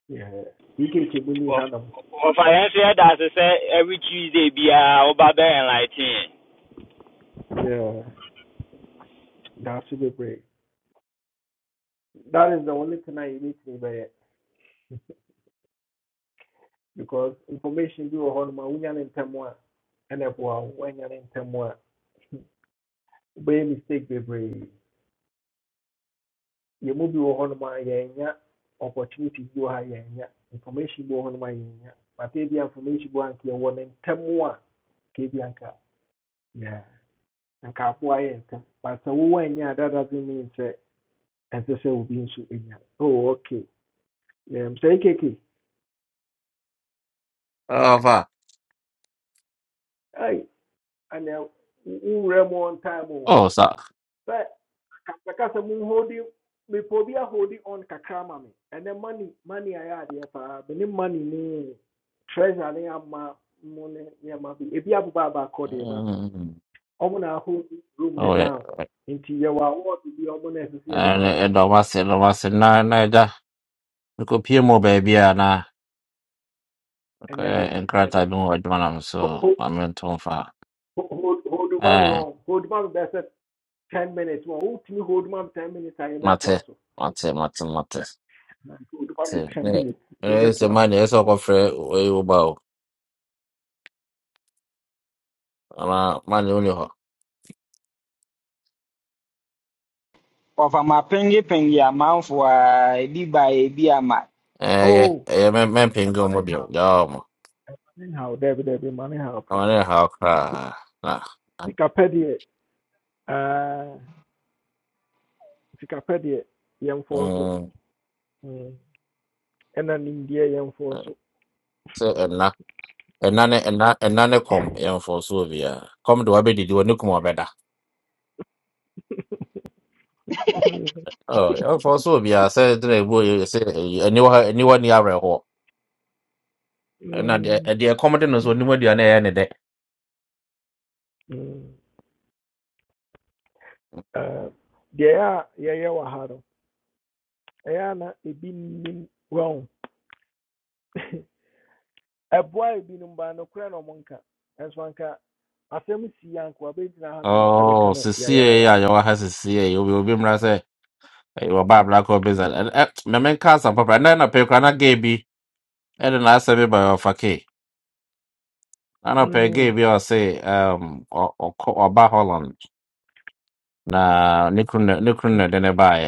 Yeah, EKK bu ne hanom
ɔfa yɛn nso yɛda ase sɛ every tuesday biara woba bɛ enlighten
Yeah, da ase bebree That is the only thing I need to be because information you bi wɔ hɔ noma in ne ntɛm a ɛna ɛboa wo woanya ne ntɛm a wobɛyɛ mistake bebree yɛn you bi wɔ hɔ noma yɛnya opportunities you wɔ ha yɛnya information bi wɔ hɔ noma yɛnya but ebi information you wɔ ha nka yɛwɔ ne ntɛm a kebi anka yeah anka aboa yɛ ntɛm but sɛ wowɔ anya that doesn't mean sɛ ɛnsɛ sɛ obi nso enya oh okay um, sɛ ekeke
Apa?
ai ana wo- wo wura mu on time oh,
Oh, sa.
But kakasa mu holding mepɛ obi a holding on kakra ma and then money money ayɛ adeɛ paa mene money ne treasure ne ama money ne nneɛma bi ebi abobɔ abaakɔ deɛ but
Mm.
ɔmo na ahold room ne
Oh, yeah.
down into yɛwɔ award bi a ɔmo na ɛsɛ sɛ yɛde ma
And
ɔmo
it was it was na na da. Ko pie mo baby na.
ɛnyɛ den
En
ɛnyɛ
krata
den
bi mo adwa na so. Ma men ton fa.
hold ma me
Eh,
wɔn hold ma me bɛyɛ ten minutes wɔn wotumi hold ma ten minutes a
mate.
yɛbɛtoa so
Mate, mate, mate.
hold ma ten
Mate.
minutes
Eh, eh, se
yɛbɛtoa so
mani eso ko fre e u ba o. Ama mani uni ho.
Ɔfa ma pengyepengye amanfo a ebi ba ebi ama.
Eh, ye,
oh
eh, men men
ɛba
pingo mo
ne
bi. Yo mo.
Anyhow, Debbie, Debbie, money how cry.
Ama ne ha ka. Na.
Sikapedia, uh, Sikapedia, young for so,
Mm.
mm, and an India young for so.
Se ɛna ne ɛna ɛna ne kɔm yɛmfɔ soɔ biara kɔm de wabɛdidi wɔ ne kum ɔbɛda Oh, yɛmfɔ soɔ biara sɛ ɛdena ɛbu yɛ sɛ ɛyi- aniwa ha- aniwa ni awerɛhoɔ ɛna deɛ
Mm,
ɛ- deɛ kɔm de no so onimu aduane ɛyɛ ne dɛ
mm, uh, yeah, yeah, yeah, wahado. Yeah, na, it been wrong. A boy been um, by no crown or monka, as one car. Asɛm si yɛ nko abɛgyina hanom
oh
ɛbɛka no
sesie
yayaaya.
a yɛwɔ ha sesie obi obi mmra sɛ ɛyɛ ɔba abra kɔ beza ɛ ɛ mɛmɛ nka asam papa ɛna ɛna pɛ kora na gay bi ɛde na asɛ bi ba ɔfa ke ɛna pɛ gay
Mm,
bi a ɔse ɛm, ɔ- ɔkɔ- ɔba holland na ne kuru na ne kuru na
mm,
ɛde ne baeɛ.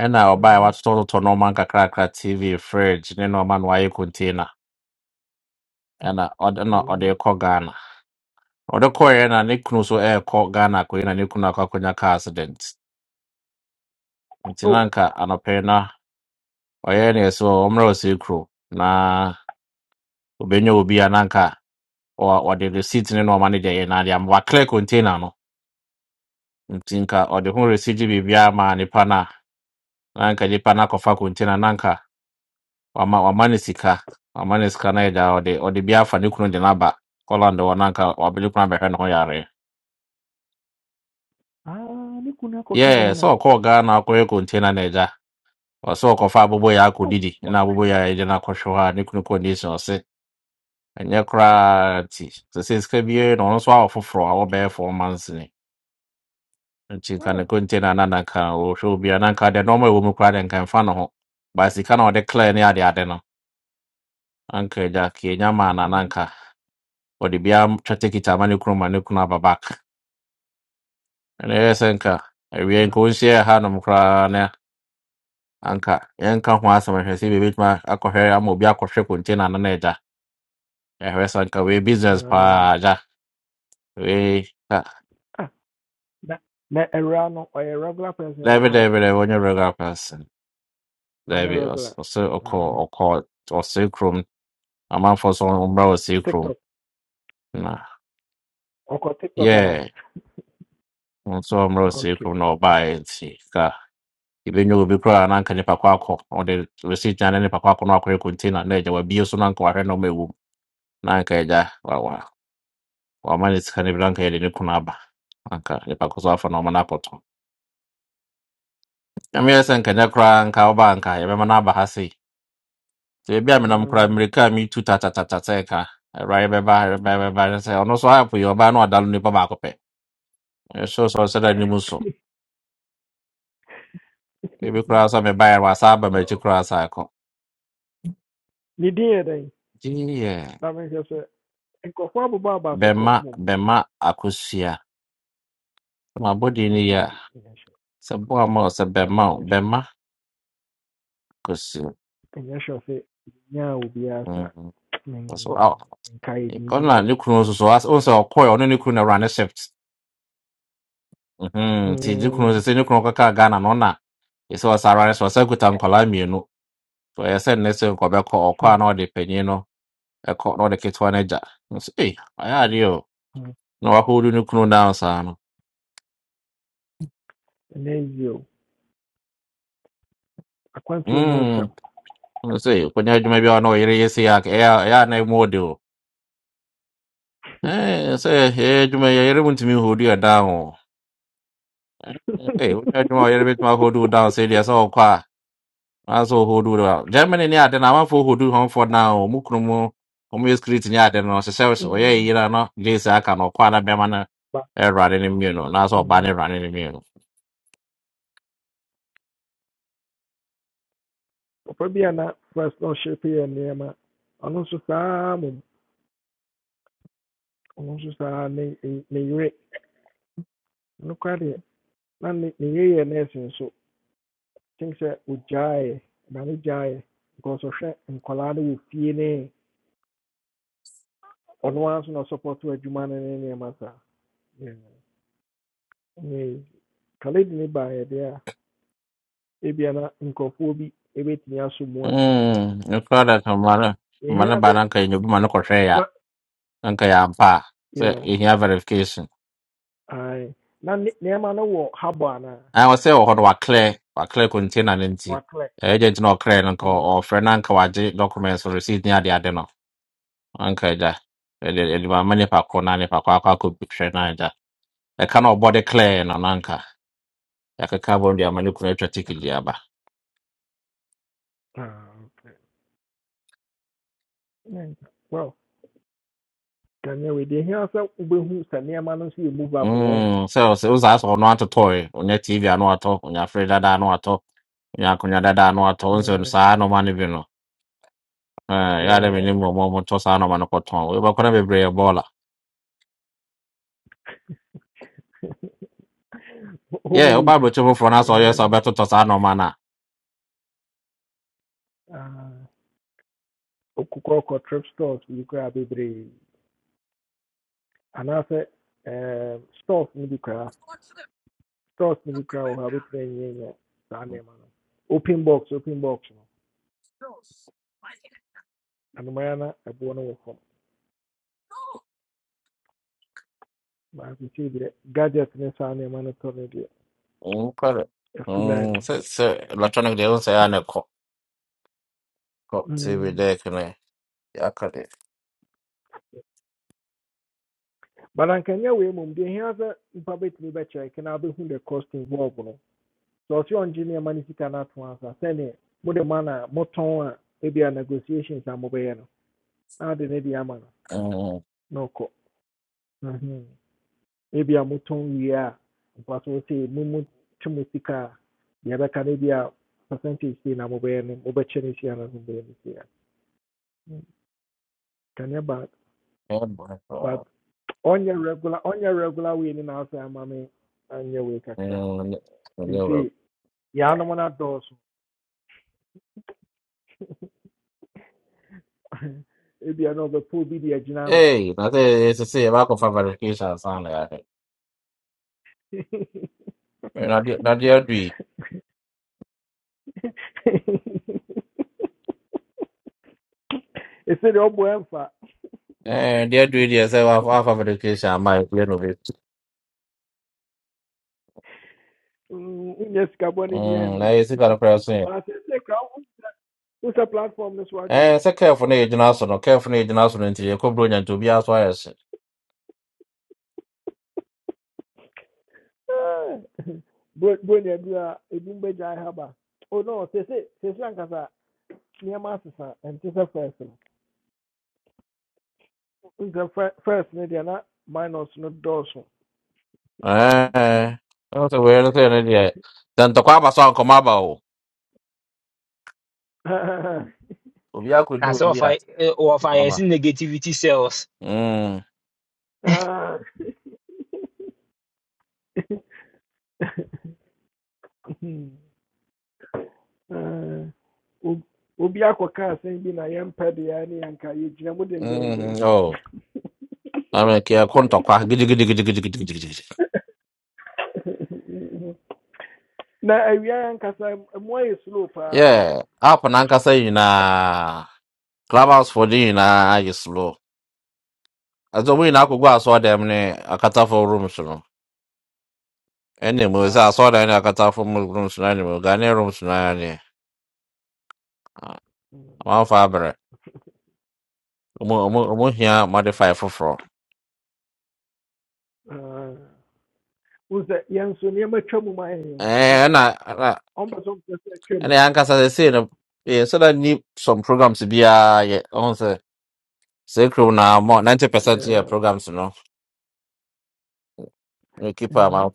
ɛna ɔbaa a
mhm,
watotɔtotɔ nneɛma nkakrakra tv fridge ne nneɛma no wayɛ container ɛna ɔde na ɔde
mhm.
kɔ ghana ɔde kɔeɛ na ne kunu so ɛrekɔ ghana akɔyɛ na ne kunu akɔ akɔnya car accident nti na
Oh,
anka anɔpɛ yi na ɔyɛ ne ɛsɛ wɔ ɔmmerɛ ɔsɛ kuro na obɛnya obi a na anka ɔ- ɔde receipt ne nneɛma no deɛ yɛ na deɛ ama waclear container no nti nka ɔde ho receipt biribiara maa nipa no a na anka nipa no akɔfa container no anka wama wama ne sika wama ne sika na ɛda ɔde ɔde bi afa ne kunu de n'aba holland wɔ nanka wabere kunu abɛhwɛ ne ho yare
ah, ne kunu akɔka
yɛɛ sɛ
Ghana.
ɔkɔɔ ghana akɔyɛ container na ɛgya ɔsɛ ɔkɔfa abobo yɛ
Oh,
akɔdidi na abobo yɛ ɛgya no akɔhwɛ hɔ a ne kunu condition ɔse ɛnyɛ koraa nti sɛ sɛ sika bie na ɔno nso awɔ foforɔ a wɔbɛyɛ four months ni nti nka
ah
ne container na nanka ɔhwɛ obia nanka deɛ nɔɔma ɛwɔ mu koraa de nka ɛmfa ne ho ba sika na ɔde klɛɛ ne adeade no anka ɛgya ka ɛnya maa na
Mm.
nanka wɔde bia twɛte kita ama ne kunu ma ne kunu aba back ɛna ɛyɛ sɛ nka awie nka
Ah,
ɔnhyia yɛ hanom koraa na anka yɛnka ho asɛm ahwɛ sɛ bɛbɛtumi akɔhwɛ ama obi akɔhwɛ container no na agya ɛhwɛ sɛ nka wei business paa
um,
agya wei ka
ah, na na ɛwura no ɔyɛ regular person wɔ
daabi
ha
daabi
no
daabi ɔnyɛ regular person
ɔnyɛ
daabi ɔs-
regular
ɔse
Ah,
ɔkɔ
ɔne
ɔkɔ ɔse kurom amanfoɔ so ɔmmra ɔse kurom
tiktok
na
ok tiktok
yɛ
ana
nso ɔmmra ɔse
okay
kurom na
okay
ɔbaeɛ nti ka ebenyo obi koraa na anka nipa kɔ akɔ ɔde receipt na ne nipa kɔ akɔ na wakɔyɛ container na agya wabie so na anka wahwɛ na ɔma ɛwɔ mu na anka agya wa wa wama ne sika no bi na anka yɛde ne kunu aba anka nipa kɔ so afa na ɔma no akɔtɔ nyameyɛ sɛ nkanyɛ koraa anka woba a anka yɛbɛma no aba ha sei nti baabi a menam koraa
um,
mmirika a metu tatatata sɛ ka awurade bɛba awurade bɛba ne sɛ ɔno so apo yi ɔbaa na ɔda no nipa baako pɛ ɛhyɛ sɛ ɔsɛ da anim so ebi koraa sɛ mebaeɛ wasa aba m'akyi
oh,
koraa sa akɔ
ne din yɛ dɛn
gyeeyɛ
na mehwɛ sɛ nkurɔfoɔ abobɔ aba so kɔ
bɛma
mom
bɛma akosua Mabɔdeɛ
ɛhɔ
no yɛ a,
daabi ɛnyɛ hwɛ
sɛ boa ma wo sɛ
Ah,
bɛmma wo
menyɛ hwɛ
bɛmma kɔsi wo.
ɛnyɛ hwɛ sɛ nyaa obiara sa
Mhm. So
men-
aw-
menkae din bi
ɔna ne
abo
kunu nso so as- wohu sɛ ɔkɔɛ ɔne ne kunu na awurane shift. Mhm. Nti ne kunu sɛ ne kunu kɔkaa Ghana no ɔna ɛsɛ ɔsɛ awurane so ɔsɛ kuta nkɔlaa mmienu. So ɛyɛ sɛ nnɛ sɛ nkɔbɛkɔ ɔkɔ a na ɔde panyin no ɛkɔ na ɔde ketewa no agya. Nso ee ɔyɛ adeɛ o. Na wakɔwuru ne kunu down saa no.
ɛnɛ yio akwantuo mu nsɛm
Mm. Nso ee kɔnya adwuma bi a na ɔyere yɛ sei a ɛyɛ a ɛyɛ a na ɛmu ɔde o. Eh, sɛ ɛyɛ adwuma yi, yɛyere mu ntumi hold you down o. Hey, what you doing? You're with my hoodoo down, say yes, all qua. That's all hoodoo. down. Germany, yeah, then I'm for hoodoo home for now. Mukrumu, Homus Cretin, yeah, then I says, oh, yeah,
Mm,
you know, Jason, I can, or Quana Bemana,
but
a bemana running immune, that's all banning
mm,
running immune.
papa not a na first na ɔhyɛ pɛ yɛ nneɛma ɔno nso saa mmom ɔno nso saa ne ne ne yere ɔno koraa deɛ na ne ne yere yɛ nɛɛse nso kyɛn sɛ ogyaeɛ ɔma ne gyaeɛ because ɔhwɛ nkɔlaa no wɔ fie ne ɔno ara nso na ɔsɔpɔto adwuma no ne nneɛma saa Yeah. ne kaledi ne baeɛ deɛ a ebia na nkurɔfoɔ bi ebɛtumi aso mu a
Hmm, you call that a man,
yɛhia
man,
sɛ
bananka, you be manocrea,
na
uncle Yampa, say,
yeah
in your verification.
ae na ne nneɛma no wɔ habɔ anaa
I was say, oh, what were clear, what clear container, and
wɔaklɛ
agent no clear, uncle,
ɔwɔ
or Fernanca, documents or receipt near the adeno. anka agya ɛde ɛde ma ama nipa koro na nipa koro akɔ akɔ hwɛ na agya ɛka na ɔbɔ de clear no na anka yɛkeka bɔ no de ama ne kunu atwa ticket de aba
ɛɛ well can you deɛ hia sɛ wobɛhu sɛ nneɛma no nso yɛ movable wɔn
Mm, sɛ ɔsɛ wosaa sɛ ɔno atotɔe ɔnya tv ano atɔ ɔnya fre dada ano atɔ ɔnya akonnwa dada ano atɔ wo sɛ no
Mm,
saa nɔma no ma ne bi no yɛ
yɛ
dɛ menim nɔmɔ motɔ saa nɔma no kɔtɔn wobɛkɔ no bebree yɛ bɔɔla yɛ
home
woba
use
abrɛkyɛ foforɔ no sɛ ɔyɛ sɛ
uh,
wobɛtotɔ saa nɔma no a
ah, okukɔ trip stores you koraa a anaasɛ ɛɛm, stores no bi koraa stores no bi koraa wɔ hɔ a wobɛtumi when you nneɛma no open box open box no anomaa na ɛboɔ no wɔ fam baako deɛ gadget ne saa nneɛma no tɔ no deɛ
Mm, kware.
afi line
Mm,
no
sɛ sɛ electronic deɛ wo sɛ ɛa ne kɔ kɔ tv
Mm.
dɛk no yɛaka
mana nke nye wee mụ mgbe ihe aza mpa betumi bɛkyerɛ ke na abɛhu the cost involved no sɛ ɔsɛ ɔngye nneɛma no sika no ato asa sɛneɛ mana ma na motɔn a negotiations a mobɛyɛ no na ade ne de ama no
Uh,
na ɔkɔ Mhm. ebia motɔn wie a mfa so sɛ mumu twe mo sika a deɛ ɛbɛka no percentage sei na mobɛyɛ no mobɛkyɛ no sia na mobɛyɛ no sia Mm. kane ba
Edward, uh,
but ɔnyɛ regular ɔnyɛ regular wei ne na asɛ ama me anyɛ wei kakra You
Manila.
see. Yɛa nom no adɔɔso. Ebia na ɔbɛpo obi de agyina no.
Hey, na te se se ba ko fabrication sana yake. Na di- na dia dui.
Ɛsɛ deɛ ɔbɔ ɛmfa.
Eh, dia dui dia se wa fa fabrication mai kule no be.
Mm, Wonyɛ sika bɔne bi
Mm,
andi.
na isi kana pra so.
Baasɛ sɛ kra wo wo sɛ platform no so adwo
Eh, se careful na ejina so no, careful na ejina so no nti e ko bro nya to bia so ayese.
o. Bro ne adu a ebi mbɛgyae ha ba. O no sese sese ankasa nneɛma asesa ɛnte sɛ first no. first no deɛ na minus no dɔɔso.
Eh. Na so we na se na dia. Dan to kwa ba so anko ma ba o. Obi akodi
That's
obi a.
offer, offer yes,
Mama.
negativity cells.
Mm.
Ah. Ah, ob- obi akɔka asɛm bi na yɛmpɛ deɛ ne yɛnka yɛgyina mu dendenden
Mm. Oh. Ame kia kon to kwa gidi gidi gidi gidi gidi gidi gidi.
na awia yɛnkasa mu ayɛ slow paa
Yeah, app n'ankasa nyinaa clubhouse for dị nyinaa ayɛ slow. Ɛdze wɔn nyinaa akɔgu
Mm,
asɔɔdan mu ne akatafo rooms no. Ɛna mu sɛ
paa
asɔɔdan ne akatafo mu rooms no anim, Ghanaian rooms no ara nie. Ah, Wɔamfa abrɛ. Ɔmo ɔmo ɔmo hia modify foforɔ.
wo sɛ yɛn so nneɛma twa mu ma yɛn nti
Ɛɛ ɛna ɛna
ɔmpɛ sɛ ɔmpɛ sɛ
ɛna
twam
yɛn ankasa sɛsei no yɛn sɛ na ni some programs biara yɛ ɔmo sɛ sɛ kurom na mɔ ninety percent yɛ
Yeah,
programs no. Ne keep am
mm,
out.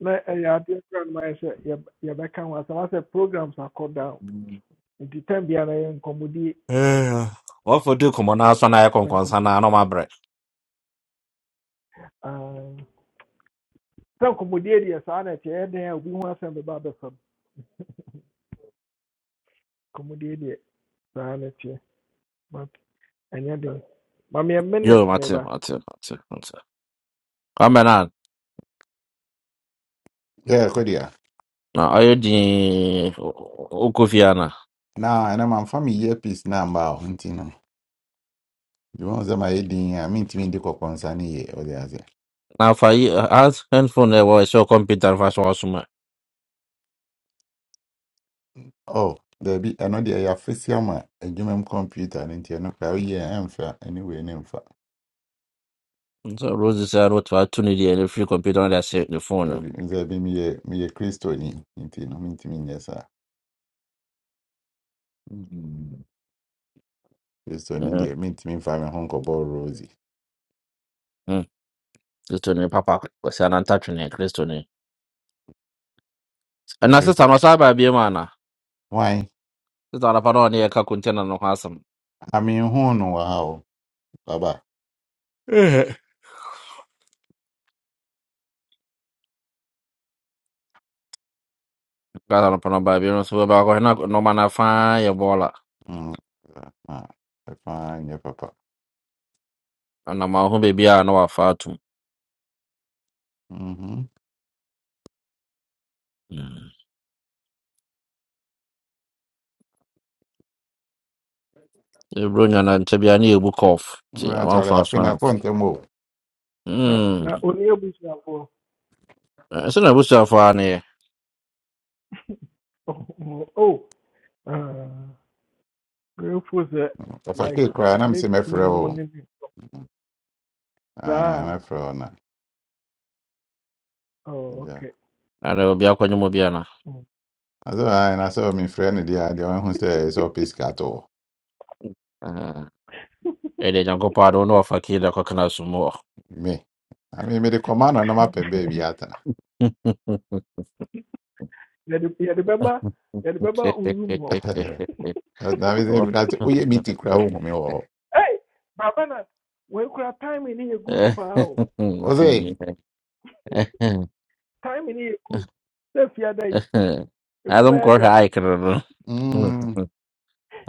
na ɛyɛ adeɛ kora no mayɛ sɛ yɛb- yɛbɛka ho asɛm asɛ programs akɔ down The time tam biara yɛ nkɔmmɔdie
Eh, What for do come on us when I come
sɛ
concern I know my bread.
nkɔmmɔdie deɛ saa na ɛkyɛ yɛ dɛn a obi ho asɛm bɛba abɛfam kɔmmɔdie deɛ saa na teɛ but ɛnyɛ den ma me a
Yo,
minute
Mate,
meba
Mate, Mate, Mate. Kameran,
Yeah, Kodia.
na ayo di ukufiana.
Now, and I'm family earpiece number. Ntino. The ones that my head in, I mean, to me, the concern here, or the other.
Na fa yi as handphone e wa so computer fa so asuma.
Oh, there be another ya face yama, a human computer, and you know, oh, yeah, I'm fat anyway, name fat.
So Rose say no to atuni di any free computer na say the phone.
There be me a me a Christo in, Ntino, mean to me, yes, sir.
Mm.
Christo in India, mean to me, five and hunk of ball rosy.
Mm. Kristo ne papa ko say na ntatu ne Kristo ne.
i
Na
Christo,
sister no sa ba bi ma na.
why?
Sister na fa no ne ka container no ha asam.
I mean, who know how, Baba.
Eh, Ka na fa no ba bi no so ba ko na no ma na fa ye
Mm, ah, I find your papa.
anam aho baabi a na wafa atom
Mm-hmm.
ɛburo nyana nkyɛ bia ne yɛ book off nti
Well, Charlie,
amamfa
I
so
feel I
anto
can't more.
na
Mm.
na ɔni abusuafoɔ
ɛsɛ na abusuafo a ne yɛ
oh uh, grateful sɛ like
Ɔfakee koraa na
ne
mesɛ mɛfrɛ
kunu
wo
nom ne
Ah, mɛfrɛ wo na
oh
gya
okay
ana obi akɔnye mu bia na
Mm.
asɛ ae na sɛ mefrɛ no deɛ a, deɛ ɔhu sɛ ɛyɛ sɛ ɔpɛ sika to hɔ
Ah, ɛdeɛ nyankopɔn ade wo ne wafa keda kɔkena so mu wɔ
me ame mede kɔma no na mapɛ baabi atena
yɛde yɛde bɛba yɛde bɛba owum hɔ
na mesɛ na sɛ woyɛ miti koraa wohu me wɔ hɔ
hey babana. When wɔakura time in yɛ good for o
ɔse
time in yɛ good sɛ fiada yi emu
adom kɔhwɛ
Ah.
aikere no
mm,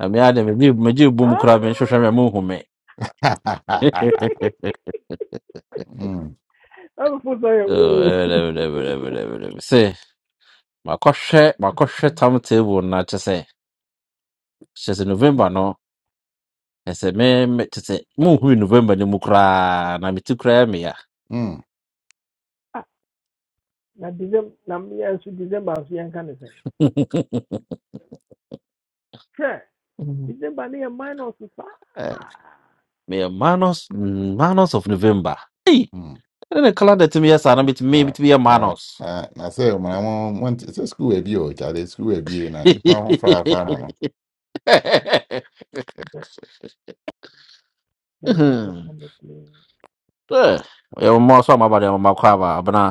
amea de megye megye bom koraa menhwehwɛ me
I'm
mohu
mm,
ɛbɛfo sɛ yɛ
Oh, ɛbɛdɛ, ɛbɛdɛ, ɛbɛdɛ, ɛbɛdɛ, ɛbɛdɛ. Sɛ, makɔhwɛ makɔhwɛ tam table no na kyɛ sɛ kyɛ sɛ november no ɛsɛ me me kyɛ sɛ monhui november no mu koraa na meti koraa meya
mm,
na December na yɛn nso December nso yɛnka ne sɛn hwɛ December ne yɛ minus saa
Eh, meyɛ manos mm, manos of november
mm.
ɛne ne calendar tumi yɛ saa na metumi
na
metumi yɛ
na-
manos
na- na sɛ mona mo monte sɛ skul abi o kyade skul abi na nnipa ho fafa na
I
no
bet then I'm
Mhm.
definitely
Eh, ɛyɛ mmoa so amaba deɛ mmoa kɔ aba abena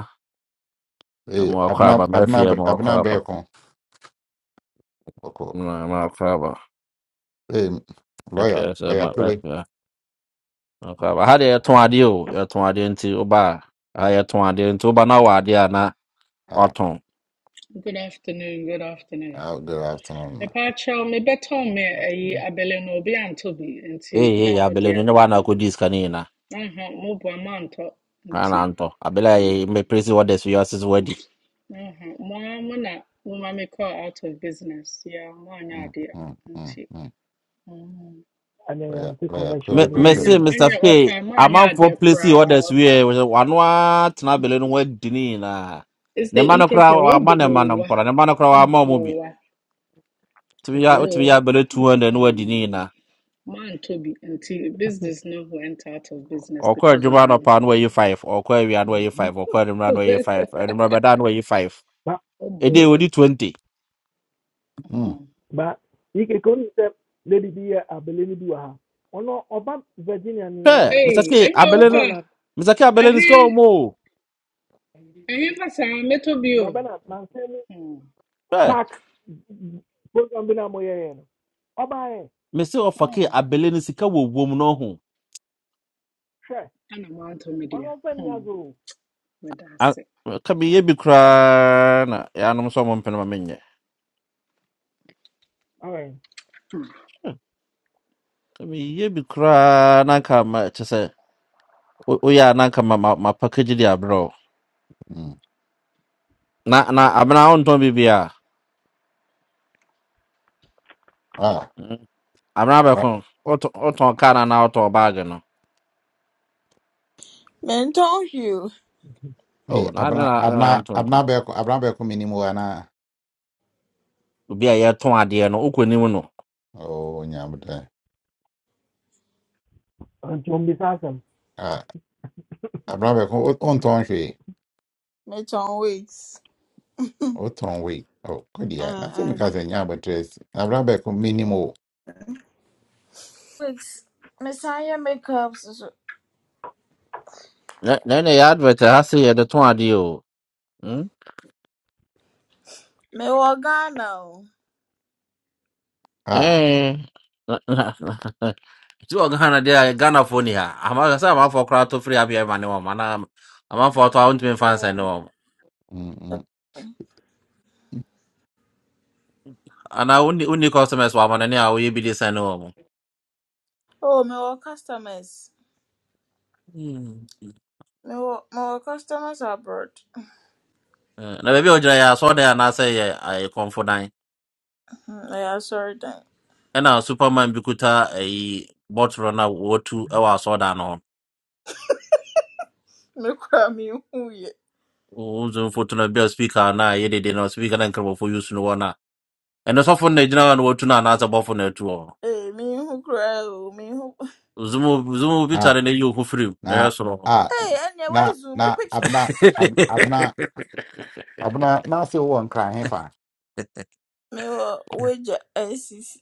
Ei,
mmoa kɔ
abna,
aba
abna,
mɛfeɛ mmoa
abna,
kɔ
bɛɛko ɔkɔ
Ma- Maakaba.
Hey,
Ɛka
lawyer,
sɛ
lawyer
ma-
Cooley.
ɛka- maakaba. Ha deɛ yɛtɔn adeɛ o. Yɛtɔn adeɛ nti woba a, ha yɛtɔn adeɛ nti woba na wɔ adeɛ a na
Uh,
watɔn.
Good afternoon, good afternoon.
uh, good afternoon.
Mepacho, me beton me ayi
uh,
abele no obi anto bi
Ei,
nti
ei,
na no
abele
deɛ
no, nyɛ wo a na akɔdi sika no nyinaa.
aha mo bo mo antɔ
Na
nti
na antɔ. Abele a yɛ- mɛplesi orders wei ase sɛ woadi.
aha mo a mo na mo ma me call out of business ya mo anya
Mm,
adeɛ
mm, mm,
nti
mm.
ɛnɛ
Lawyer,
yɛnte
lawyer
commercial
Cooley,
Me-
mo
no
present.
anya
mese
mo
yie
Mr.
anya
Fay,
offer. mo anya
amanfoɔ
adeɛ
plesi
koraa
orders
offer.
wei ɛ, wɔhyɛ- wɔano ara tena abele no ho adi ne nyinaa.
it's the
Ne mma no
EKK
koraa wɔamma ne mma no mpo
obowa
na, ne mma no koraa wɔamma wɔn mu bi.
obowa
Wotumi yɛ wotumi yɛ
obo
abele 200 na woadi ne nyinaa.
Man to be. nti
o
business no went out of business
ɔkɔ
because
adwuma
of you
anɔpa no wayi five ɔkɔ awia no wayi five ɔkɔ anwummerɛ no wayi five anwummerɛ bɛda no wayi five
ba
ɛdeɛ
obowa
wɔdi twenty
Mm,
ba yikeke onu sɛ lady bi yɛ abele no bi wɔ ha ɔno Virginia nyinaa
hwɛ
o
Hey,
mesake
any
abele no
offer?
Maryland
mesake
I
abele no sika wɔ
hear,
mu o
I hear for some metal bio.
babana na mu
Hmm.
hwɛ
park program bina mo yɛyɛ no ɔba yɛ
mese ɔfake
Hmm.
abele no sika wɔ wom no ho
hwɛ
Ana mwanto
ɔno
media.
ɔfɛ ni
Hmm.
azo o
But
A-
that's it.
ka meyɛ bi koraa na yɛanom sɛ ɔmo mpene ma menyɛ
ɔyɛ
Hmm.
ka meyɛ bi koraa na anka ma kyɛ sɛ wo- woyɛ a na anka ma- ma- mapakagye de aberɛ o
mm.
na na amena wontɔn biribia
Ah,
amena
right.
bɛko wotɔn kaa na na wotɔn baage no
Menton Hugh,
Hey,
Oh, na na
abna,
na na
abna, abna
Antonio.
beko, abna beko minimo ana.
Obi a yɛtɔn adeɛ no, wokɔ anim no.
Oh, nyamde.
nti
Ah, abna beko onton hwe,
Menton Weeks.
oton we. Oh, good yeah.
Uh,
Na se mi
uh.
ka se nyambe tres. Abna beko minimo.
Weeks. Messiah Makeups.
Na na na yɛ advert ha sɛ yɛde tɔn adeɛ o. Hmm?
Mewɔ Ghana o.
Ah,
Eh. na- na- na- na- Ti wɔ Ghana deɛ a Ghanafoɔ ni ha. Ama sɛ amanfoɔ koraa to firi abia ma ne wɔn. Ana amanfoɔ to a
Mm,
wontumi mfa nsɛn ne
Yeah.
wɔn.
mm, mm.
Ana wonni wonni customers wɔ amane ne a woyɛ bi de sɛn ne wɔn.
Oh, mewɔ customers.
Hmm.
Mewɔ mewɔ customers abroad.
Eh, Na baabi a wogyina yɛ asɔɔdan anaasɛ yɛ ayɛ kɔnfodan.
Hmm, Ɛyɛ asɔre dan.
Ɛna superman bi kuta ayi bɔtoro na wɔtu ɛwɔ asɔɔdan no hɔ.
Me kura mi hu yɛ.
Uzun foto na bia speaker na ye de de na speaker na nkrabo for use no na. Eno so na gina na watu na na asa bofo na etu o.
Ee, Me hu kura o, mi hu.
Zumu zumu bi
Ah,
tare na yu hufrim na
na,
yeso no.
ah,
Ee, ɛnna
na,
woezu
na,
mi picture.
abna, ab, abna, abna, na se wo nkran hefa.
Mewɔ wagya NCC.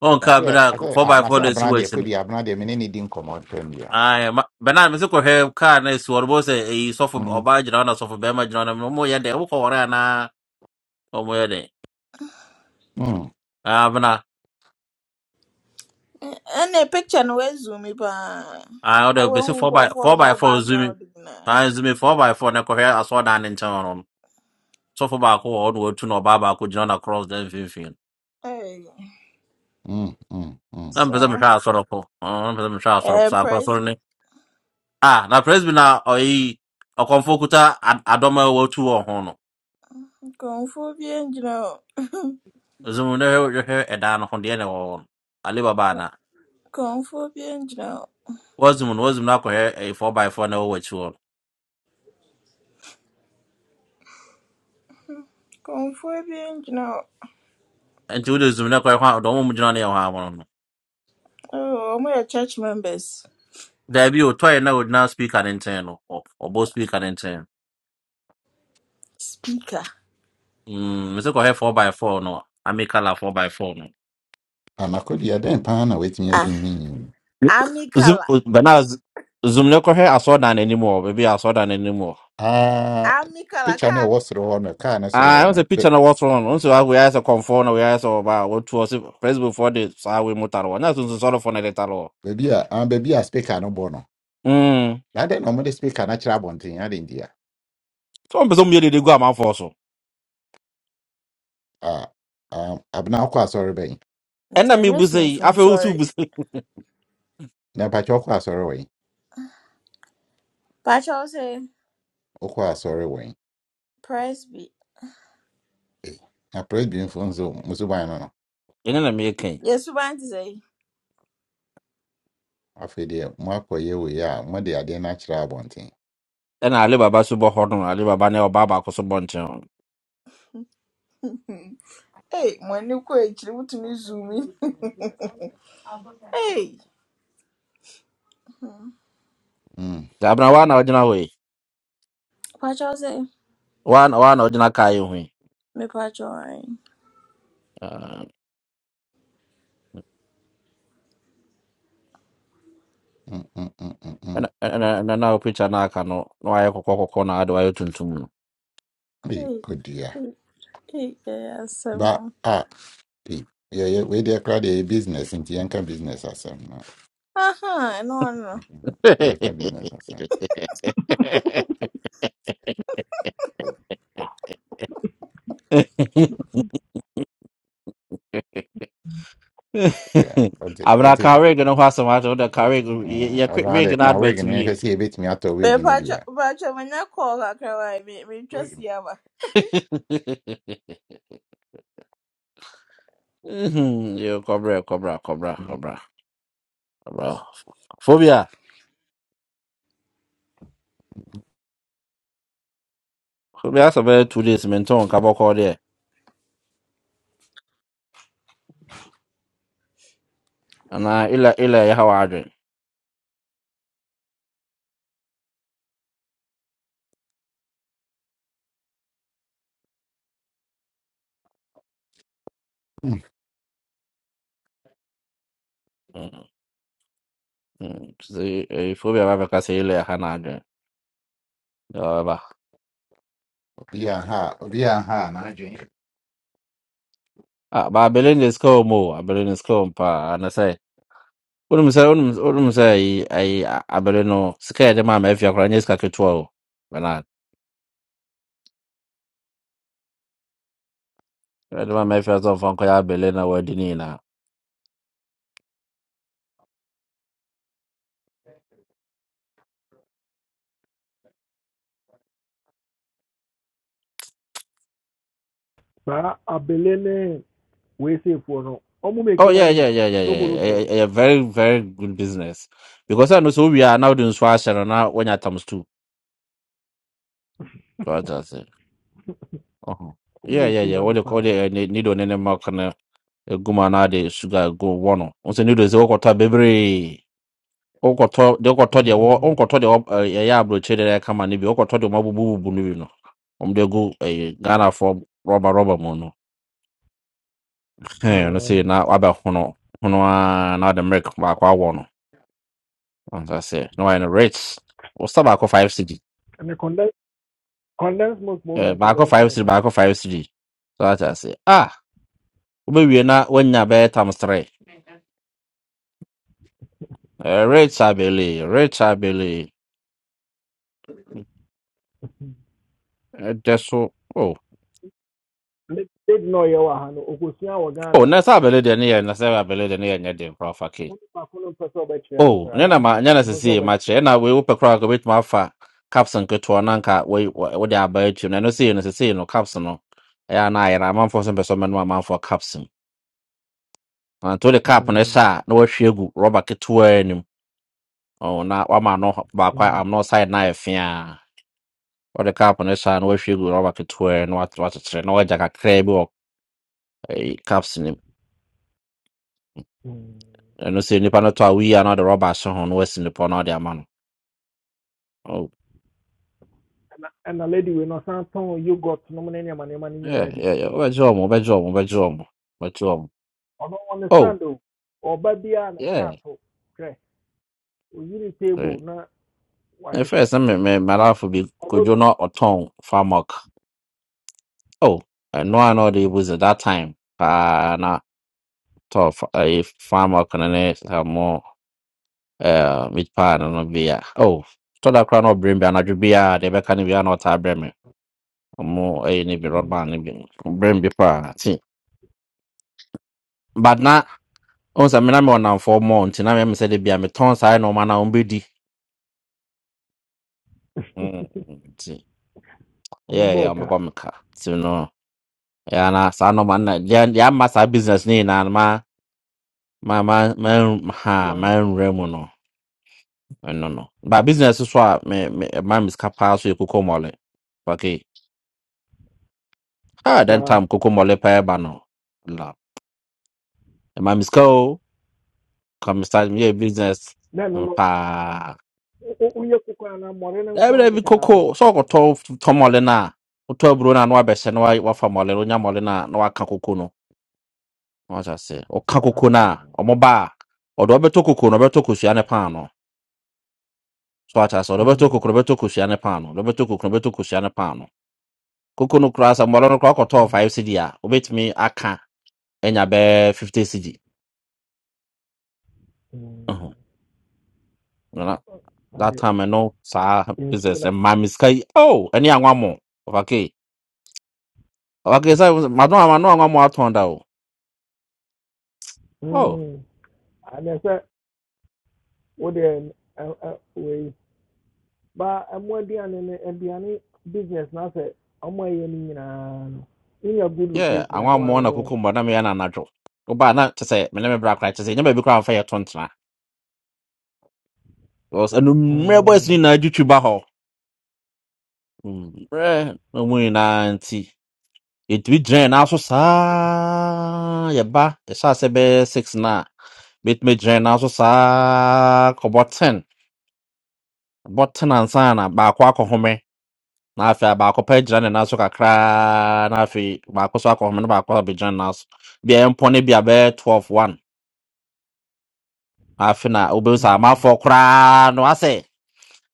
On
But I
ka bi
say,
na
I say, ah, na
4x4
say
na esi
abena de
wechi no.
kodi abena de me ne di nkɔmɔ twɛm ya.
Ai ma bana me se ko he ka na esi wo bo se e so fo
Mm,
oba gina na so fo be ma gina na mo ye de wo ko wora na o mo ye de.
mm,
Ah bana
Ɛ- Ɛnna picture no we zoom me mi I
ah o de
Ɛwɔ
be se
hu
4x4
nkurɔfoɔ a wɔwɔ
4x4 zoomi.
background na.
Ah zoomi 4x4 na ko he aso da ne nchen sɔfo baako wɔ hɔ na watu na ɔbaa baako gyina na cross da mfimfini
Hey.
mm, mm. mm.
na mpɛ sɛ
saa
mehwɛ asorɔko Ah, na mpɛ sɛ mehwɛ
ɛɛ
asorɔko saa akɔ
praise
soro ne
be
ah na presby na ɔyi ɔkɔmfo kuta ad- adɔm a watu wɔ ho no
kɔnfuo bia n you know.
zum no hwɛ hwɛ ɛdan no ho deɛ na ɛwɔ hɔ no ale baba ana
kɔnfuo bia n-gyina hɔ
wazum no wazum no akɔhwɛ ɛyɛ four by four na ɛwɔ wɔakyi hɔ
kɔnfuo bia n-gyina hɔ
no nti wode zum no kɔhwɛ hɔ a dɔm mu gyina no yɛ hɔ amono no no.
oh we are church members
daabi o tɔe na ogyina speaker ne nkyɛn no ɔ- ɔbɔ speaker ne nkyɛn
speaker
Mm, me sɛ kɔhwɛ four by four no amekala four by four no
Ana kodi adan pa na wetumi
ah
azum me. as you mean.
army
Zoom,
colour
but now z- zoom no correct. I saw that anymore. Maybe I saw that anymore.
Ah,
army colour
picture na
kaa
ɛwɔ soro hɔ no, car na soro
Ah, I
hɔ
was a
no.
picture
ba-
of what's wrong. Also, I we asked a conform, we asked about what was Facebook for the Sawi Mutaro. That's also sort of for the Taro.
Baabi a, ah, baabi a speaker no bɔ no.
Hmm.
Na den na ɔmo de speaker na kyerɛ abɔnten adan dia.
So I'm presuming they go amount for so.
Ah, ah, abena akɔ asɔre bɛn.
And
nti
I mean,
ɛnyɛ
Bussy, I
sunsun
feel also
sɔre
Bussy. And
Na pa kyɛ ɔkɔ asɔre wɛn.
pakyɛw sɛ
Ɔkɔ asɔre wɛn.
praise be
Na press bi mfo nso musu ban no no.
then I make king.
yɛsu ban te sɛ
Afei deɛ, mo akɔ yɛ wei a, mo de adeɛ no akyerɛ abɔnten.
And I live about Super Horton, I live about Neo Baba Cosabonchon.
ee mo ani kɔ akyiri wotumi zoom in ee
Mm,
The Abnawan original way.
pakyɛw sɛ
One, one original Kayo.
mepakyɛw ɛn
mm, mm, mm, mm, mm.
And and and now picture now I can no I could corner, otherwise to.
Hey,
ee
good yeah.
ee ee ɛyɛ asɛm o
But ah, hey, yeah, yeah, we dey crowd a business into Yanka business asem. No,
ahan ɛno ɔno.
Yanka business asem. Yeah, that's it.
abena
That's
ka
it.
reg no ho asɛm ate wode ka
That's
reg
it. Mm, I
yɛkwe
don't know how
reg
they
no
can wig
advert
and
wie
I see a bit me out of wig
Me
in
Patrick
Ibira.
Patrick when I call her cry. Me, me
Right.
trust you,
Mhm, yo, kɔbrɛ kɔbra kɔbra kɔbra kɔbra fobia fobia asɛ bɛyɛ two days mentɔ nka bɔkɔɔ deɛ anaa ila ila ɛyɛ ha wɔ adwen Mhm, mhm. Sɛ, eh, fobia babɛka sɛ ila ɛha no adwen ɛba
Be a ha, be a ha,
abelin is kɔm o abelin is kɔm paa wonim sɛ wonim wonim sɛ ayi ayi a- abele no sika yɛde maa mafia koraa nyɛ sika ketewa o bernard yɛde maa mafia sɛ ɔmfa nkɔyɛ abele na wadi ne nyinaa
saa abele ne wee save for no ɔmo
oh
making
yeah
money
yeah yeah yeah
So
yeah
sobolofoɔ
ɛyɛ
no
ɛyɛ very very good business because ɛno sɛ wowie a na wode nsu ahyɛ no na woanya times two so wate ase Ɔhɔ.
ɔmo
yeah yeah
making
yeah
money
wode wode
paa
eh, ne- needle ne ne mɔk no egu mu a na ade sugar go wɔ no wo sɛ needle sɛ wokɔtɔ a bebree wokɔtɔ deɛ wokɔtɔ deɛ wɔ
Mm,
wonkɔtɔ deɛ wɔ- ɛɛ, ɛyɛ aburokyire deɛ ɛka ma no bi wokɔtɔ deɛ ɔmabubububu no bi no ɔmde gu ɛyɛ ghanafoɔ rɔba rɔba mu no ɛɛ, no
ah,
sei na waba hono hono a na wode milk baako awɔ no ɔnsa sɛ na wayɛ no in rich wosa baako 5 cd
ɛnɛ condense condense milk mo
Ɛɛ,
na nka
baako
ɛbɛyɛ
5
fine
cd baako
paa
5 cd so ate ase ah wobɛwie na woanya bɛyɛ times 3 Ɛɛ, rich abele rich abele ɛdɛ so o
Le- lady na ɔyɛ wɔ ha no okosua wɔ
Oh,
ghana
na
o
sɛ abele deɛ ne yɛ na sɛ abele deɛ ne yɛ nyɛ den koraa fa
wɔn baako no mpɛ sɛ ɔbɛkyerɛ no
Oh, ne
koraa
na ma nyɛ na
ɔmpɛ sɛ
sesie ma
ɔbɛkyerɛ
kyerɛ na wei wopɛ koraa ka wobɛtumi afa caps nketewa no anka wei wo- wode aba atwam na ɛno sei no sesie no caps no ɛyɛ a na ayɛ no amanfoɔ so mpɛ sɛ ɔmɛnom amanfoɔ caps mu nti wode cap no hyɛ
Mm,
a na wahwie agu rɔba ketewaa anim oh, na wama no baako a-
mm,
am na ɔside no ayɛ fee a wode cap no hyɛ a na wahwie agu rɔba ketewaa no wakyekyere na wagya kakraa bi wɔ eh, caps no mu
mm.
ɛno sɛ nnipa no tɔ a woyi a na ɔde rɔba ahyɛ ho na wasi nnipa no ɔde ama no Oh,
ɛna ɛna lady wei no ɔsan tɔn yogurt nom ne nneɛma nneɛma no
yeah,
nyinaa bi
yeah, yeah. wobɛgye wɔ mo wobɛgye wɔ mo wobɛgye wɔ mo
ɔno ɔne
Oh,
stand o ɔba biara ne
yeah.
kaa to hwɛ the
Right.
table na
At
wahyehyɛ
first, I mean, my, my life would be
ọno
could you not atone for mock? Oh, I know I know they was at that time. Ah, not tough. If farmer can next have more uh meat pie and no beer. Oh, to that crown of brim be another beer. They be can be another brim. More a ni be rod man ni be brim be pa. See, but now. On sa mina me on for more until na me say they be I'm a me ton sa no man na on be di. Mm. nti,
ọno
Yeah, yeah,
bọọ
I'm
ka
about me car. See, no. ya na saa nọma nna ya ya mma saa business niile na ma ma ma ma nru- ha ma
wan
nre mu no ɛno no ba business so a me me ma miska paa so yɛ koko mɔle okay ha den
saa
time koko mɔle paa ba no la e ma miska o come start me yɛ business
na ɛno
mm,
no
paa
wo- wo- woyɛ koko anaa mmɔre no nko
ɛbi dɛ bi
akeka na ayɛ
koko so ɔkɔtɔ tɔ mɔle na wotɔ aburo na na wabɛhyɛ na wa- wafa mɔle no onya mɔle na na waka koko no wɔn ahyɛ ɔka
Ah,
koko na ɔmo ba a ɔde ɔbɛtɔ koko na ɔbɛtɔ kosua ne paano so ata sɛ ɔdɔbɛtɔ
mhm,
kokoro bɛtɔ kosua ne paano ɔdɔbɛtɔ kokoro bɛtɔ kosua ne paano koko no koraa sɛ mmɔlɔ no koraa kɔtɔɔ
mm,
five cd a wobɛtumi aka anya bɛɛ fifty cd
mm.
Ɛhɔ. Na- that
ade
time ɛno saa
nsuo
business
no
ɛma me sika yi oh ɛne anwammɔ ɔfakei ɔfakei sɛ mado ama no anwammɔ atɔn da o oh
mm, anɛ sɛ wode ɛn- ɛ- ɛ- wei ba ɛmo aduane no aduane business no asɛ ɔmo ɛyɛ no nyinaa no wonya good
yeah
location ano
anwammɔ
ano
na
no
koko mmɔ na meyɛ no anadwo wobaa na kyɛ sɛ mene me bra koraa kyɛ sɛ nyɛ baabi koraa mfa yɛto ntena ɛno mmerɛ bɔs no
mm,
nyinaa adwitwi ba hɔ Mm, mmerɛ na mu nyinaa nti yɛtumi gyinae nanso saa yɛba yɛhyɛ ase bɛyɛ six no a bɛtumi gyinae nanso saa kɔbɔ ten bɔ ten ansa na baako akɔhome na afei a baako pɛ gyina ne nan so kakraa na afei baako so akɔhome na baako abɛgyina ne nan so bia yɛmpɔ no bi a bɛyɛ 12 1 Na afei na wobɛhu sɛ
mm,
amanfoɔ koraa no asɛ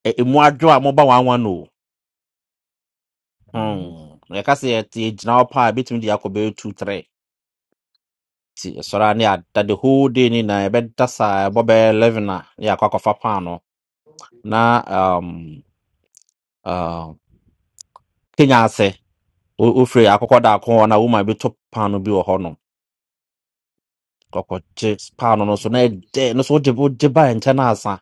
ɛ- ɛmu adwo a moba wanwa no o
mhm,
Hmm, yɛka sɛ yɛte yɛgyina hɔ paa a bɛtumi de akɔ bɛyɛ 2 3 nti ɛsɔre a ne yɛada the whole day ne nyinaa yɛbɛda saa ɛbɔ bɛyɛ 11 a ne yɛakɔ akɔfa paano na um, uh, kenya ase wo- wofiri akɔkɔ daako hɔ no a woma bɛtɔ paano bi wɔ hɔ no kɔkɔgye paano no so na
akɔgye bi
ɛdɛ no so wogye wogye baɛ nkyɛ no asa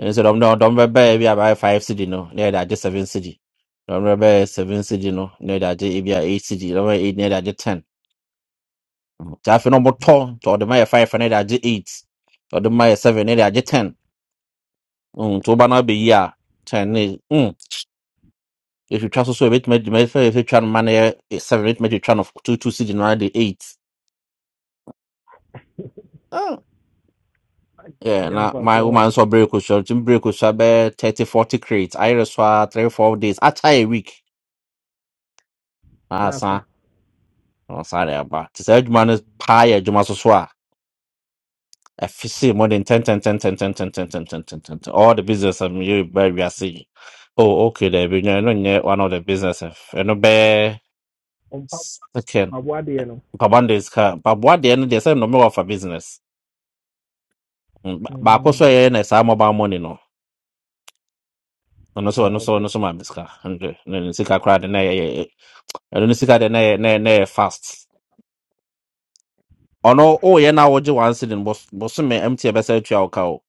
ɛne sɛ dɔm dɛ dɔm bɛbɛɛ bi a bɛyɛ
Mm,
5 cd no na yɛde agye 7 cd dɔm no bɛyɛ 7 cd no na yɛde agye ebi a 8 cd dɔm bɛyɛ 8 na yɛde agye 10 nti afei no
mhm.
ɔmotɔ nti ɔde ma yɛ 5 a na yɛde agye 8 ɔde ma yɛ 7 na yɛde agye 10 Mm, nti woba no abɛyi a ten ne mm, ɛtwitwa so so ɛbɛtumi adwuma fɛ ɛfɛtwa no ma no yɛ eh, seven ɛbɛtumi atwitwa no two two cd no ara de eight Ah, yeah,
Anya
na my
mfasoɔ wɔ
woman
ho.
nso berɛ kosua ntumi berɛ kosua bɛyɛ thirty forty crate ayerɛ so a three four days akyɛ a week na
n'afa
asa na ɔsa de aba nti saa adwuma no paa yɛ adwuma so so a ɛfi se more than ten ten ten ten ten ten ten ten ten ten ten ten all the business a meyɛ ba wiase yi oh okay daabi no ɛno nyɛ one of the businesses ɛno bɛyɛ
ɔmpa
second
aboadeɛ no
mpaboa de sika mpaboa deɛ no deɛ sɛ nnɔmɛ wɔ fa business Mm, ba- baako so a
Mm.
ɛyɛ na saa mobile money no ɔno so ɔno
Oh,
so ɔno
okay
so ma me sika hundred ne ne sika koraa de na ɛyɛ ɛno ne sika de na ɛyɛ na ɛyɛ na ɛyɛ fast ɔno woyɛ na wogye one cedin bos bosome mt ɛbɛsɛ atua wo ka o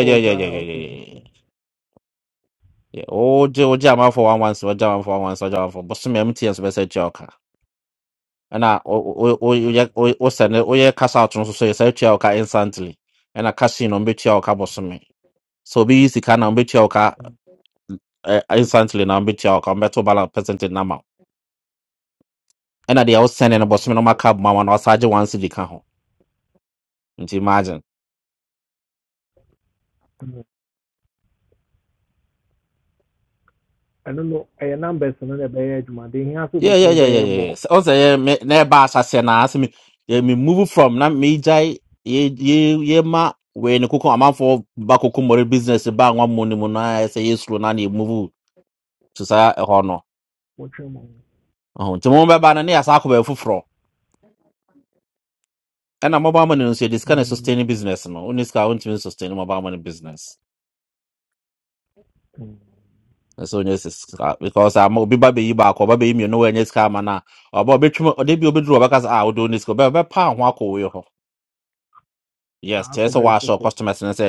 oh saa okay okay
wogye wogye amanfo one one wogye amanfo one one wogye amanfo bosome mt nso bɛsɛ atua wo ka ɛna wo- wo- wo-
Ah,
woyɛ wo- wosɛ ne woyɛ cash out no so so yɛsɛ atua wo ka instantly ɛna cash in no ɔmbɛtua wo ka bosome So obi yi sika na obetua wo ka
mm.
eh, instantly na obetua wo ka mbɛto balance percentage na ma wo. Ɛna deɛ wosɛne no
Oh,
bɔsome no
okay
maka boma ma no ɔsa gye one cedi ka ho. Nti imagine.
Mm. ɛno no ɛyɛ numbers no na ɛbɛyɛ adwuma de hia so
Yeah, yeah,
bɛtumi
yeah, yeah,
bɛyɛ mmɔ
yeah. So say yeah. Sɛ ɔsɛ yɛ me na ɛba ahyɛseɛ na asɛ me yɛ me move from na megyae yɛ yɛ yɛ ma wei ne koko amanfoɔ ba koko mmɔre business ba nwa mu ne mu no a ɛsɛ yɛ slow na na yɛ move to saa ɛhɔ no.
wɔtwe mu Mm.
Ɔho. Nti mo bɛba no ne yɛ asa akɔ baabi foforɔ. Ɛna mobile money no nso yɛde sika na
Mm.
sustain business no. Wo ne sika a wontumi sustain mobile money business.
Hmm.
nso nyɛ sɛ sika because ama obi ba bɛyi baako ɔba bɛyi mmienu wɔn nyɛ sika ama na ɔba ɔbɛtwam ɔde bi obɛduru ɔbɛka sɛ a ɔde ne sika ɔbɛ ɔbɛpa ho akɔ wɔyɛ hɔ yes
akɔ
kyerɛ sɛ
baabi
wɔahyɛ
foforɔ
customers no sɛ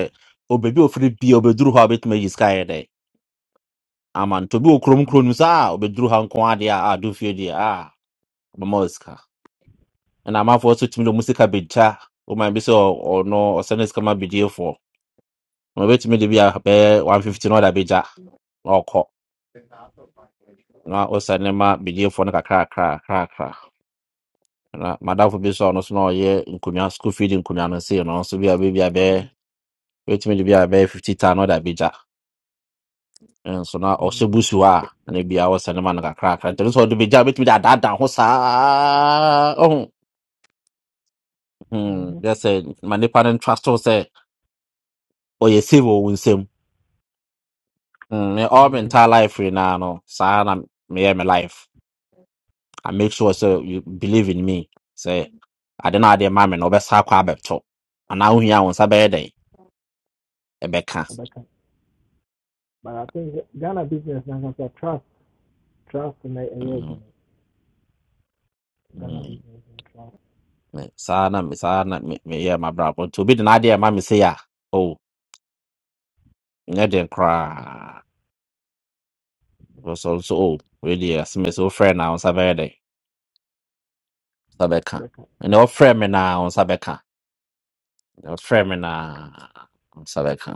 obebi ofiri bi a obɛduru hɔ a obɛtumi ayi sika yɛ dɛ ama nto bi wɔ kurom
ama
kurom no
no
sɛ a obɛduru ha nko adeɛ a a do fie deɛ a ɔbɛma wɔ sika ɛna amanfoɔ nso tumi de ɔmo sika bɛgya ɔmo bi sɛ ɔ- ɔno ɔsɛ ne sika ma bidiefoɔ ɔmo bɛtumi de bi a bɛyɛ one
Mm.
fifty na ɔde abɛgya na ɔkɔ na ɔsɛ ne ma
okay
bidiefoɔ no kakra kakra kakra na madamfo bi so a ɔno so na ɔyɛ nkonnwa school feed nkonnwa no sei no nso bi a bɛbi abɛyɛ bɛtumi de bi abɛyɛ fifty tan na ɔde abɛgya nso na ɔhyɛ
Mhm.
busu hɔ a na bia wɔsɛ ne ma no kakrakra ntɛno sɛ ɔde bɛgya bɛtumi de adaadaa ho saa ɔho Hmm,
Mhm.
dɛ sɛ ma nnipa no ntra so sɛ ɔyɛ save wɔ wo nsam Hmm, me all my entire
Mm.
life nyinaa no saa na meyɛ me life i make sure sɛ you believe in me sɛ ade no adeɛ ma me no ɔbɛsa akɔ abɛtɔ anaa wohia wo nsa bɛyɛ dɛn ɛbɛka
ɔbɛka but i think ghana business nankasa trust trust na ɛyɛ
Hmm.
adwuma ghana
Mm,
business and trust
me- saa na me saa na me meyɛ m'abrabɔ nti obi de n'adeɛ ɛma me se a o nyɛ den koraa wɔsɔ nso o wei deɛ asɛm ɛsɛ me sɛ wofrɛ na wo nsa bɛyɛ dɛn wo nsa bɛka
bɛka
ɛnɛ ɔfrɛ me na wo nsa bɛka ɛnɛ ɔfrɛ me na wo nsa bɛka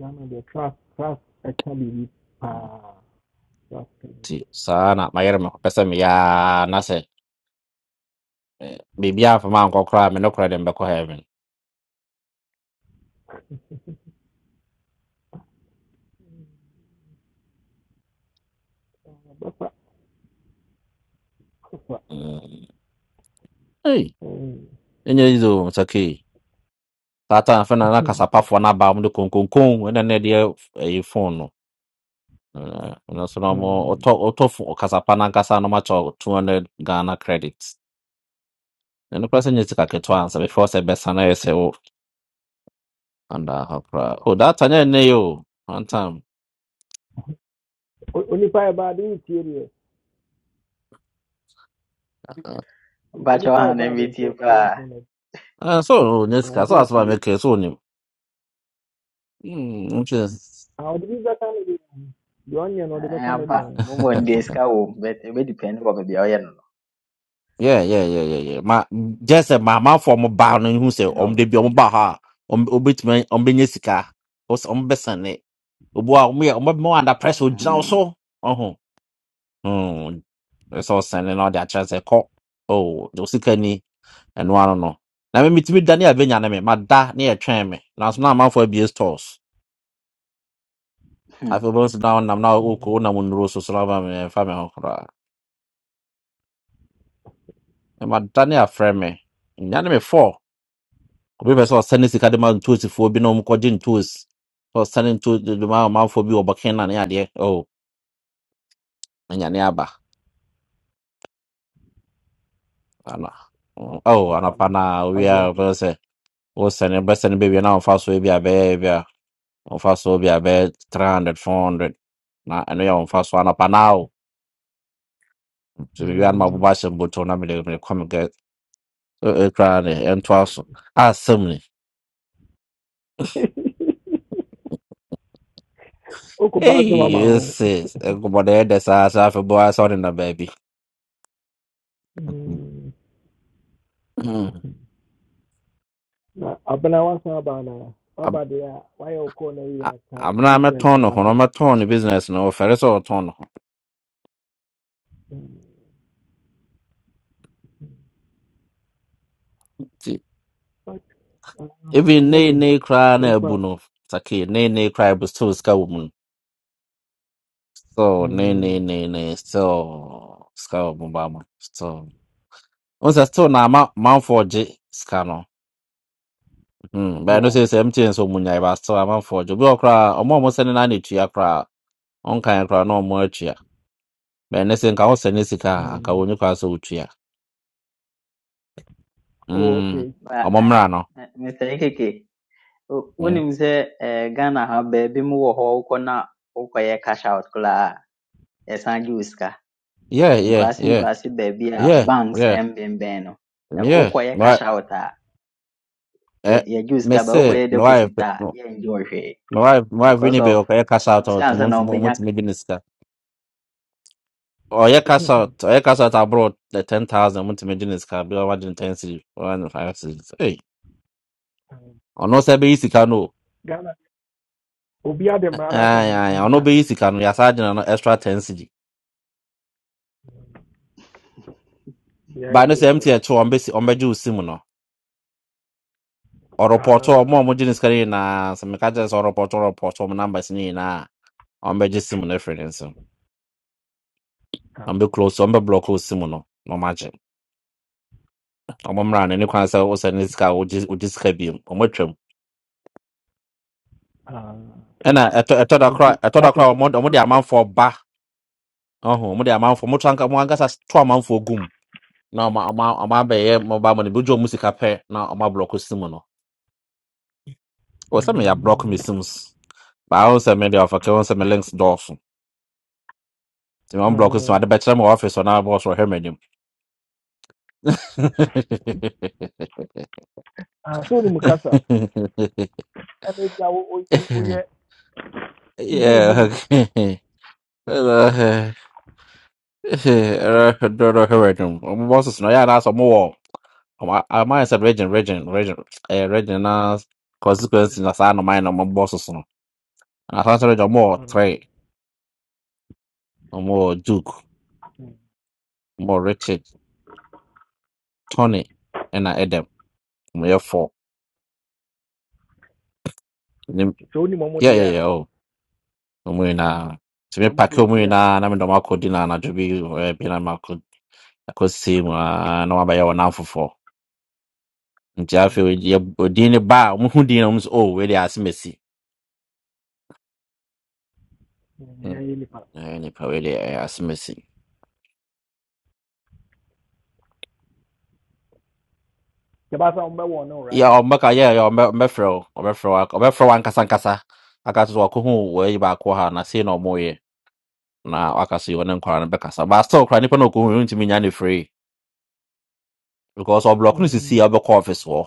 Zama da class class academy
Mm,
pa class
nti
academy
saa na mayere me kɔpɛ sɛ meyɛ a na sɛ biribia amfa ma ankɔ koraa a, me ne korɛ de mbɛkɔ heaven
bapa kofa
Mm, ei ɛnyɛ yizo nsakei saa ta afɛ na na kasapafoɔ no aba m de konkonkon ɛna ne deɛ ɛyɛ phone no Uh, ɛno so na ɔmo ɔtɔ ɔtɔfo ɔkasapa nankasa no makyɛ two hundred Ghana credits. Ɛno koraa sɛ nyɛ sika ketewa ansa before sɛ bɛsa na yɛ sɛ wo anda ha koraa. Oh that time nyɛ nnɛ yi o one time.
onipa yɛ baade ne tie deɛ on-
Mpacho
onipa
ha
yɛ
na
baade
metie
nso ɛyɛ
paa.
fon na
Uh, so oh, nyɛ sika so
ɛsɛ
asoma
otie
mɛka so onim. Hmm nkyɛn.
a ɔde bi bɛka ne deɛ deɛ ɔnyɛ no ɔde Papa ne
Amba
deɛ ho
mo Monday ska wo but ebe depend ko baabi a ɔyɛ no no.
Yeah yeah yeah yeah yeah. Ma gye sɛ maamanfoɔ ɔmo baa no
It
ihu sɛ
depend
ɔmo
on.
de bi ɔmo baa ha a ɔmo obetumi ɔmo bɛnya sika ɔmo bɛsa ne. Obu a ɔmo yɛ ɔmo bɛ mo under pressure ogyina wo
Mm.
so. Mm. Sɛ ɔsɛn no ɔde akyerɛ sɛ kɔ oh de osika ni ɛno ano no na me metumi da ne abɛnya no me mada ne yɛtwɛn me nanso na amanfo abue stores
Hmm.
afei wobɛhu sɛ na wonam na wokɔ wonam nnuro so so na waba me ɛmfa me ho koraa mada ne afrɛ me nya ne me fɔ obi pɛ sɛ ɔsɛne sika de ma ntoosifoɔ bi na ɔmkɔgye ntoos sɛ ɔsɛne nto de de ma amanfoɔ bi wɔ bɔke na ne adeɛ o anyane aba ana o
papapapa
anapa
na
na owia
wagye asɛ
wobɛsɛ wosɛne bɛsɛne bɛwie na wɔmfa so bi abɛyɛ ɔmfa so bi a bɛyɛ 300 400 na ɛno yɛ ɔmfa so anɔpa na o nti biribi a no mabobɔ ahyɛ mbotɔ na mede mede kɔmekɛ ɛtwa ne ɛntoa so asɛm ne
wokopa so
ei
mama ho
ɛse nkɔmmɔdeɛ ɛdɛ saa sɛ afebɔa sɛ ɔde na baabi
Mm.
Mm.
na abena wasan aba na
Ab-
Baba deɛ a wayɛ wo kɔɔ na yie
a-
aka
amena
business
mɛtɔn
no
ne ho no
wasɛm
mɛtɔn ne business no ɔfɛre sɛ ɔtɔn ne ho
Um,
nti
but uh,
even nei
another
nei koraa na
so far,
abu no sake nei nei koraa ɛbu still sika wɔ mu no still nei nei
um,
nei nei still sika wɔ mu baama wọn sɛ still na ama manfoɔ gye sika no hmm bɛn no
yeah.
sɛ sɛ mtn nso mu nyae ba still amanfoɔ gye obi wɔ koraa ɔmo a ɔmo sɛne naa na etua koraa ɔnkan koraa na ɔmo atua bɛn no sɛ nka ɔsɛ ne sika a anka wɔn
Um,
nyɛ sɛ otua
oh,
hmm
okay.
Ba
ɔmo
eh,
mmra no
eh, Mr. Ekeke, wo-
hmm
wonim sɛ eh, Ghana ha baabi mu wɔ hɔ wokɔ na wokɔyɛ cash out koraa a yɛsan gye wo sika.
yeah yeah
Nkurase
yeah
nkurase baabi a
yeah
banks
yeah
mbɛnbɛn no. Ɛhɔ
yeah
wokɔyɛ
my
cash out a
eh
yɛ- yɛgye wo
me
sika ba
se
wokɔyɛ
my wife
deposit a
no,
yɛngye wo hwee
my wife my wife
because
really be
of
okay
eh,
cash
ɔmo
out
sɛ
out
ansa
mo
na
mo mo
ɔmbɛnya
ti me di ne sika ɔyɛ cash
um,
out ɔyɛ cash out abroad the ten thousand mo ti me di ne sika bi ɔmo agye ten series one five series Hey, ɔno sɛ ɛbɛyi sika no o
Ghana, obi a dem rara hyɛ
Ae,
ne
ae,
ne
ɔno
nsa.
bɛyi sika no yɛasa gyina no extra 10 cg baa no sɛ mtn kye ɔmbɛsi ɔmbɛgye wo sim no ɔrepɔtɔ
Ah,
ɔmo a ɔmogye ne sika no nyinaa sɛ meka kyerɛ sɛ ɔrepɔtɔ ɔrepɔtɔ ɔmo numbers no nyinaa a ɔmbɛgye sim no afiri ne nsam
ah,
ɔmbɛclose ɔmbɛblɔk wo sim no na ɔmagye ɔmo mmra no maje. O mo mra ne ni kwan sɛ wosɛ ne sika a wogye wogye sika biom ɔmɔtwam
ah.
ɛna ɛtɔ ɛtɔ da
Nti
kora ɛtɔ
na
da
kyerɛ
kora ɔmo ɔmo de amanfoɔ ba ɔho ɔmo de amanfoɔ ɔmo to anka ɔmo ankasa to amanfoɔ gum na ɔmo ɔmo ɔmo abɛyɛ mobile money bi ogye ɔmo sika pɛ na ɔmo ablɔk sim no Well, some me a block me
mm,
sims. But I don't send me the offer. I don't send me links dorsum. The one block is my
mm,
the better my office or now boss or him him.
Ah, so ne mu kasa. Ɛna ebi a wo wo- wo- woyɛ wode wo ho
Yeah.
ni.
okay. Uh, uh, don't know
Kɔ-
him him. Um, Boss is no yeah. That's a more. Um, I I might said region region region. Eh region as consequence in the sign of mine. My boss is no. And I thought region more
mm,
Trey, more Duke,
mm.
more Richard, Tony, and I Adam. More four. Nim-
Sɛ wonim ɔmo
yeah, yeah,
deɛ a,
yeah. Oh, omu ina. So me
ɔmo
pack omu
blɔke a,
ina na me doma kodi na na jobi eh bi na mako akosi mu ah, na wabaya wana fofo. Nti afi
mm,
odi ne ba omu hu din na omu so oh we dey asimesi.
mm, ɛyɛ
Mm.
yɛ nipa.
Eh ni pa we dey asimesi.
Yɛbɛsa no right.
Ya omba ka ya ya omba omba fro omba fro omba fro wan kasa kasa. Aka so ko hu we ba ko ha na se na omu ye. Na aka so yo ne nkwa na be kasa. Ba so kra ni pa na ko hu ntimi nya ne free because oblock no sisi
Um,
obekọ office wo.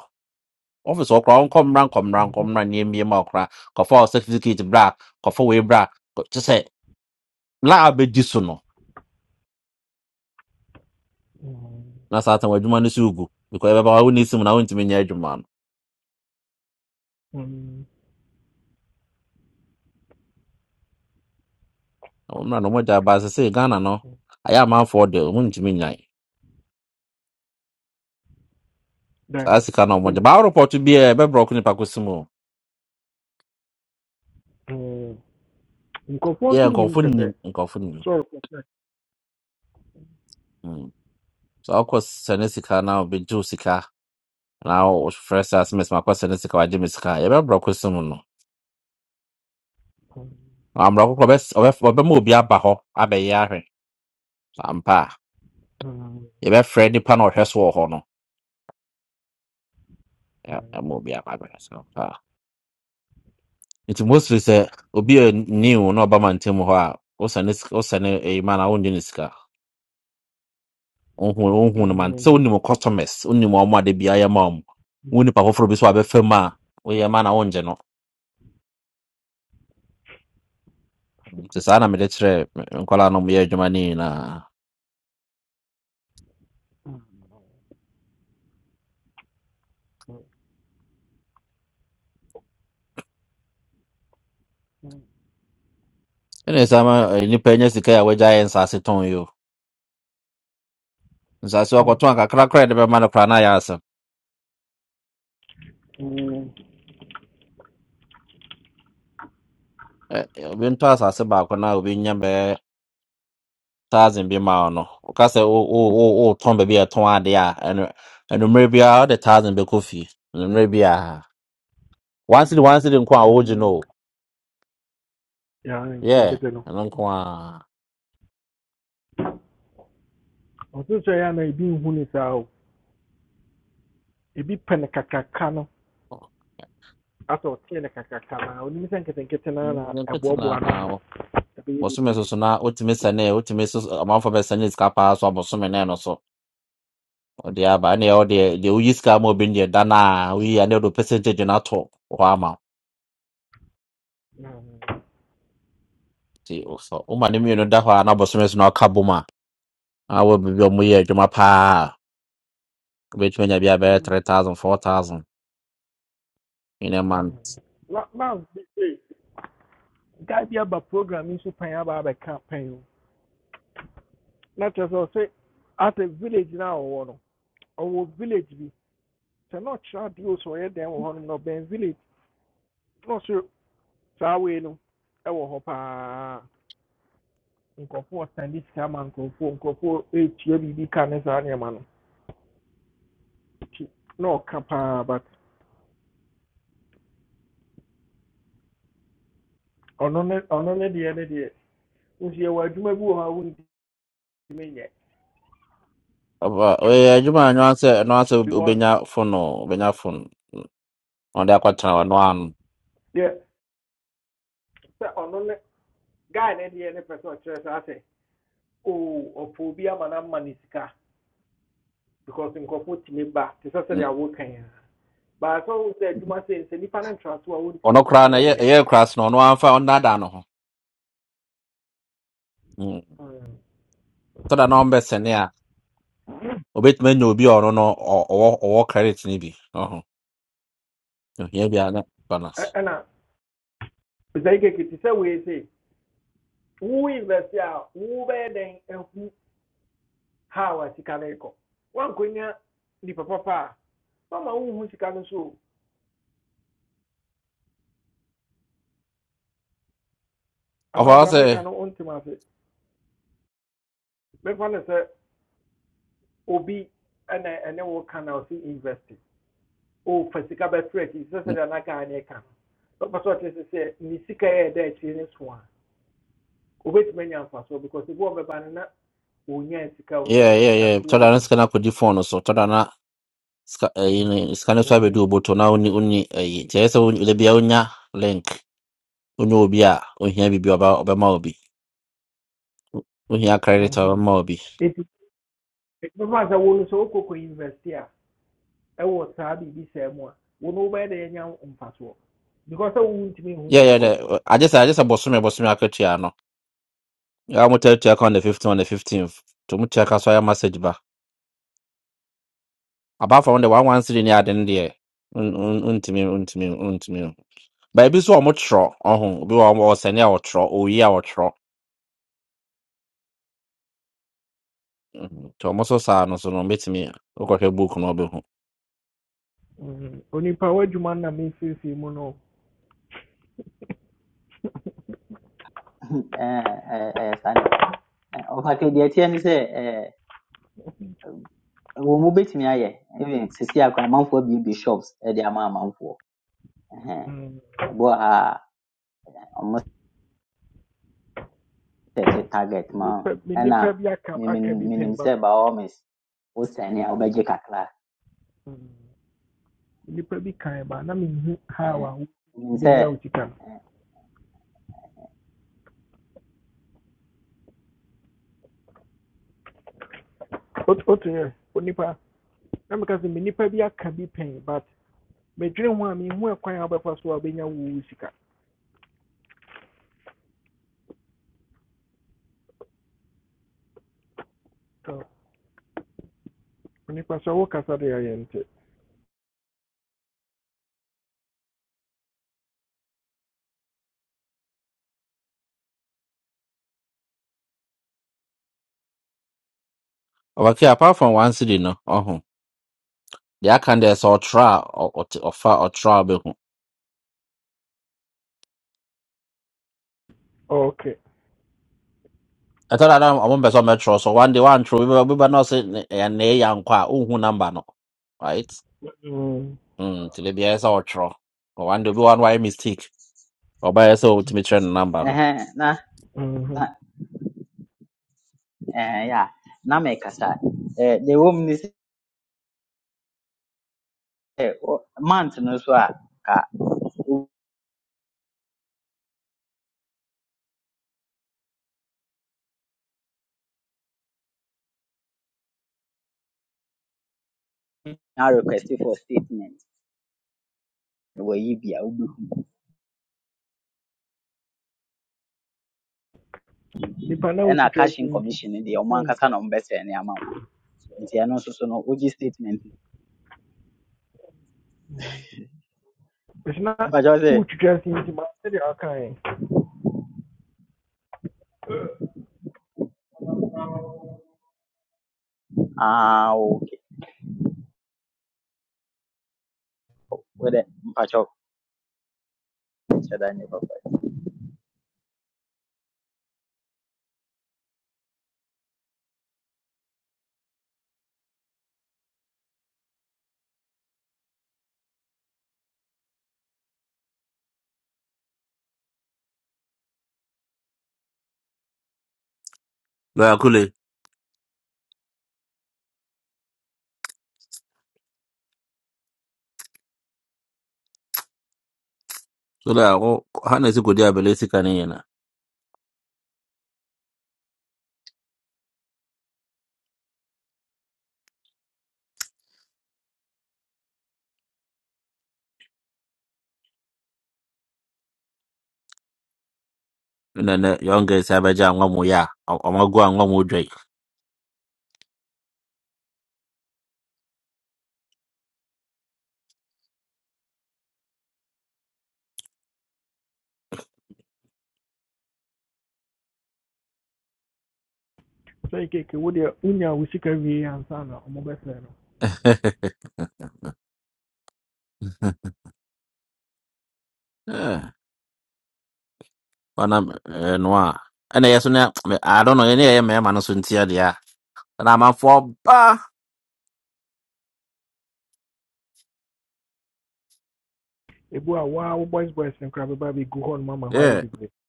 ọfịs ọkra nkọmra nkọmra
mhm,
nkọmra nye mmie ma ọkra kọfa certificate bra kọfa wee bra kyesɛ laa bɛdi so no
mhm,
na saa tan wadwuma no so ugu because ɛbɛba wo ne sim na wontumi nyɛ adwuma no
mm, mm.
Na wo mmra no mogya ba sɛ sɛ ghana no ayɛ amanfoɔ de wontumi nyae
Then,
saa sika no ɔmogya
some,
baa report bi a ɛbɛbrɛ ko nipa kosim o
mm, nkurɔfoɔ
yɛ
nso nim
nkɔfo nim
sɛsɛ
nkɔfo nim
sɔre kɔsɛ
Mm. saa ɔkɔ sɛne sika na ɔbɛgye wo sika na wɔfrɛ sɛ asɛmɛsɛm akɔ sɛne sika wagye me sika a, yɛbɛbrɛ ko sim no ambrɛ kokorɔ ɔbɛma obi aba hɔ abɛyɛ ahwɛ ampa a yɛbɛfrɛ nipa na ɔhwɛ so wɔ hɔ no ɛ- ɛma obi ababɛ so ampa a nti mostly sɛ obi a new na ɔba mantam hɔ a wosɛne wosɛne ɛyi ma no wonde ne sika wohu wohu no man sɛ wonim wo customers wonim ɔmo ade bia yɛ ma ɔmo wo nipa foforɔ bi so a wabɛfa mu a woyɛ ma na wongye no nti saa na mede kyerɛ me- me nkɔlaa no moyɛ adwuma no nyinaa ɛne sa ma eh, nipa nya sika a wagya yɛ nsase tɔn yi o nsase wakɔtɔn kakra koraa a yɛde bɛma no koraa na ayɛ asɛm Eh, eh, obi ntɔ asase baako na obi nya bɛɛ charging bi ma wo no woka sɛ wo- wo- wo- wotɔn baabi a ɛtɔn ade a ɛno- ɛnumere biara wode thousand bɛkɔ fie ɛnumere biara one city one city nko a wogye no o yeah
nketenkete no
ɛno nko a
ɔso sɛ yɛ na ebi nhu ne saa o ebi pɛ ne kakraka no asɛ ɔtee ne kakraka no a onim sɛ nketenkete no na
nkete na
ɛboaboa no ano, ɛbɛyɛ
bɔsome so
bebree
so na wotumi sɛne wotumi so amanfo bɛsɛne sika paa so a bɔsome ne no so ɔde aba ɛne ɛwɔ deɛ deɛ woyi sika ma obi no deɛ da no a woyi a ne wode wo percentage no atɔ hɔ ama wo
Na-
nti wo- sɛ woma ne mmienu da hɔ a na bɔsome so na ɔka bom a awɔ biribi a ɔmo yɛ adwuma paa wobɛtumi anya bi abɛyɛ 3000 4000 in a month
na- guy bi aba program yi about pan aba abɛka pan o na kyerɛ sɛ ɔsɛ ata village na ɔwɔ no ɔwɔ village bi sɛ na ɔkyerɛ adeɛ o sɛ ɔyɛ dɛn wɔ hɔnom na ɔbɛn village na ɔsɛ saa wei no ɛwɔ hɔ paa nkurɔfoɔ ɔsande sika ma nkurɔfoɔ nkurɔfoɔ etua biribi ka ne saa nneɛma no nti na on on but on on ɔno ne deɛ ne deɛ nso yɛwɔ adwuma bi wɔ hɔ a wɔntumi nyɛ
Ɔba- ɔyɛ adwuma a ɛno ara sɛ ɛno ara sɛ
because
wobɛnya phone o wobɛnya phone On the kwatra no an.
deɛ on on ne guy ne deɛ ne pɛ sɛ ɔkyerɛ sɛ asɛ oh ɔpɛ obi ama no sika because in tumi ba te sɛ sɛdeɛ awoka yi a baasɛ wo sɛ adwuma sei sɛ nnipa no ntra so a
Ono
wɔntumi
kra
ne
na
wo
ɔde akɔtena ɔno ano Mm. ɔno koraa no ɛyɛ
nyɛ
ɛyɛ kora so no ɔno amfa ɔnnaadaa no ho Mm.
Mm.
so da na ɔmbɛsɛne a obɛtumi anya obi a ɔno no ɔ- ɔwɔ ɔwɔ credit no bi Ɔhɔ. ohia bi a na balance
Ɛ- ɛna sɛ ikeke te sɛ wei se wo invest a wobɛyɛ how a sika no rekɔ woankɔnya nnipa papa a mama wohu sika no so o.
ɔfa
anaade
hɔ sɛ
amerika no wontem ase mɛfa no sɛ obi ɛna ɛne wo ka na ɔse invest o fa sika bɛfrɛ akyi sɛ
mm,
sɛdeɛ naka ne ka no sɛ ɔpɛ sɛ ɔte sɛ sɛ ne sika yɛ da akyiri ne so a obɛtumi anya mfasoɔ because ebi wɔ bɛba no na onyaa sika wo
yeah,
sɛ
yeah,
sika
yeah.
dodoɔ ne
tɔda
ne
no
hɔ
sika no akɔdi phone no so tɔda no a sika ɛyi ne- sika no so abɛdu
Mhm,
oboto na woni woni ɛyi nti ɛyɛ sɛ wo- da bia wonya link wone obi a ohia bibi ɔba ɔbɛma obi ohia credit a
mhm.
ɔbɛma obi
nti bɛfa sɛ wo no sɛ wokɔkɔ university a ɛwɔ saa biribi sɛɛ mu a wo no wobɛyɛ dɛ yɛanya mfasoɔ because sɛ wontumi hu
yeah
deɛ
yeah
ɛkɔ so
dɛ agye sɛ agye sɛ bosome bosome akatua no yɛa mo tatua ka on the 15 on the 15 to mo tua ka so ayɛ message ba apart from the 113 ne ade no deɛ n- n- ntumi ntumi ntumi but ebi so ɔmo twerɛ ɔho obi wɔ ɔsɛne a ɔtwerɛ oyi a ɔtwerɛ Mhm. nti ɔmo so saa no so no mbɛtumi wokɔhwɛ book no ɔbɛhu
Mhm. onipa w'adwuma no na mesiesie mu no
ɛɛ ɛɛ ɛyɛ saa na ɛte no Ɛɛ, ɔfa ka deɛ ɛteɛ ne sɛ ɛɛ wɔn mu betumi ayɛ even sisi akora amanfoɔ abuebue shops ɛde ama amanfoɔ Ɛhɛn.
Mhm.
ɛbɔ ha a wɔn sɛte target ma
me
wo. ɛna
nnipa bi aka
minim
aka bi pɛn
minim sɛ
ba
by all means wosɛne a wobɛgye kakra
nnipa bi kan ba na mehu how
Ɛhɛn.
a wotumi
minim sɛ
bɛnya wo no Ot- otu onipa na meka sɛ me nnipa bi aka bi pɛn but medwene ho a mehu ɛkwan a wobɛfa so a wobɛnya wo sika so onipa sɛ wokasa de ayɛ
ɔbɛkɛ apart from 1 city no ɔho deɛ aka no deɛ sɛ ɔtwerɛ a ɔ- ɔte- ɔfa ɔtwerɛ a ɔbɛhu
ok
ɛtɔ da na ɔmo mpɛ sɛ ɔmo ɛtwerɛ so one day one twerɛ obi bɛ- obi bɛ na ɔse ne ɛyɛ ne yɛ nkɔ a ohun namba no right
Mm,
mm ti de bi ayɛ sɛ ɔtwerɛ Ɔ, one day obi wa no wayɛ mistake ɔba ayɛ sɛ otumi kyerɛ ne namba no
ɛhɛn, na na
mhm.
ɛɛ yɛ a na mɛkasa ɛɛ deɛ ɛwɔ mu ne sɛ wo- month no so a ka wonya request for statement wɔ yi bi a wobɛhu
nipa na
ɛna
wotwitwa se
cashing
nti
commission no deɛ ɔmo
sɛ
ankasa
wonka
na ɔmo bɛsɛɛ ne ama wo nti ɛno nso so no wogye statement
Mm. ɛsɛ na
mpakyɛw sɛ
wotwitwa se nti ma sɛdeɛ wakaɛ
aa ok wo dɛ mpakyɛw kyɛ da nnipa
lɔya kule so da ɔ ha na esi kodi abɛlɛ sika ne yɛn na ɛna nɛ yɔn gɛ si abɛgye anwa mu yɛ a ɔ- ɔmo agu anwa mu dwa yi
sɛ keke wodeɛ wonya wo de unya wu sika wie ansa na ɔmobɛsɛ no
ɔnam ɛɛ noa ɛna yɛ so ne I don't know yɛn ne yɛyɛ mɛɛma no so ntia deɛ a ɛna amanfoɔ ba
ɛbu a woa boys boys no ba bi bɛgu hɔ no mama hɔ ayɛ bebree Mm.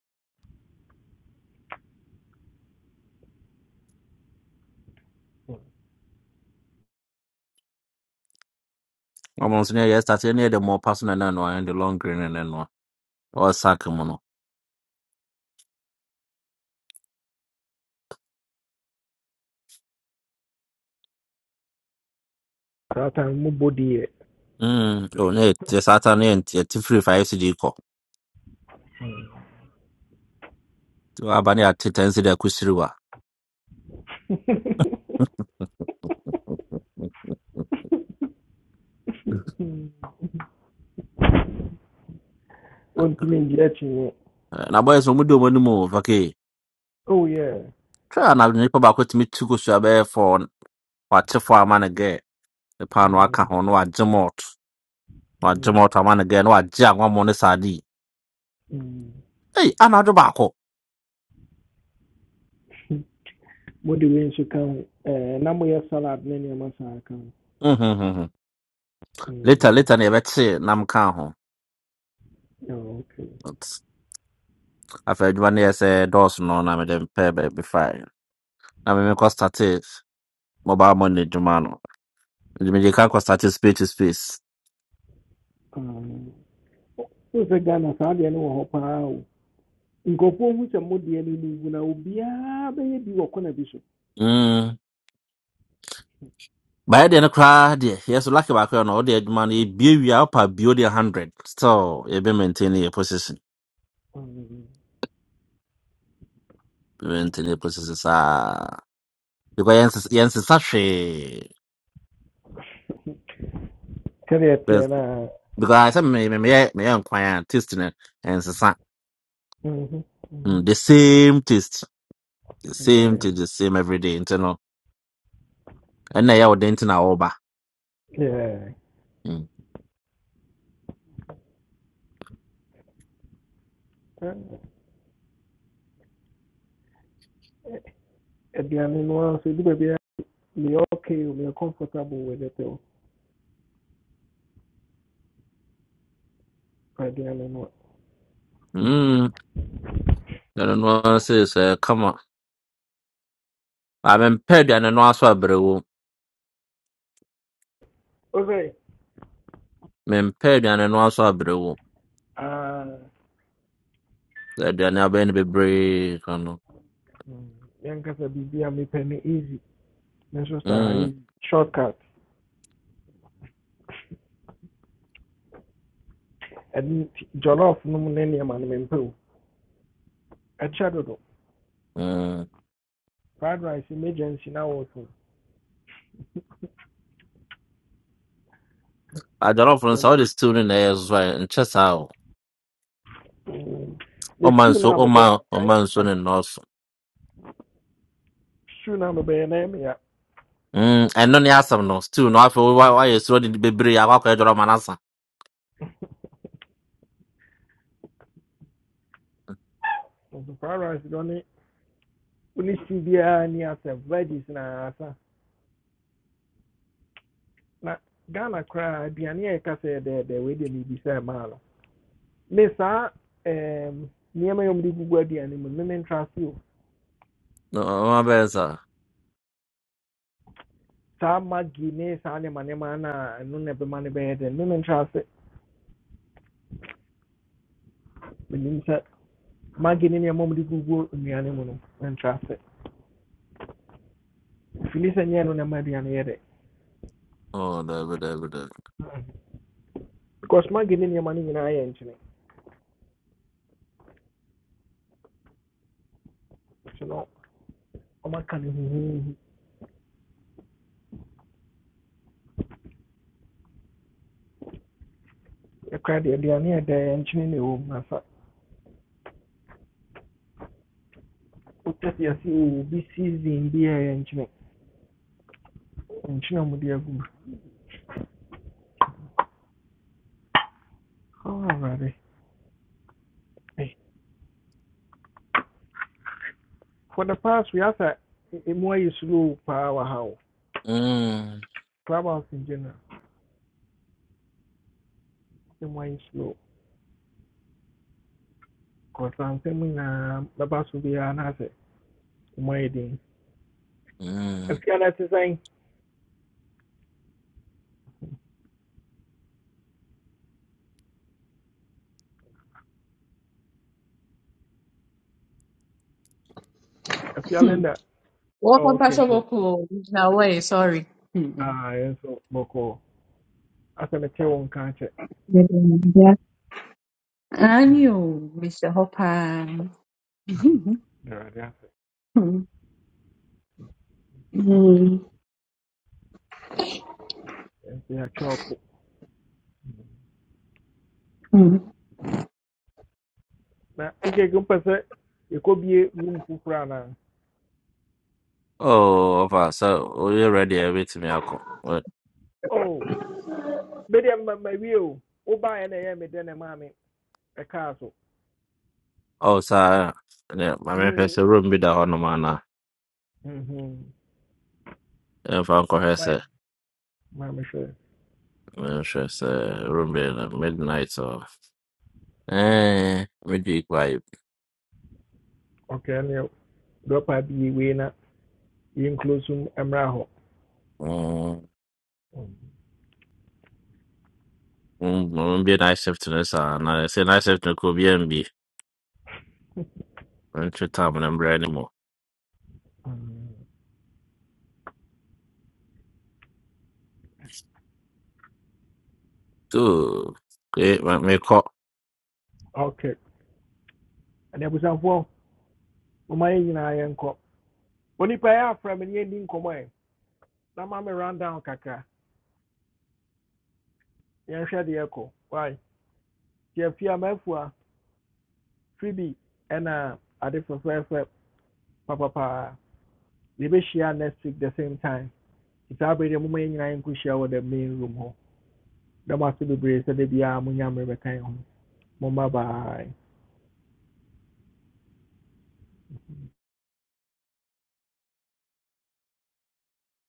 Almost near yes, that's near the more personal than one and the long green and then one. Or Sakamono.
That mubodie.
Mm. Oh, no, the Saturn and the Tifri for FCD call. To Abani at Titansi de Kusriwa.
Ontimi ndia chinye.
Na boys, when we do one move, okay.
Oh yeah.
Try and I'll nip back with me to go to a bear for what if I man again. The pan waka
Mm,
on what Jamot. What
mm,
Jamot a man again, what Jack one money sadi.
mm.
Hey, another back. Mm-hmm.
Mode wei nso ka ho. Eh, na moyɛ salad ne nneɛma saa ka ho.
mm-hmm. Later,
Mm,
later, never say, Nam Kaho.
oh, Okay.
afei adwuma no yɛ sɛ dɔɔso no na mede mpɛɛ baabi fae na memekɔ state mobile money dwuma no nti mede ka kɔ state space to space
Um, wo- wo sɛ Ghana saa deɛ no wɔ hɔ paa o. Nkurɔfoɔ hu sɛ modeɛ no no wu na obiara bɛyɛ bi wɔ kɔna bi so.
Mm. baɛ deɛ no koraa deɛ yɛ so lake baako yɛ no wode adwuma no yɛbie wie a wopa bio deɛ 100 still yɛbɛ maintain yɛ position
Mm.
Yɛbɛ maintain yɛ position saa because yɛnses- yɛnsesa hwee
Sɛdeɛ teɛ
Bes-
no a.
because ayɛ sɛ me- me- meyɛ meyɛ nkwan a taste no ɛnsesa
baby or corner
Mm,
bishop.
the same taste the
Carrier,
same taste the same everyday nti no ɛnna ɛyɛ wo den nti na wɔba
Yeah, yeah. aduane no ara nso ebi baabi me okay me comfortable with it o aduane no
Mm, ɛno no ara sei sɛ kama. A mempɛ aduane no aso abrɛwo.
o sɛ
Mempɛ aduane no aso abrɛwo.
ah,
Sɛ aduane abɛn no bebree ka no.
mm, yɛnkasa biribi a mepɛ no easy me so saa
Mm,
easy shortcut ɛno nti jollof no mu ne nneɛma no mempɛ o ɛkyɛ dodo
mm.
fried rice emergency na wɔto
Adwalɔfo no sɛ wode stew no na ɛyɛ so a nkyɛ saa o.
me
Ɔma
stew
nso
no a
ɔma
mebɛyɛ no koraa,
ɔma
ɛyɛ me be
nso
na ya
ne nnɔɔso.
stew no a mebɛyɛ no ya
Mm, ɛno ne asɛm no. Stew no afei wo- wa- wayɛ suro de bebree akɔ akɔyɛ dwalɔf ma no asa.
nso fried rice dɔ ne wo ne stew biara ni asɛ veggies na asa na ghana koraa aduane a yɛka sɛ yɛdɛɛdɛ wei deɛ mebisa maa no me saa em, nneɛma yɛ di gugu aduane mu no, me mentra ase sa
No, ɔma bɛyɛ saa.
saa magi ne saa nneɛma nneɛma no a ɛno na ɛbɛma no bɛyɛ dɛn me mentra ase menim sɛ magi ne nneɛma di gugu nnuane mu no mentra ase fili sɛ no na ma aduane yɛ dɛ
Oh, daabi daabi daabi.
because magi ne nneɛma ni nyinaa yɛ nkyene nti no ɔmaka no huhuhu yɛkora deɛ aduane yɛ dɛ ɛnkyene na ɛwɔ mu nasa wotɛte ase o tete ya si o bi season bi a ɛyɛ in Oh, Hey, for the past we have a more ayɛ slow power wɔ ha
Mm,
clubhouse in general It more ayɛ slow kɔsansɛm nyinaa bɛba so biara na asɛ emu ayɛ den
mm.
afia no te sɛn afia
Hmm.
linda oh,
Welcome,
okay
Pastor
good
Boku. No way, sorry. Hmm.
ah yɛn nso bɔkɔɔ asɛ mekyɛ wɔ nka kyɛ
Yeah. And
Mm,
you, Mr. Hopper.
am- Awurade asɛ
Hmm. Hmm.
yɛn nso yɛatwa ɔko na ikeke mpɛ sɛ yɛkɔbie room foforɔ anaa
Oh, ɔfa sɛ woyɛ ready a ɛbɛtumi akɔ.
oh bɛdeɛ mma mma wie o wobaeɛ na ɛyɛ me dɛ ne maame É caso.
Oh, saa ne mamehwɛ
Mm.
sɛ room bi da hɔnom anaa
Mhm.
ɛmfa nkɔhwɛ sɛ
Bueno. Maame hwɛ.
menhwɛ sɛ room bi no midnight or eh medwe kɔ ayɛ
Okay, ɛnna drop out bi wei na
mm bi night shift no saa na sɛ night shift no kɔ obiaa mbi mentwe tam no mbrɛ ne mu
Mm.
so eh, ma- mekɔ
Okay. Ɛnna abusuafoɔ, mma yɛn nyinaa yɛn kɔ. Onipa yɛ afra mi ni yɛn di nkɔmɔ yɛ. Na maa mi round down kakra. Yɛn hwɛ deɛ kɔ. Why? Tiɛ fi amafua, fribi ɛna ade fɛfɛɛfɛ papapaa. Yɛbɛ hyia next week the same time. It's abiri deɛ mma yɛn nyinaa yɛn kɔ the main room hɔ. Dɛm ase bebree sɛ de biara mo nyɛ amere bɛka yɛn Bye bye.